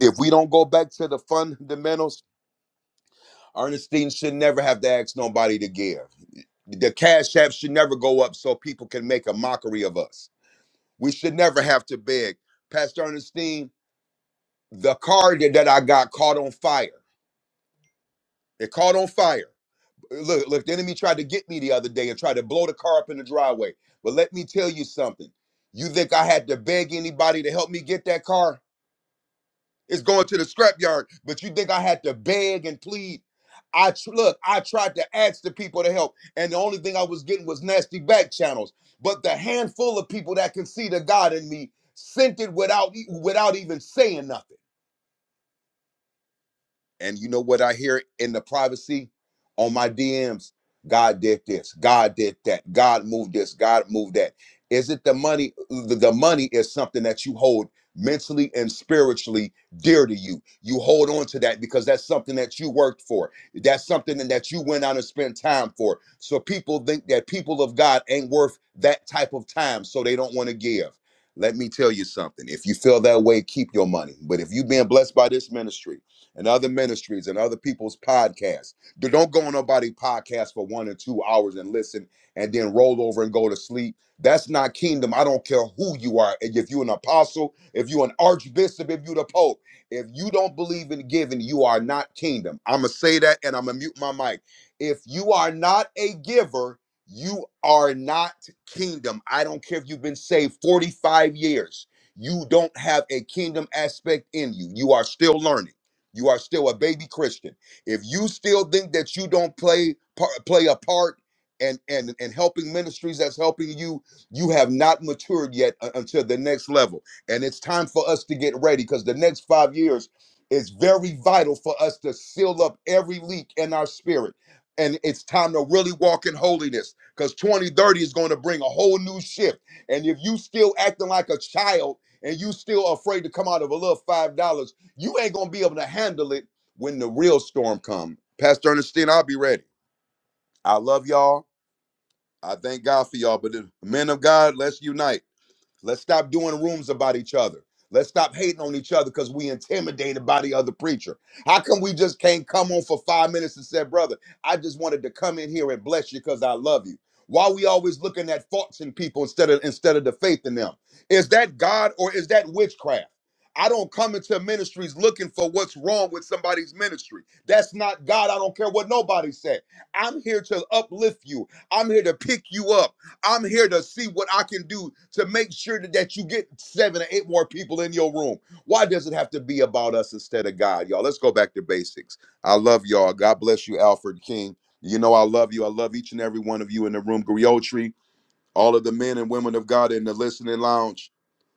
[SPEAKER 10] if we don't go back to the fundamentals, Ernestine should never have to ask nobody to give. the cash app should never go up so people can make a mockery of us. We should never have to beg. Pastor Ernestine, the car that, that I got caught on fire. It caught on fire. Look, look, the enemy tried to get me the other day and tried to blow the car up in the driveway. But let me tell you something. You think I had to beg anybody to help me get that car? It's going to the scrapyard. But you think I had to beg and plead? I tr- look, I tried to ask the people to help, and the only thing I was getting was nasty back channels. But the handful of people that can see the God in me sent it without e- without even saying nothing. And you know what I hear in the privacy on my DMs? God did this. God did that. God moved this. God moved that. Is it the money? The the money is something that you hold mentally and spiritually dear to you. You hold on to that because that's something that you worked for. That's something that you went out and spent time for. So people think that people of God ain't worth that type of time, so they don't want to give. Let me tell you something. If you feel that way, keep your money. But if you've been blessed by this ministry, and other ministries and other people's podcasts. Do- not go on nobody's podcast for one or two hours and listen and then roll over and go to sleep. That's not kingdom. I don't care who you are. If you're an apostle, if you're an archbishop, if you're the pope, if you don't believe in giving, you are not kingdom. I'm going to say that and I'm going to mute my mic. If you are not a giver, you are not kingdom. I don't care if you've been saved 45 years. You don't have a kingdom aspect in you. You are still learning. You are still a baby Christian. If you still think that you don't play par- play a part and and and helping ministries that's helping you, you have not matured yet u- until the next level. And it's time for us to get ready because the next five years is very vital for us to seal up every leak in our spirit. And it's time to really walk in holiness because 2030 is going to bring a whole new shift. And if you still acting like a child and you still afraid to come out of a little $5, you ain't gonna be able to handle it when the real storm comes. Pastor Ernestine, I'll be ready. I love y'all. I thank God for y'all. But the men of God, let's unite. Let's stop doing rooms about each other. Let's stop hating on each other because we intimidated by the other preacher. How come we just can't come on for five minutes and say, brother, I just wanted to come in here and bless you because I love you? Why we always looking at faults in people instead of instead of the faith in them? Is that God or is that witchcraft? I don't come into ministries looking for what's wrong with somebody's ministry. That's not God. I don't care what nobody said. I'm here to uplift you. I'm here to pick you up. I'm here to see what I can do to make sure that, that you get seven or eight more people in your room. Why does it have to be about us instead of God, y'all? Let's go back to basics. I love y'all. God bless you, Alfred King. You know I love you. I love each and every one of you in the room, Griotri, all of the men and women of God in the listening lounge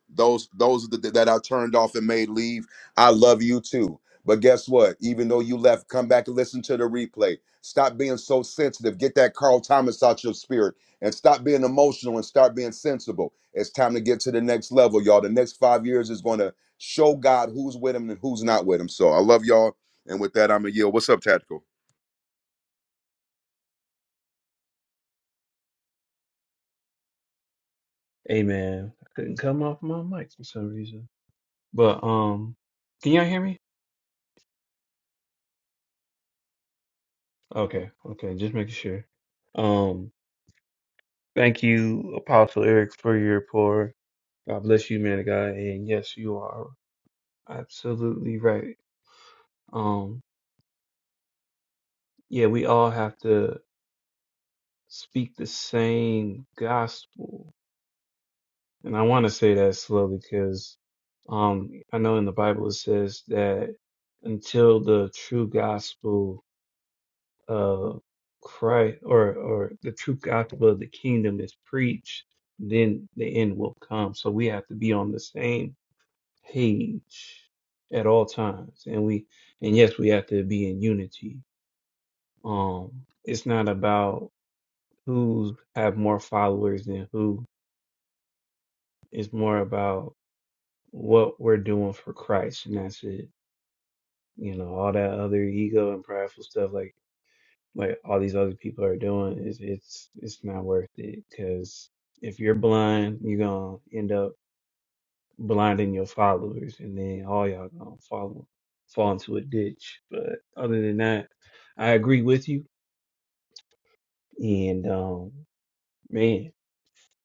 [SPEAKER 10] those those that, that I turned off and made leave. I love you too. But guess what? Even though you left, come back and listen to the replay. Stop being so sensitive. Get that Carl Thomas out your spirit and stop being emotional and start being sensible. It's time to get to the next level, y'all. The next five years is going to show God who's with him and who's not with him. So I love y'all. And with that, I'm going to yield. What's up, Tactical?
[SPEAKER 4] Hey man, I couldn't come off my mic for some reason. But um, can y'all hear me? Okay, okay, just making sure. Um, thank you, Apostle Eric, for your pour. God bless you, man of God. And yes, you are absolutely right. Um, yeah, we all have to speak the same gospel And I want to say that slowly because um, I know in the Bible it says that until the true gospel of Christ or, or the true gospel of the kingdom is preached, then the end will come. So we have to be on the same page at all times. And we, and yes, we have to be in unity. Um, it's not about who have more followers than who. It's more about what we're doing for Christ, and that's it. You know, all that other ego and prideful stuff, like like all these other people are doing, is it's it's not worth it. Because if you're blind, you're gonna end up blinding your followers, and then all y'all gonna follow fall into a ditch. But other than that, I agree with you. And um, man,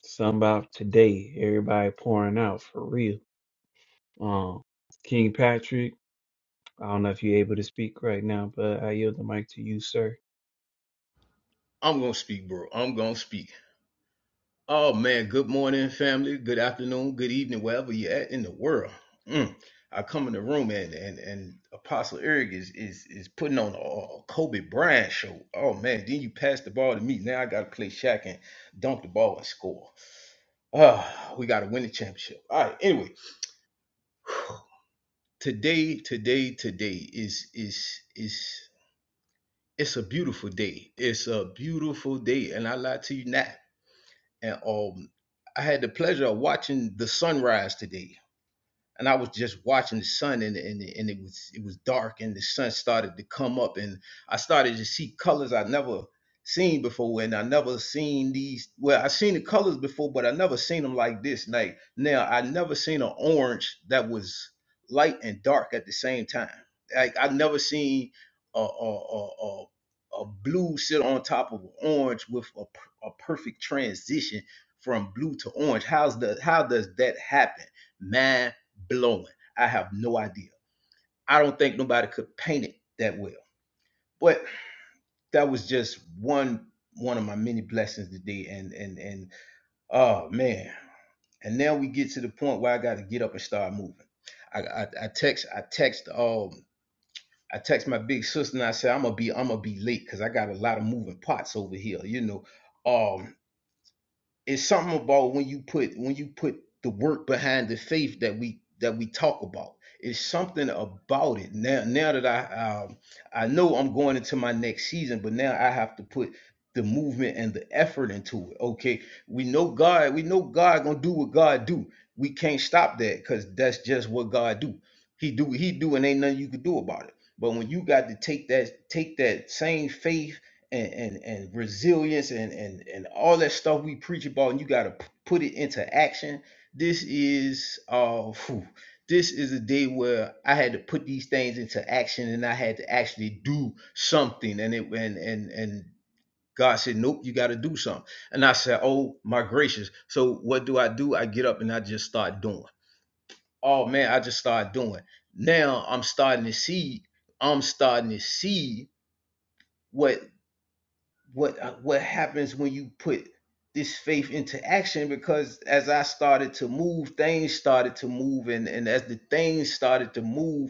[SPEAKER 4] something about today, everybody pouring out for real. Um, King Patrick. I don't know if you're able to speak right now, but I yield the mic to you, sir.
[SPEAKER 12] I'm gonna speak, bro. I'm gonna speak. Oh man, good morning, family. Good afternoon. Good evening, wherever you're at in the world. Mm. I come in the room and and and Apostle Eric is is is putting on a, a Kobe Bryant show. Oh man, then you pass the ball to me. Now I gotta play Shaq and dunk the ball and score. Ah, we gotta win the championship. All right. Anyway, today, today, today is is is it's a beautiful day. It's a beautiful day, and I lie to you not. and um, I had the pleasure of watching the sunrise today and I was just watching the sun and and, and it was it was dark and the sun started to come up and I started to see colors I never seen before and I never seen these well I seen the colors before but I never seen them like this like now I never seen an orange that was light and dark at the same time like I never seen a a a, a a blue sit on top of orange with a, per- a perfect transition from blue to orange. How's the how does that happen? blowing. I have no idea. I don't think nobody could paint it that well. But that was just one one of my many blessings today. And and and oh man. And now we get to the point where I got to get up and start moving. I, I I text I text um I text my big sister and I said I'm gonna be I'm gonna be late because I got a lot of moving parts over here. You know, um it's something about when you put when you put the work behind the faith that we that we talk about it's something about it now now that i um, i know i'm going into my next season but now i have to put the movement and the effort into it okay we know god we know god gonna do what god do we can't stop that because that's just what god do he do he do and ain't nothing you can do about it but when you got to take that take that same faith and and, and resilience and, and and all that stuff we preach about and you got to p- put it into action this is uh phew, this is a day where i had to put these things into action and i had to actually do something and it and and and god said nope you got to do something and i said oh my gracious so what do i do i get up and i just start doing oh man i just start doing now i'm starting to see i'm starting to see what what uh, what happens when you put this faith into action because as i started to move things started to move and, and as the things started to move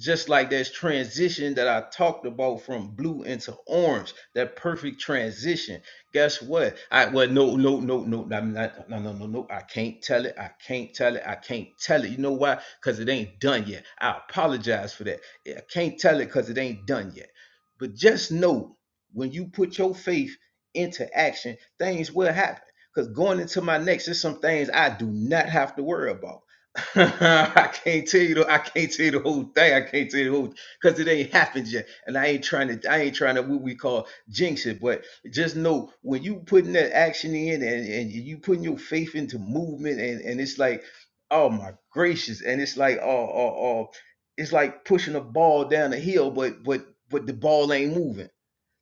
[SPEAKER 12] just like there's transition that I talked about from blue into orange, that perfect transition. Guess what? I well no no no no no, I'm not no no no no I can't tell it I can't tell it I can't tell it. You know why? Because it ain't done yet. I apologize for that. Yeah, I can't tell it because it ain't done yet. But just know when you put your faith into action, things will happen. Because going into my next, there's some things I do not have to worry about. I can't tell you the I can't tell you the whole thing. I can't tell you the whole because it ain't happened yet. And I ain't trying to I ain't trying to what we call jinx it. But just know when you putting that action in and, and you putting your faith into movement and, and it's like, oh my gracious, and it's like oh oh oh it's like pushing a ball down a hill, but but but the ball ain't moving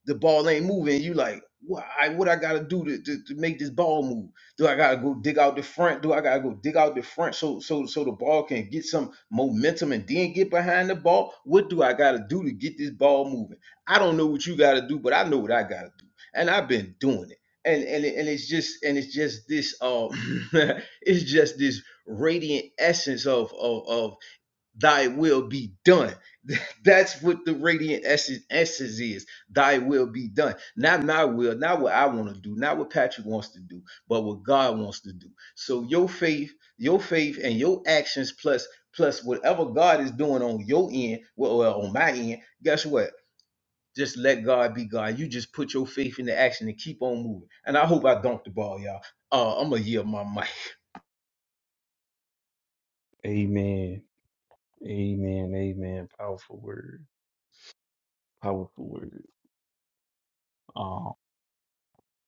[SPEAKER 12] the ball ain't moving. You like, what I what I gotta do to, to, to make this ball move? Do I gotta go dig out the front? Do I gotta go dig out the front so so so the ball can get some momentum and then get behind the ball? What do I gotta do to get this ball moving? I don't know what you gotta do, but I know what I gotta do. And I've been doing it. And and and it's just and it's just this um it's just this radiant essence of of of thy will be done. That's what the radiant essence, essence is. Thy will be done. Not my will, not what I want to do, not what Patrick wants to do, but what God wants to do. So your faith, your faith and your actions plus plus whatever God is doing on your end, well, well on my end, guess what? Just let God be God. You just put your faith into action and keep on moving. And I hope I dunked the ball, y'all. Uh, I'm gonna yield my mic.
[SPEAKER 4] Amen. Amen. Amen. Powerful word. Powerful word. Um,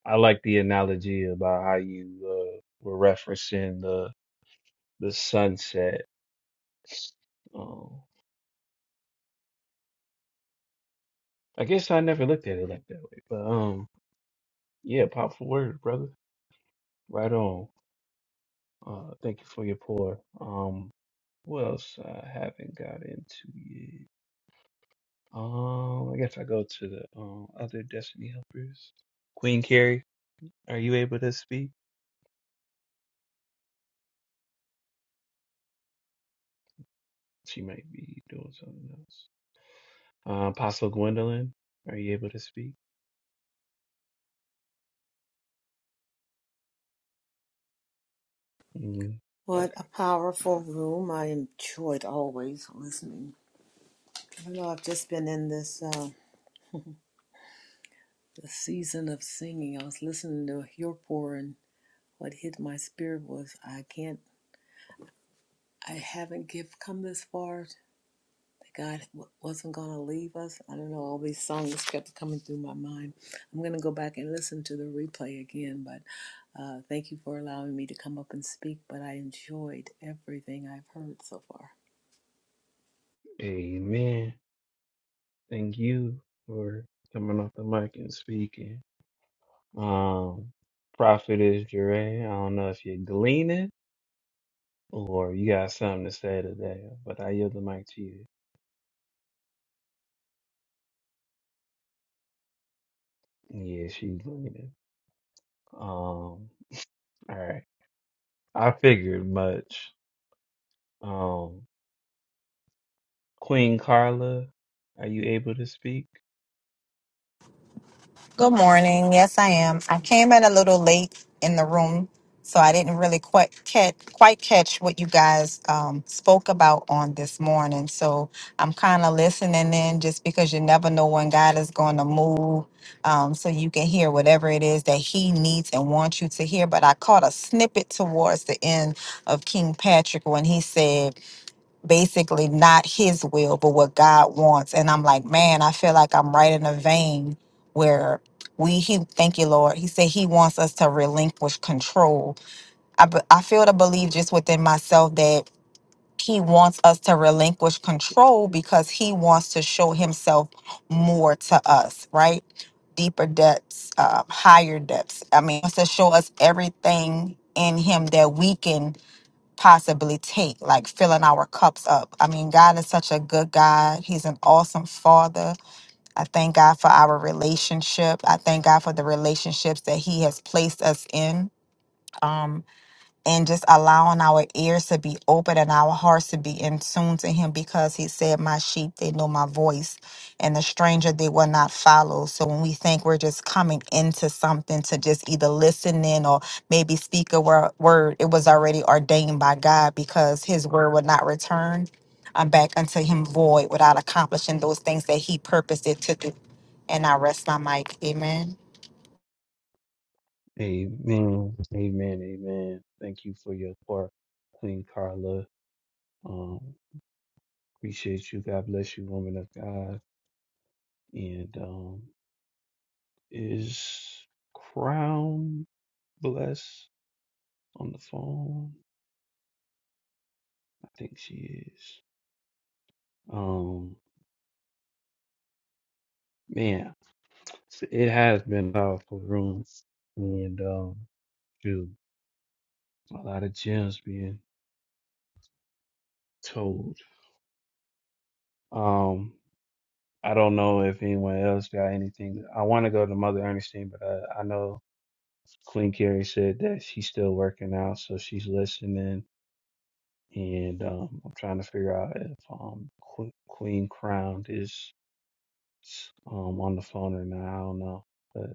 [SPEAKER 4] I like the analogy about how you uh, were referencing the the sunset. Um, I guess I never looked at it like that way, but um, yeah, powerful word, brother. Right on. Uh, thank you for your pour. Um, what else I haven't got into yet? Um, I guess I go to the um other Destiny helpers. Queen Carrie, are you able to speak? She might be doing something else. Uh, Apostle Gwendolyn, are you able to speak? Mm,
[SPEAKER 5] What a
[SPEAKER 4] okay.
[SPEAKER 5] powerful room. I enjoyed always listening. I know I've just been in this uh, this season of singing. I was listening to your pour and what hit my spirit was I can't, I haven't give, come this far. That God w- wasn't going to leave us. I don't know, all these songs kept coming through my mind. I'm going to go back and listen to the replay again, but uh, thank you for allowing me to come up and speak. But I enjoyed everything I've heard so far.
[SPEAKER 4] Amen. Thank you for coming off the mic and speaking. Um, Prophetess Jure, I don't know if you're gleaning or you got something to say today, but I yield the mic to you. Yeah, she's gleaning. Um, all right. I figured much. Um, Queen Carla, are you able to speak?
[SPEAKER 13] Good morning. Yes, I am. I came in a little late in the room, so I didn't really quite catch, quite catch what you guys um, spoke about on this morning. So I'm kind of listening in just because you never know when God is going to move. Um, so you can hear whatever it is that He needs and wants you to hear. But I caught a snippet towards the end of King Patrick when he said, basically not his will, but what God wants. And I'm like, man, I feel like I'm right in a vein where we, he, thank you, Lord. He said he wants us to relinquish control. I, be- I feel to believe just within myself that he wants us to relinquish control because he wants to show himself more to us, right? Deeper depths, uh, higher depths. I mean, he wants to show us everything in him that we can possibly take, like filling our cups up. I mean, God is such a good God. He's an awesome father. I thank God for our relationship. I thank God for the relationships that He has placed us in. Um, and just allowing our ears to be open and our hearts to be in tune to him because he said my sheep they know my voice and the stranger they will not follow so when we think we're just coming into something to just either listen in or maybe speak a wor- word it was already ordained by god because his word would not return uh, back unto him void without accomplishing those things that he purposed it to do and i rest my mic amen
[SPEAKER 4] Amen. Amen. Amen. Thank you for your part, Queen Carla. Um, appreciate you. God bless you, woman of God. And um, is Crown Bless on the phone? I think she is. Um, man, it has been a powerful room, and um, dude, a lot of gems being told. Um, I don't know if anyone else got anything. I want to go to Mother Ernestine, but I, I know Queen Carrie said that she's still working out, so she's listening. And um, I'm trying to figure out if um, Qu- Queen Crowned is um, on the phone or not. I don't know, but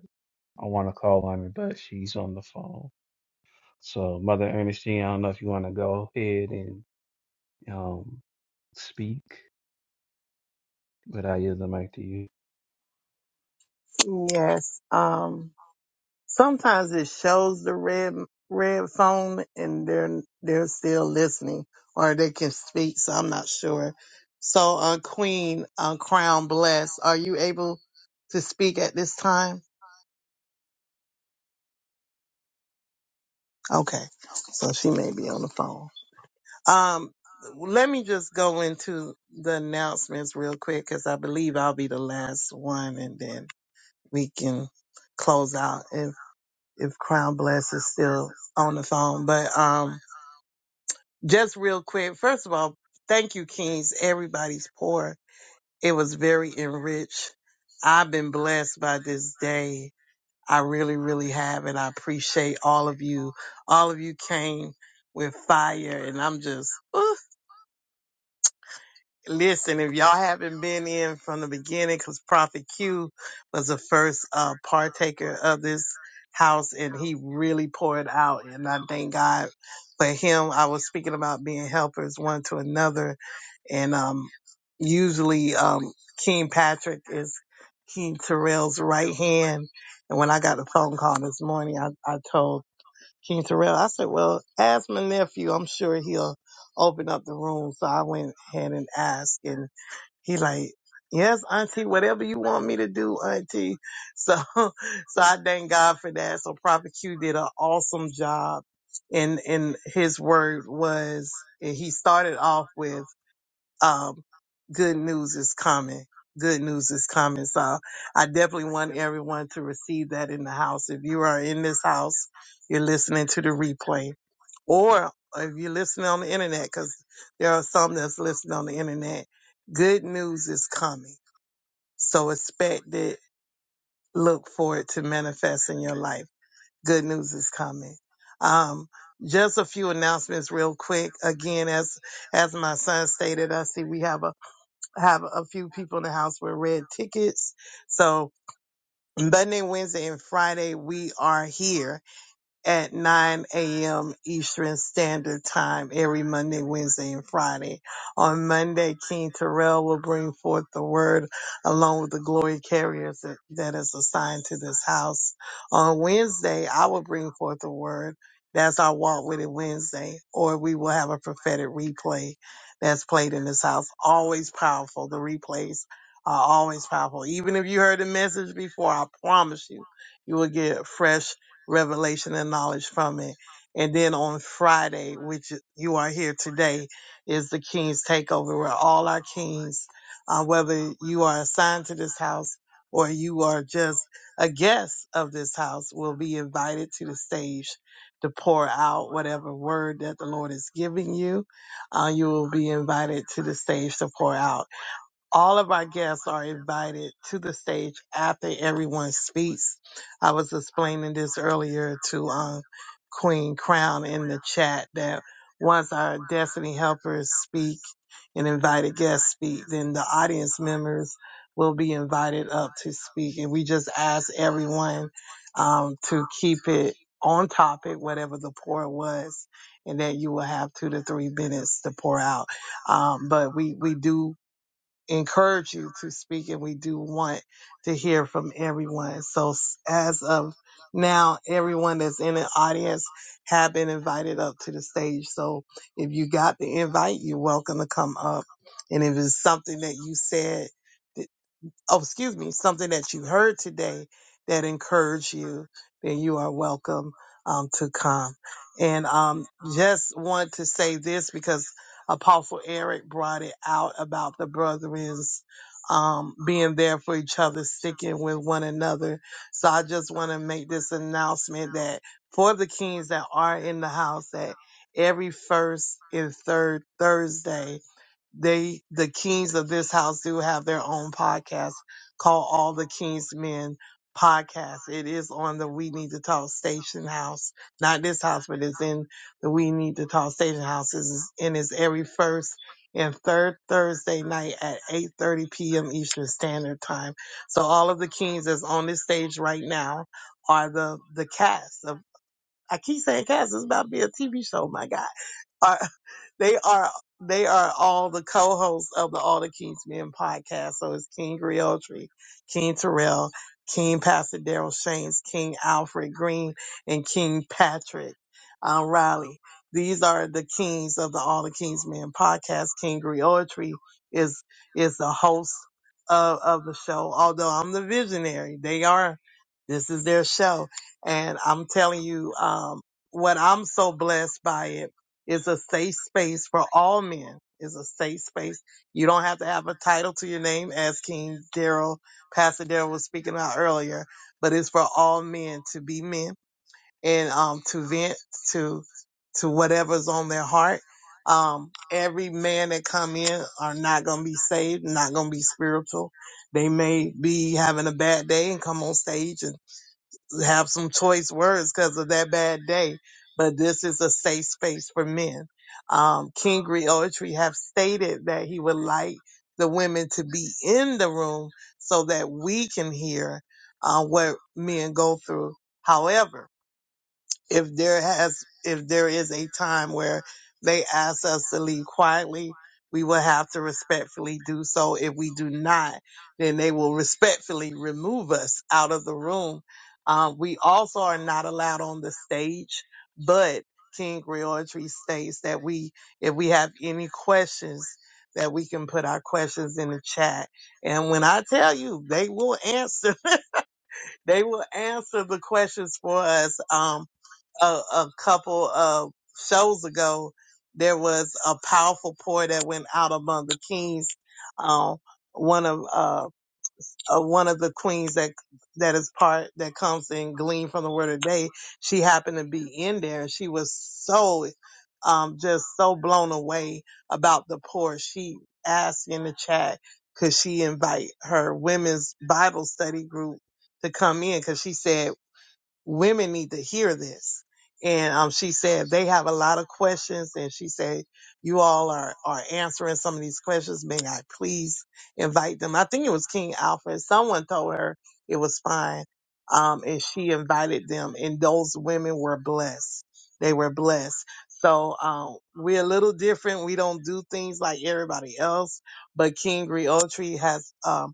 [SPEAKER 4] I want to call on her, but she's on the phone. So Mother Ernestine, I don't know if you want to go ahead and um, speak, but I yield the mic to you.
[SPEAKER 3] Yes. Um, Sometimes it shows the red red phone and they're they're still listening or they can speak, so I'm not sure. So uh Queen uh Crown Bless, are you able to speak at this time? Okay. So she may be on the phone. Um let me just go into the announcements real quick because I believe I'll be the last one and then we can close out if if Crown Bless is still on the phone. But um just real quick, first of all, thank you, Kings. Everybody's poor. It was very enriched. I've been blessed by this day. I really, really have, and I appreciate all of you. All of you came with fire, and I'm just, ooh, Listen, if y'all haven't been in from the beginning, because Prophet Q was the first uh, partaker of this house, and he really poured out, and I thank God for him. I was speaking about being helpers one to another, and um, usually um, King Patrick is King Terrell's right hand. And when I got the phone call this morning, I, I told King Terrell. I said, well, ask my nephew. I'm sure he'll open up the room. So I went ahead and asked and he like, yes, auntie, whatever you want me to do, auntie. So, so I thank God for that. So Prophet Q did an awesome job and, and his word was, and he started off with um, good news is coming. Good news is coming. So I definitely want everyone to receive that in the house. If you are in this house, you're listening to the replay, or if you're listening on the internet, because there are some that's listening on the internet. Good news is coming. So expect it. Look for it to manifest in your life. Good news is coming. Um, just a few announcements real quick. Again, as as my son stated, I see we have a have a few people in the house with red tickets. So Monday, Wednesday, and Friday, we are here at 9 a.m. Eastern Standard Time every Monday, Wednesday, and Friday. On Monday, King Terrell will bring forth the word along with the glory carriers that, that is assigned to this house. On Wednesday, I will bring forth the word. That's our Walk With It Wednesday, or we will have a prophetic replay that's played in this house. Always powerful. The replays are always powerful. Even if you heard the message before, I promise you, you will get fresh revelation and knowledge from it. And then on Friday, which you are here today, is the King's Takeover, where all our kings, uh, whether you are assigned to this house or you are just a guest of this house, will be invited to the stage to pour out whatever word that the Lord is giving you. Uh, you will be invited to the stage to pour out. All of our guests are invited to the stage after everyone speaks. I was explaining this earlier to um, Queen Crown in the chat that once our Destiny Helpers speak and invited guests speak, then the audience members will be invited up to speak. And we just ask everyone um, to keep it on topic, whatever the pour was, and that you will have two to three minutes to pour out. Um, but we, we do encourage you to speak and we do want to hear from everyone. So s- as of now, everyone that's in the audience have been invited up to the stage. So if you got the invite, you're welcome to come up. And if it's something that you said oh, excuse me, something that you heard today that encouraged you, then you are welcome um, to come. And um, just want to say this because Apostle Eric brought it out about the brethrens um, being there for each other, sticking with one another. So I just want to make this announcement that for the kings that are in the house, that every first and third Thursday they the kings of this house do have their own podcast called All the Kings Men podcast. It is on the We Need to Talk Station House, not this house, but it's in the We Need to Talk Station House. It's, and it's every first and third Thursday night at 8:30 p.m. Eastern Standard Time. So all of the kings that's on this stage right now are the the cast of. I keep saying cast. It's about to be a TV show. My God they are they are all the co-hosts of the All the Kings Men podcast. So it's King Griotri, King Terrell, King Pastor Daryl Shames, King Alfred Green, and King Patrick um, Riley. These are the kings of the All the Kings Men podcast. King Griotri is is the host of, of the show. Although I'm the visionary, they are. This is their show, and I'm telling you, um, what I'm so blessed by it it's a safe space for all men. It's a safe space. You don't have to have a title to your name, as King Daryl, Pastor Daryl was speaking about earlier, but it's for all men to be men and um, to vent to to whatever's on their heart. Um, every man that come in are not going to be saved, not going to be spiritual. They may be having a bad day and come on stage and have some choice words because of that bad day, but this is a safe space for men. Um, King Griotry have stated that he would like the women to be in the room so that we can hear uh, what men go through. However, if there has if there is a time where they ask us to leave quietly we will have to respectfully do so if we do not then they will respectfully remove us out of the room um, we also are not allowed on the stage but king Griotry states that we if we have any questions that we can put our questions in the chat and when i tell you they will answer they will answer the questions for us. Um, a, a couple of shows ago, there was a powerful pour that went out among the kings. Um, one of uh, uh, one of the queens that that is part that comes and glean from the word of the day. She happened to be in there, and she was so um, just so blown away about the pour. She asked in the chat could she invite her women's Bible study group to come in because she said women need to hear this. And um, she said they have a lot of questions, and she said you all are are answering some of these questions. May I please invite them? I think it was King Alfred. Someone told her it was fine, um, and she invited them, and those women were blessed. They were blessed. So um, we're a little different. We don't do things like everybody else, but King Griotri has um,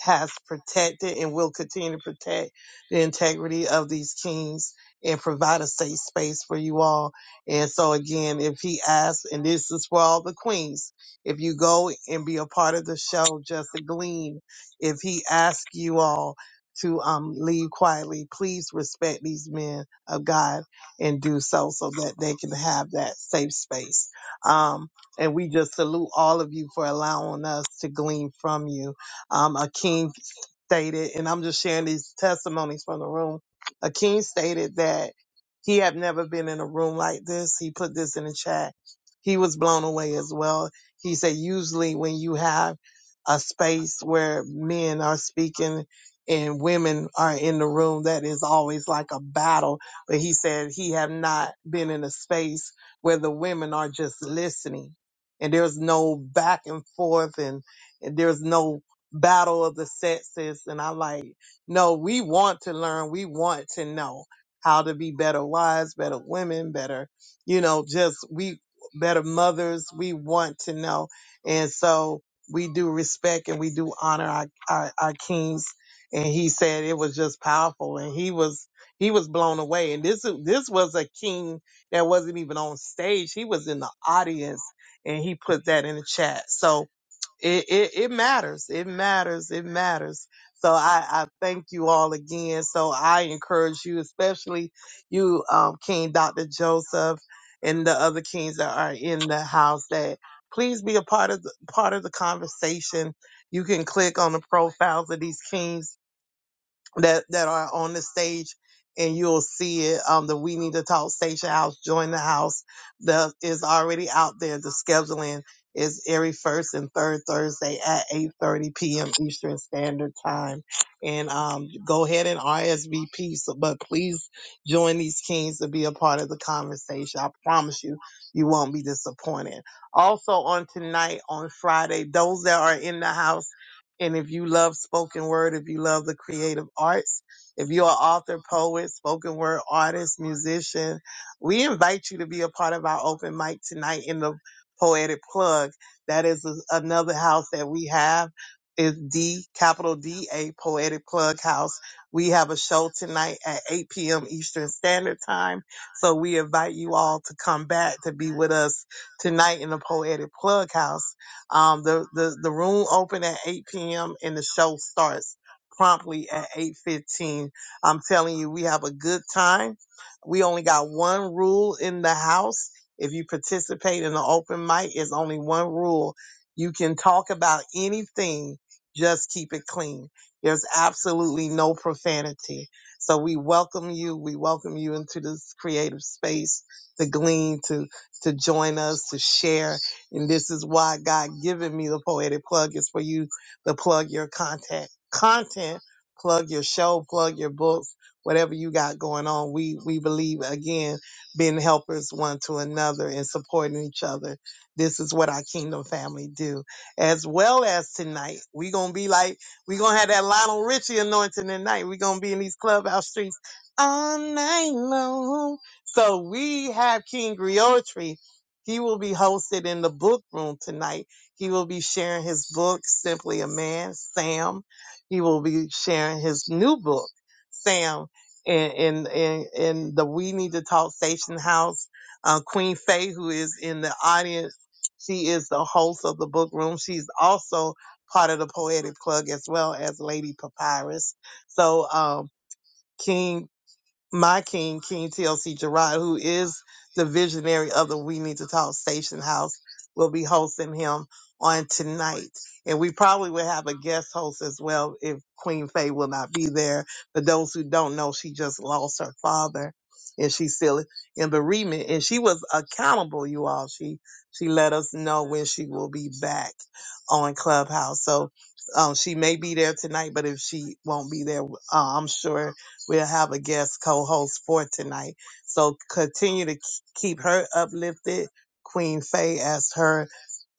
[SPEAKER 3] has protected and will continue to protect the integrity of these kings and provide a safe space for you all. And so again, if he asks, and this is for all the queens, if you go and be a part of the show, just to glean, if he asks you all to um, leave quietly, please respect these men of God and do so so that they can have that safe space. Um, and we just salute all of you for allowing us to glean from you. Um, a king stated, and I'm just sharing these testimonies from the room. Akeem stated that he had never been in a room like this. He put this in the chat. He was blown away as well. He said, usually when you have a space where men are speaking and women are in the room, that is always like a battle. But he said he have not been in a space where the women are just listening and there's no back and forth and, and there's no battle of the sexes and I like no, we want to learn, we want to know how to be better wives, better women, better, you know, just we better mothers, we want to know. And so we do respect and we do honor our, our, our kings. And he said it was just powerful and he was he was blown away. And this this was a king that wasn't even on stage. He was in the audience and he put that in the chat. So it, it, it matters. It matters. It matters. So I, I thank you all again. So I encourage you, especially you, um, King Dr. Joseph and the other kings that are in the house that please be a part of the, part of the conversation. You can click on the profiles of these kings that that are on the stage and you'll see it um the we need to talk station house join the house that is already out there the scheduling is every first and third thursday at 8.30 p.m eastern standard time and um go ahead and rsvp so, but please join these kings to be a part of the conversation i promise you you won't be disappointed also on tonight on friday those that are in the house and if you love spoken word, if you love the creative arts, if you're an author, poet, spoken word artist, musician, we invite you to be a part of our open mic tonight in the Poetic Plug. That is a- another house that we have. Is D capital D A Poetic Plug House. We have a show tonight at 8 p.m. Eastern Standard Time. So we invite you all to come back to be with us tonight in the Poetic Plug House. Um, the, the, the room open at 8 p.m. and the show starts promptly at 8.15. I'm telling you, we have a good time. We only got one rule in the house. If you participate in the open mic, it's only one rule. You can talk about anything, just keep it clean. There's absolutely no profanity. So we welcome you. We welcome you into this creative space to glean, to to join us, to share and this is why God giving me the poetic plug is for you to plug your content, content, plug your show, plug your books, whatever you got going on. We we believe again, being helpers one to another and supporting each other. This is what our kingdom family do. As well as tonight, we gonna be like we gonna have that Lionel Richie anointing tonight. we gonna be in these clubhouse streets all night long. So we have King Griotri he will be hosted in the book room tonight. He will be sharing his book, Simply a Man, Sam. He will be sharing his new book, Sam, in in in, in the We Need to Talk Station House. Uh, Queen Faye, who is in the audience, she is the host of the book room. She's also part of the Poetic Plug as well as Lady Papyrus. So, um, King my king, King TLC Gerard, who is the visionary of the We Need to Talk Station House, will be hosting him on tonight. And we probably will have a guest host as well if Queen Faye will not be there. For those who don't know, she just lost her father and she's still in bereavement. And she was accountable, you all. She she let us know when she will be back on Clubhouse. So um, she may be there tonight, but if she won't be there, uh, I'm sure We'll have a guest co-host for tonight. So continue to k- keep her uplifted, Queen Faye, as her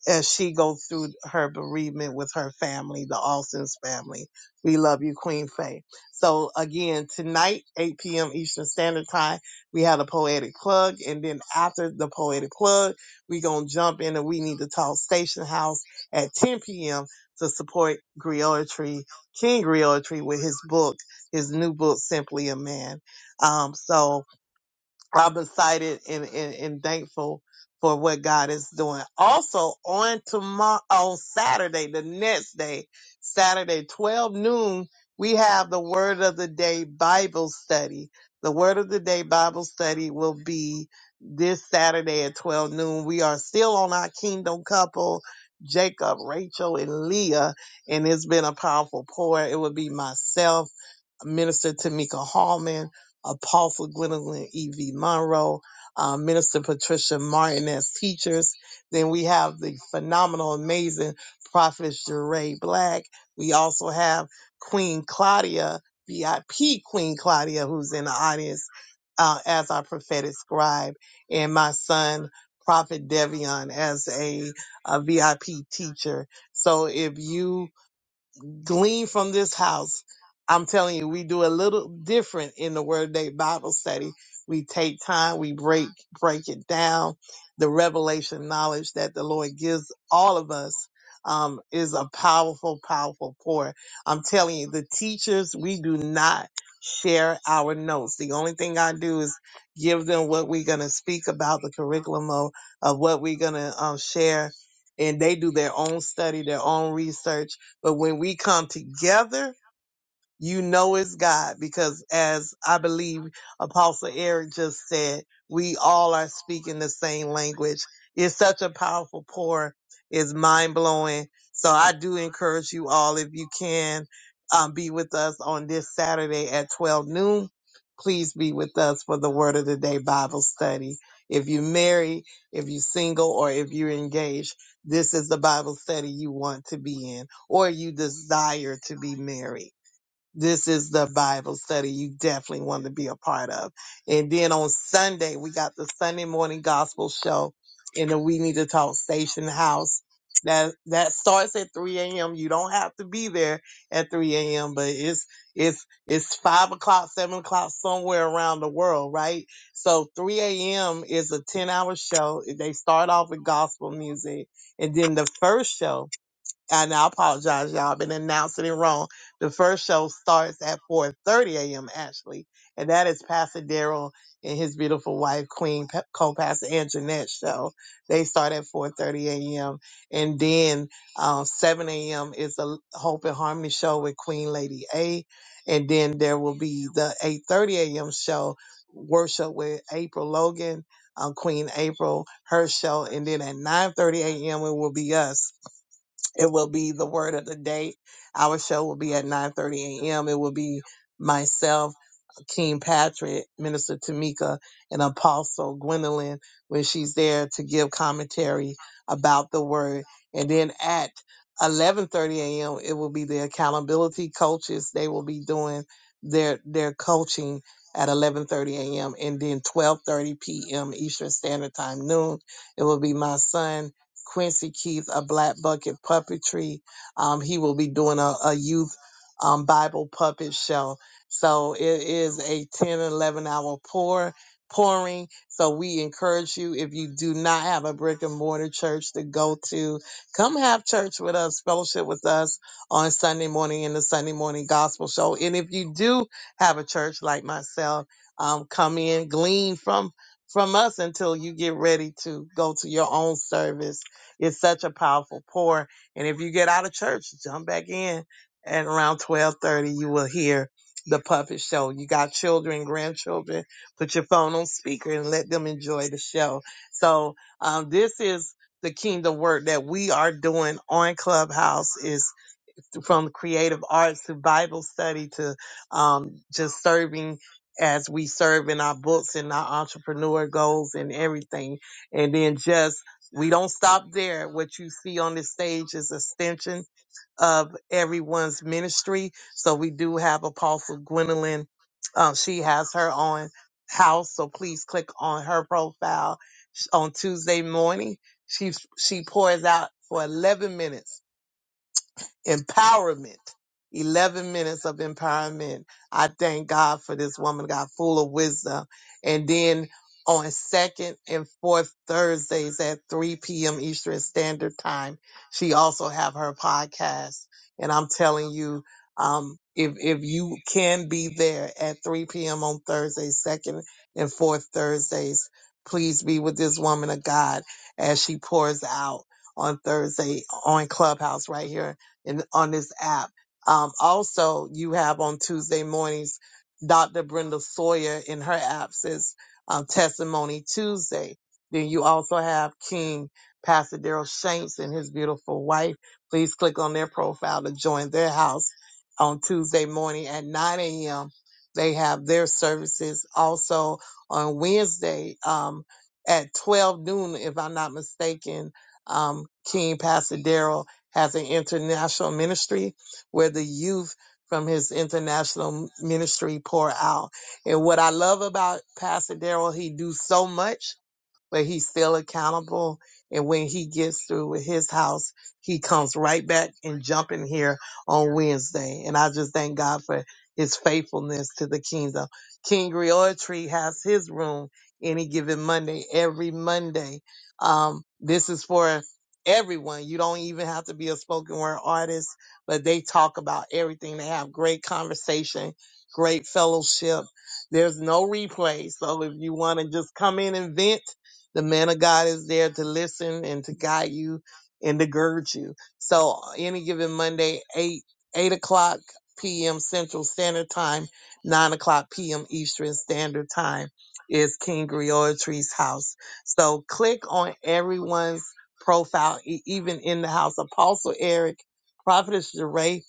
[SPEAKER 3] as she goes through her bereavement with her family, the Austin's family. We love you, Queen Faye. So again, tonight, 8 p.m. Eastern Standard Time, we had a poetic plug. And then after the poetic plug, we going to jump in and we need to talk Station House at 10 p.m. to support Griotry, King Griotry with his book, his new book, Simply a Man. Um, so I'm excited and, and, and thankful for what God is doing. Also on tomorrow, on Saturday, the next day, Saturday, 12 noon, we have the word of the day Bible study. The word of the day Bible study will be this Saturday at 12 noon. We are still on our kingdom couple, Jacob, Rachel, and Leah, and it's been a powerful pour. It will be myself. Minister Tamika Hallman, Apostle Gwendolyn E.V. Monroe, uh, Minister Patricia Martin as teachers. Then we have the phenomenal, amazing Prophet Jeray Black. We also have Queen Claudia, VIP Queen Claudia, who's in the audience uh, as our prophetic scribe, and my son, Prophet Devion, as a, a VIP teacher. So if you glean from this house. I'm telling you, we do a little different in the Word of Day Bible study. We take time, we break break it down. The revelation knowledge that the Lord gives all of us um, is a powerful, powerful pour. I'm telling you, the teachers we do not share our notes. The only thing I do is give them what we're going to speak about the curriculum of, of what we're going to um, share, and they do their own study, their own research but when we come together, you know it's God because as I believe Apostle Eric just said, we all are speaking the same language. It's such a powerful pour. It's mind blowing. So I do encourage you all, if you can, um, be with us on this Saturday at 12 noon. Please be with us for the Word of the Day Bible study. If you're married, if you're single, or if you're engaged, this is the Bible study you want to be in or you desire to be married this is the Bible study you definitely want to be a part of. And then on Sunday, we got the Sunday morning gospel show in the We Need to Talk Station House. That that starts at 3 a.m. You don't have to be there at 3 a.m., but it's it's it's five o'clock, seven o'clock somewhere around the world, right? So 3 a.m. is a 10 hour show. They start off with gospel music, and then the first show and I apologize, y'all. I've been announcing it wrong. The first show starts at 4:30 a.m. actually, and that is Pastor Daryl and his beautiful wife, Queen Pe- Co-Pastor and Jeanette show. They start at 4:30 a.m. and then um, 7 a.m. is the Hope and Harmony show with Queen Lady A, and then there will be the 8:30 a.m. show worship with April Logan. Um, Queen April, her show, and then at 9:30 a.m. it will be us it will be the word of the day. Our show will be at 9:30 a.m. It will be myself. King Patrick, Minister Tamika, and Apostle Gwendolyn when she's there to give commentary about the word. And then at 11:30 a.m. it will be the accountability coaches. They will be doing their their coaching at 11:30 a.m. and then 12:30 p.m. Eastern Standard Time noon. It will be my son Quincy Keith, a Black Bucket Puppetry. Um, he will be doing a, a youth um, Bible puppet show so it is a 10, 11 hour pour, pouring. So we encourage you, if you do not have a brick and mortar church to go to, come have church with us, fellowship with us on Sunday morning in the Sunday morning gospel show. And if you do have a church like myself, um, come in, glean from from us until you get ready to go to your own service. It's such a powerful pour. And if you get out of church, jump back in at around 1230. You will hear the puppet show. You got children, grandchildren, put your phone on speaker and let them enjoy the show. So um, this is the kingdom work that we are doing on Clubhouse is from creative arts to Bible study to um, just serving as we serve in our books and our entrepreneur goals and everything. And then just we don't stop there. What you see on this stage is extension of everyone's ministry. So we do have Apostle Gwendolyn. Um, she has her own house, so please click on her profile Sh- on Tuesday morning. She she pours out for 11 minutes empowerment. 11 minutes of empowerment. I thank God for this woman, God, full of wisdom. And then on second and fourth Thursdays at 3 p.m. Eastern Standard Time, she also have her podcast. And I'm telling you, um, if, if you can be there at 3 p.m. on Thursday, second and fourth Thursdays, please be with this woman of God as she pours out on Thursday on Clubhouse right here in, on this app. Um, also, you have on Tuesday mornings, Dr. Brenda Sawyer in her app says um, Testimony Tuesday. Then you also have King Pastor Daryl Shanks and his beautiful wife. Please click on their profile to join their house on Tuesday morning at 9 a.m. They have their services also on Wednesday um, at 12 noon, if I'm not mistaken. Um, King Pastor Daryl has an international ministry where the youth from his international ministry pour out. And what I love about Pastor Daryl, he do so much but he's still accountable. And when he gets through with his house, he comes right back and jump in here on Wednesday. And I just thank God for his faithfulness to the kingdom. King Tree has his room any given Monday, every Monday. Um, this is for everyone. You don't even have to be a spoken word artist, but they talk about everything. They have great conversation, great fellowship. There's no replay. So if you want to just come in and vent, the man of God is there to listen and to guide you and to gird you. So any given Monday, eight eight o'clock p.m. Central Standard Time, nine o'clock p.m. Eastern Standard Time is King Griotry's house. So click on everyone's profile, e- even in the house. Apostle Eric, Prophetess Jeray,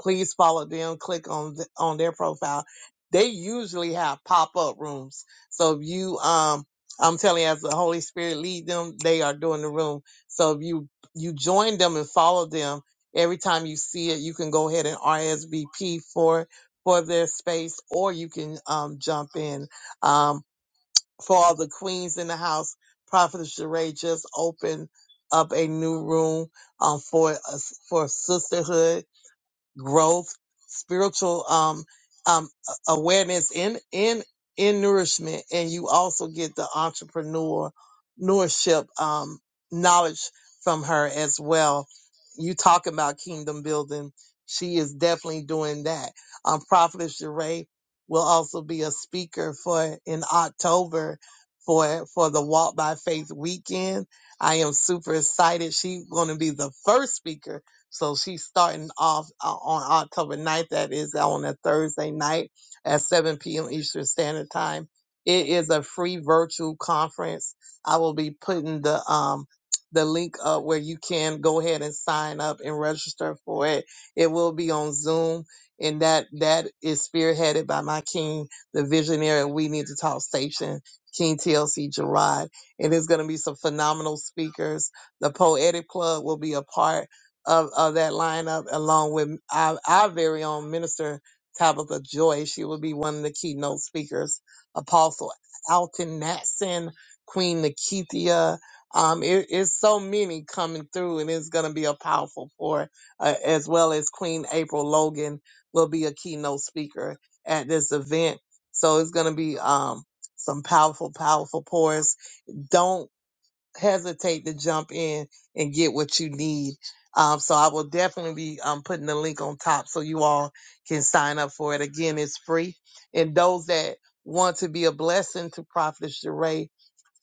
[SPEAKER 3] please follow them. Click on th- on their profile. They usually have pop up rooms. So if you um I'm telling you, as the Holy Spirit lead them, they are doing the room. So if you you join them and follow them every time you see it, you can go ahead and RSVP for for their space, or you can um, jump in. Um, for all the queens in the house, Prophet Sheree just opened up a new room um, for us for sisterhood growth, spiritual um, um, a- awareness in in in nourishment, and you also get the entrepreneur entrepreneurship um, knowledge from her as well. You talking about kingdom building? She is definitely doing that. Um, Prophetess Jeray will also be a speaker for in October for for the Walk by Faith weekend. I am super excited. She's going to be the first speaker so she's starting off uh, on October ninth. That is on a Thursday night at 7 p.m. Eastern Standard Time. It is a free virtual conference. I will be putting the um the link up where you can go ahead and sign up and register for it. It will be on Zoom, and that that is spearheaded by my king, the visionary. and We need to talk station. King TLC Gerard, and there's going to be some phenomenal speakers. The Poetic Club will be a part of, of that lineup, along with our, our very own minister, Tabitha Joy. She will be one of the keynote speakers. Apostle Alton Natson, Queen Nikithia. Um, it- it's so many coming through, and it's going to be a powerful pour, uh, as well as Queen April Logan will be a keynote speaker at this event. So it's going to be um, some powerful, powerful pours. Don't hesitate to jump in and get what you need. Um, so I will definitely be um, putting the link on top so you all can sign up for it. Again, it's free. And those that want to be a blessing to Prophet Sheree,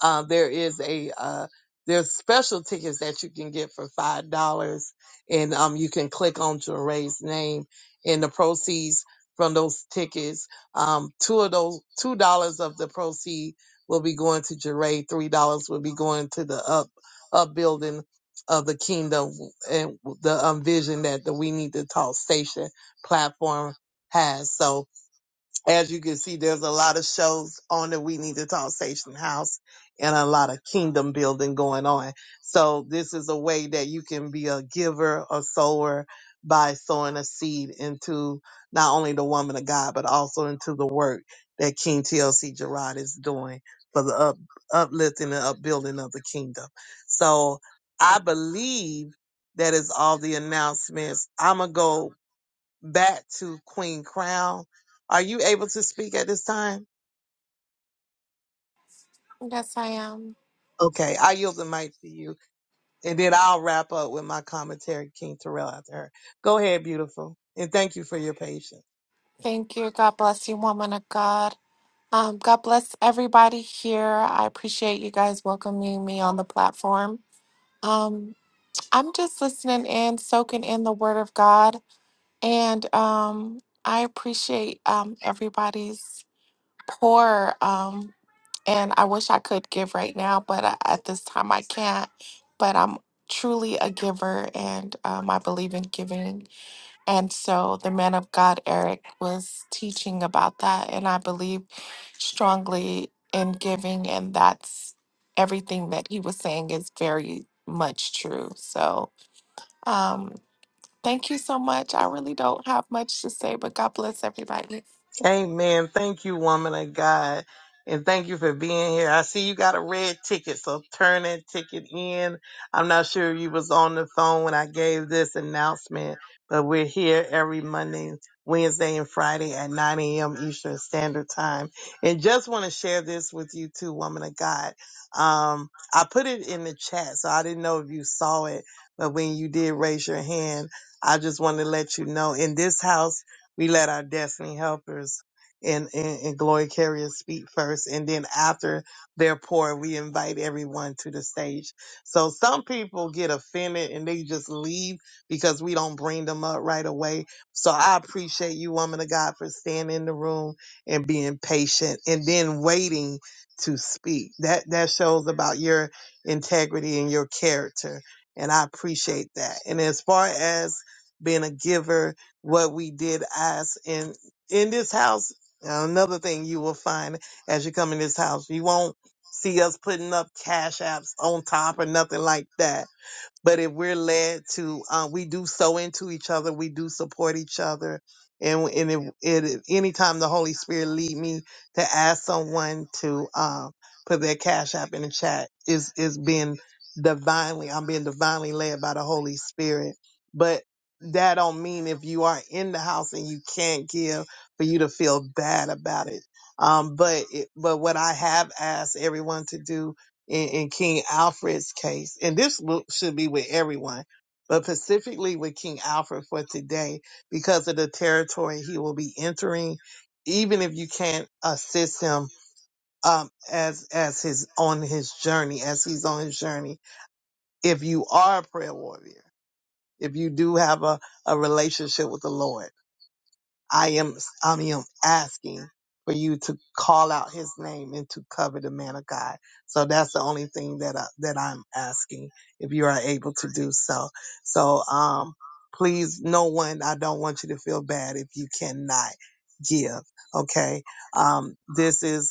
[SPEAKER 3] uh, there is a uh, there's special tickets that you can get for five dollars, and um, you can click on Jeray's name, and the proceeds from those tickets, um, two of those two dollars of the proceed will be going to Jeray, three dollars will be going to the up upbuilding of the kingdom and the um, vision that the We Need to Talk station platform has. So as you can see, there's a lot of shows on the We Need to Talk Station House and a lot of kingdom building going on. So this is a way that you can be a giver or sower by sowing a seed into not only the woman of God, but also into the work that King TLC Gerard is doing for the up, uplifting and upbuilding of the kingdom. So I believe that is all the announcements. I'm going to go back to Queen Crown. Are you able to speak at this time?
[SPEAKER 14] Yes, I am.
[SPEAKER 3] Okay, I yield the mic to you, and then I'll wrap up with my commentary, King Terrell, after her. Go ahead, beautiful, and thank you for your patience.
[SPEAKER 14] Thank you. God bless you, woman of God. Um, God bless everybody here. I appreciate you guys welcoming me on the platform. Um, I'm just listening in, soaking in the Word of God, and um, I appreciate um, everybody's pour. Um, and I wish I could give right now, but I, at this time I can't. But I'm truly a giver, and um, I believe in giving And so the man of God, Eric, was teaching about that. And I believe strongly in giving. And that's everything that he was saying is very much true. So um, thank you so much. I really don't have much to say, but God bless everybody.
[SPEAKER 3] Amen. Thank you, woman of God. And thank you for being here. I see you got a red ticket, so turn that ticket in. I'm not sure you was on the phone when I gave this announcement, but we're here every Monday, Wednesday, and Friday at 9 a.m. Eastern Standard Time. And just want to share this with you too, woman of God. Um, I put it in the chat, so I didn't know if you saw it, but when you did raise your hand, I just want to let you know in this house we let our destiny helpers and, and, and glory carriers speak first. And then after their pour, we invite everyone to the stage. So some people get offended and they just leave because we don't bring them up right away. So I appreciate you, woman of God, for staying in the room and being patient and then waiting to speak. That that shows about your integrity and your character. And I appreciate that. And as far as being a giver, what we did ask in in this house. Another thing you will find as you come in this house, you won't see us putting up cash apps on top or nothing like that but if we're led to, um, we do sow into each other, we do support each other. And, and if, it, anytime the Holy Spirit lead me to ask someone to um, put their cash app in the chat, is is being divinely, I'm being divinely led by the Holy Spirit. But that don't mean if you are in the house and you can't give for you to feel bad about it. Um, but it, but what I have asked everyone to do in, in King Alfred's case, and this will- should be with everyone, but specifically with King Alfred for today, because of the territory he will be entering, even if you can't assist him um, as as his on his journey, as he's on his journey, if you are a prayer warrior, if you do have a, a relationship with the Lord I am I am asking for you to call out his name and to cover the man of God. So that's the only thing that I, that I'm asking if you are able to do so. So um please no one I don't want you to feel bad if you cannot give, okay? Um this is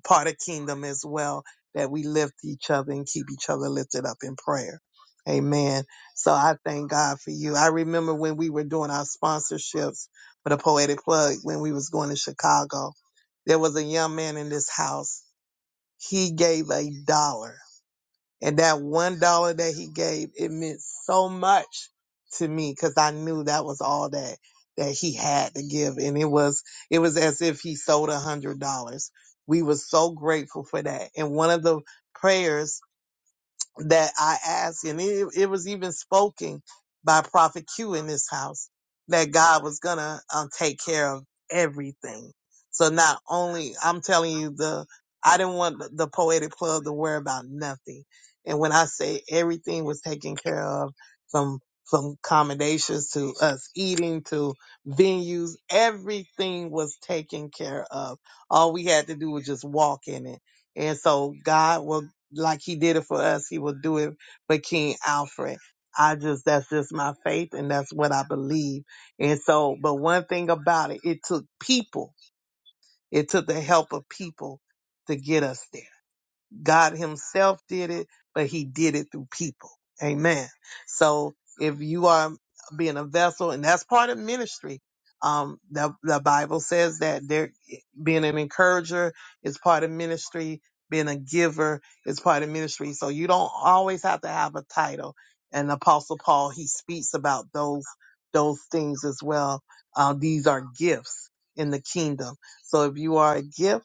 [SPEAKER 3] part of kingdom as well that we lift each other and keep each other lifted up in prayer amen so i thank god for you i remember when we were doing our sponsorships for the poetic plug when we was going to chicago there was a young man in this house he gave a dollar and that one dollar that he gave, it meant so much to me because I knew that was all that that he had to give. And it was it was as if he sold a hundred dollars. We were so grateful for that. And one of the prayers that I asked, and it, it was even spoken by Prophet Q in this house that God was gonna um, take care of everything. So not only I'm telling you the I didn't want the the poetic club to worry about nothing, and when I say everything was taken care of, from from accommodations to us eating to venues, everything was taken care of. All we had to do was just walk in it, and so God will like he did it for us, he will do it for King Alfred. I just, that's just my faith and that's what I believe. And so, but one thing about it, it took people, it took the help of people to get us there. God himself did it, but he did it through people. Amen. So if you are being a vessel, and that's part of ministry, um, the, the Bible says that there, being an encourager is part of ministry. Being a giver is part of ministry. So you don't always have to have a title. And Apostle Paul, he speaks about those, those things as well. Uh, these are gifts in the kingdom. So if you are a gift,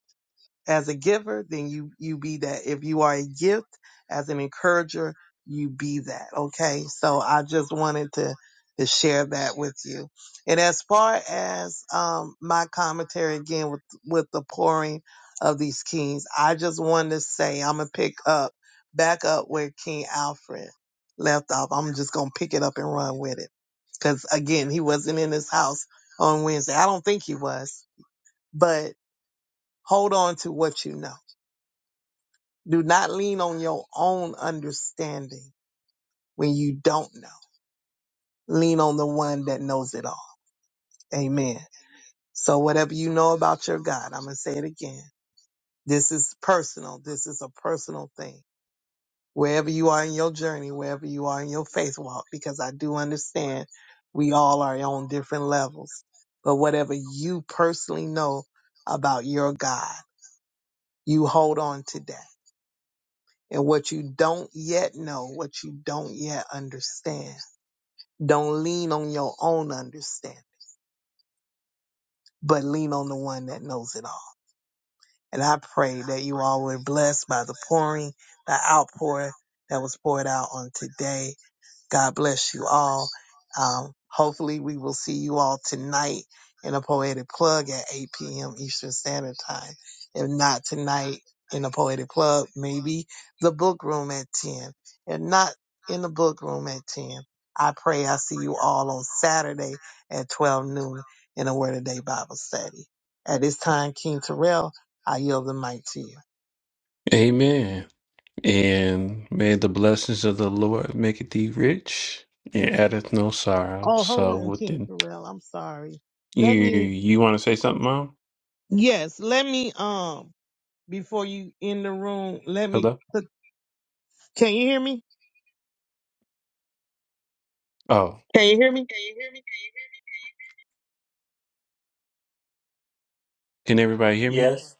[SPEAKER 3] as a giver, then you you be that. If you are a gift as an encourager, you be that. Okay. So I just wanted to to share that with you. And as far as um my commentary again with with the pouring of these kings, I just wanted to say I'm gonna pick up back up where King Alfred left off. I'm just gonna pick it up and run with it. Cause again, he wasn't in his house on Wednesday. I don't think he was, but hold on to what you know do not lean on your own understanding when you don't know. Lean on the one that knows it all. Amen. So whatever you know about your God, I'm going to say it again. This is personal. This is a personal thing. Wherever you are in your journey, wherever you are in your faith walk, because I do understand we all are on different levels. But whatever you personally know about your God, you hold on to that. And what you don't yet know, what you don't yet understand Don't lean on your own understanding, but lean on the one that knows it all. And I pray that you all were blessed by the pouring, the outpour that was poured out on today God bless you all. Um, hopefully, we will see you all tonight in a poetic plug at 8 p.m. Eastern Standard Time. If not tonight in a poetic plug, maybe the book room at 10. If not in the book room at 10, I pray I see you all on Saturday at 12 noon in a Word of Day Bible study. At this time, King Terrell, I yield the mic to you.
[SPEAKER 4] Amen. And may the blessings of the Lord make thee rich and addeth no sorrow.
[SPEAKER 3] Oh, hold
[SPEAKER 4] So
[SPEAKER 3] on, King
[SPEAKER 4] within
[SPEAKER 3] Terrell. I'm sorry.
[SPEAKER 4] you
[SPEAKER 3] Let me,
[SPEAKER 4] you wanna say something, Mom?
[SPEAKER 3] yes, let me, um, before you in the room, let me.
[SPEAKER 4] Hello?
[SPEAKER 3] Can you hear me?
[SPEAKER 4] Oh.
[SPEAKER 11] Can you hear me?
[SPEAKER 4] Can everybody hear me?
[SPEAKER 7] Yes,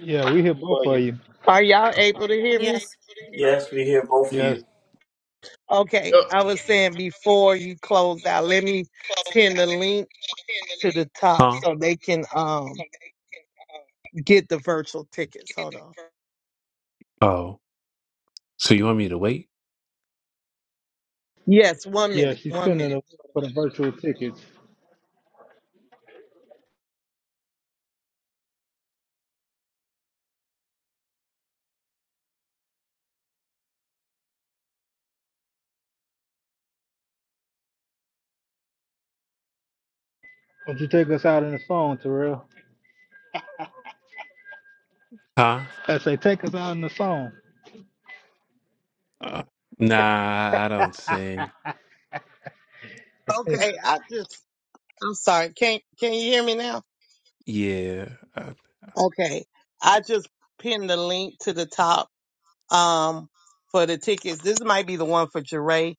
[SPEAKER 6] Yeah, we hear both
[SPEAKER 11] for
[SPEAKER 6] of
[SPEAKER 11] you.
[SPEAKER 6] you.
[SPEAKER 11] Are y'all able to hear me?
[SPEAKER 7] yes, we hear both of
[SPEAKER 6] Yes,
[SPEAKER 7] you.
[SPEAKER 11] Okay.
[SPEAKER 12] Yep.
[SPEAKER 11] I was saying before you close out, let me pin the link to the top
[SPEAKER 4] Huh?
[SPEAKER 11] so they can um get the virtual tickets. Hold on.
[SPEAKER 4] Oh. So you want me to wait?
[SPEAKER 11] Yes, one
[SPEAKER 6] yeah,
[SPEAKER 11] minute.
[SPEAKER 6] she's
[SPEAKER 11] One
[SPEAKER 6] pinning
[SPEAKER 11] minute.
[SPEAKER 6] the for the virtual tickets. Would you take us out in the song, Terrell?
[SPEAKER 4] Huh?
[SPEAKER 6] I say, take us out in the song.
[SPEAKER 4] Uh, nah, I don't think.
[SPEAKER 3] Okay, I just. I'm sorry. Can Can you hear me now?
[SPEAKER 4] Yeah. Uh,
[SPEAKER 3] Okay, I just pinned the link to the top um for the tickets. This might be the one for Jeray.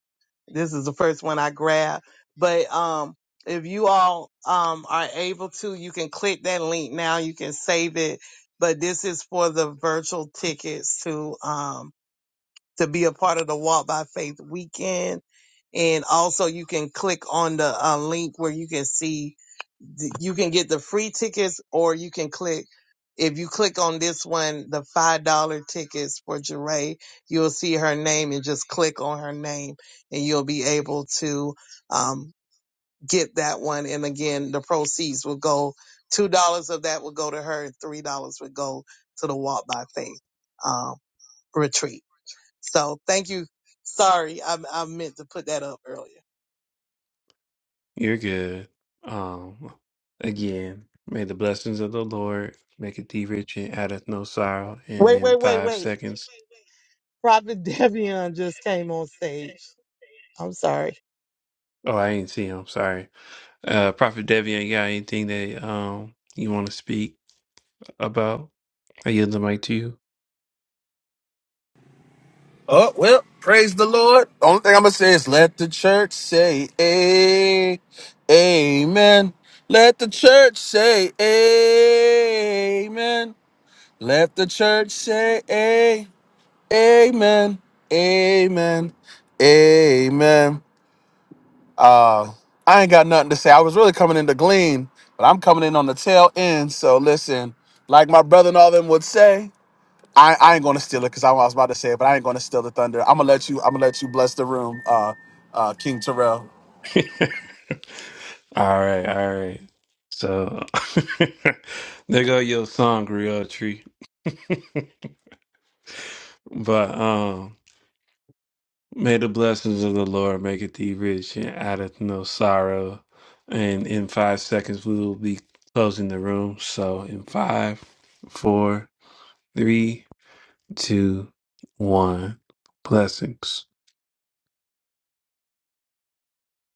[SPEAKER 3] This is the first one I grabbed, but um. If you all um, are able to, you can click that link now. You can save it. But this is for the virtual tickets to um, to be a part of the Walk by Faith weekend. And also you can click on the uh, link where you can see, th- you can get the free tickets or you can click, if you click on this one, the $5 tickets for Jeray, you'll see her name and just click on her name and you'll be able to, um, get that one. And again, the proceeds will go, $2 of that will go to her and $3 will go to the Walk by Faith, um, retreat. So thank you. Sorry, I, I meant to put that up earlier.
[SPEAKER 4] you're good. Um again, may the blessings of the Lord make it thee rich and addeth no sorrow. And
[SPEAKER 11] Wait,
[SPEAKER 4] in
[SPEAKER 11] wait, wait,
[SPEAKER 4] five
[SPEAKER 11] wait.
[SPEAKER 4] seconds.
[SPEAKER 11] Prophet Devion just came on stage. I'm sorry.
[SPEAKER 4] Oh, I ain't see him, sorry. Uh, Prophet Devian, you got anything that um you want to speak about? I yield the mic to you.
[SPEAKER 15] Oh, well, praise the Lord. Only thing I'm going to say is let the church say a- amen. Let the church say amen. Let the church say a- amen. Amen. Amen. Uh, I ain't got nothing to say. I was really coming in to glean, but I'm coming in on the tail end. So listen, like my brother and all them would say. I, I ain't gonna steal it because I was about to say it, but I ain't gonna steal the thunder. I'm gonna let you. I'm gonna let you bless the room, uh, uh, King Terrell.
[SPEAKER 4] All right, all right. So there go your song, Real Tree. But um, may the blessings of the Lord make it thee rich and addeth no sorrow. And in five seconds, we will be closing the room. So in five, four, three, two, one, blessings.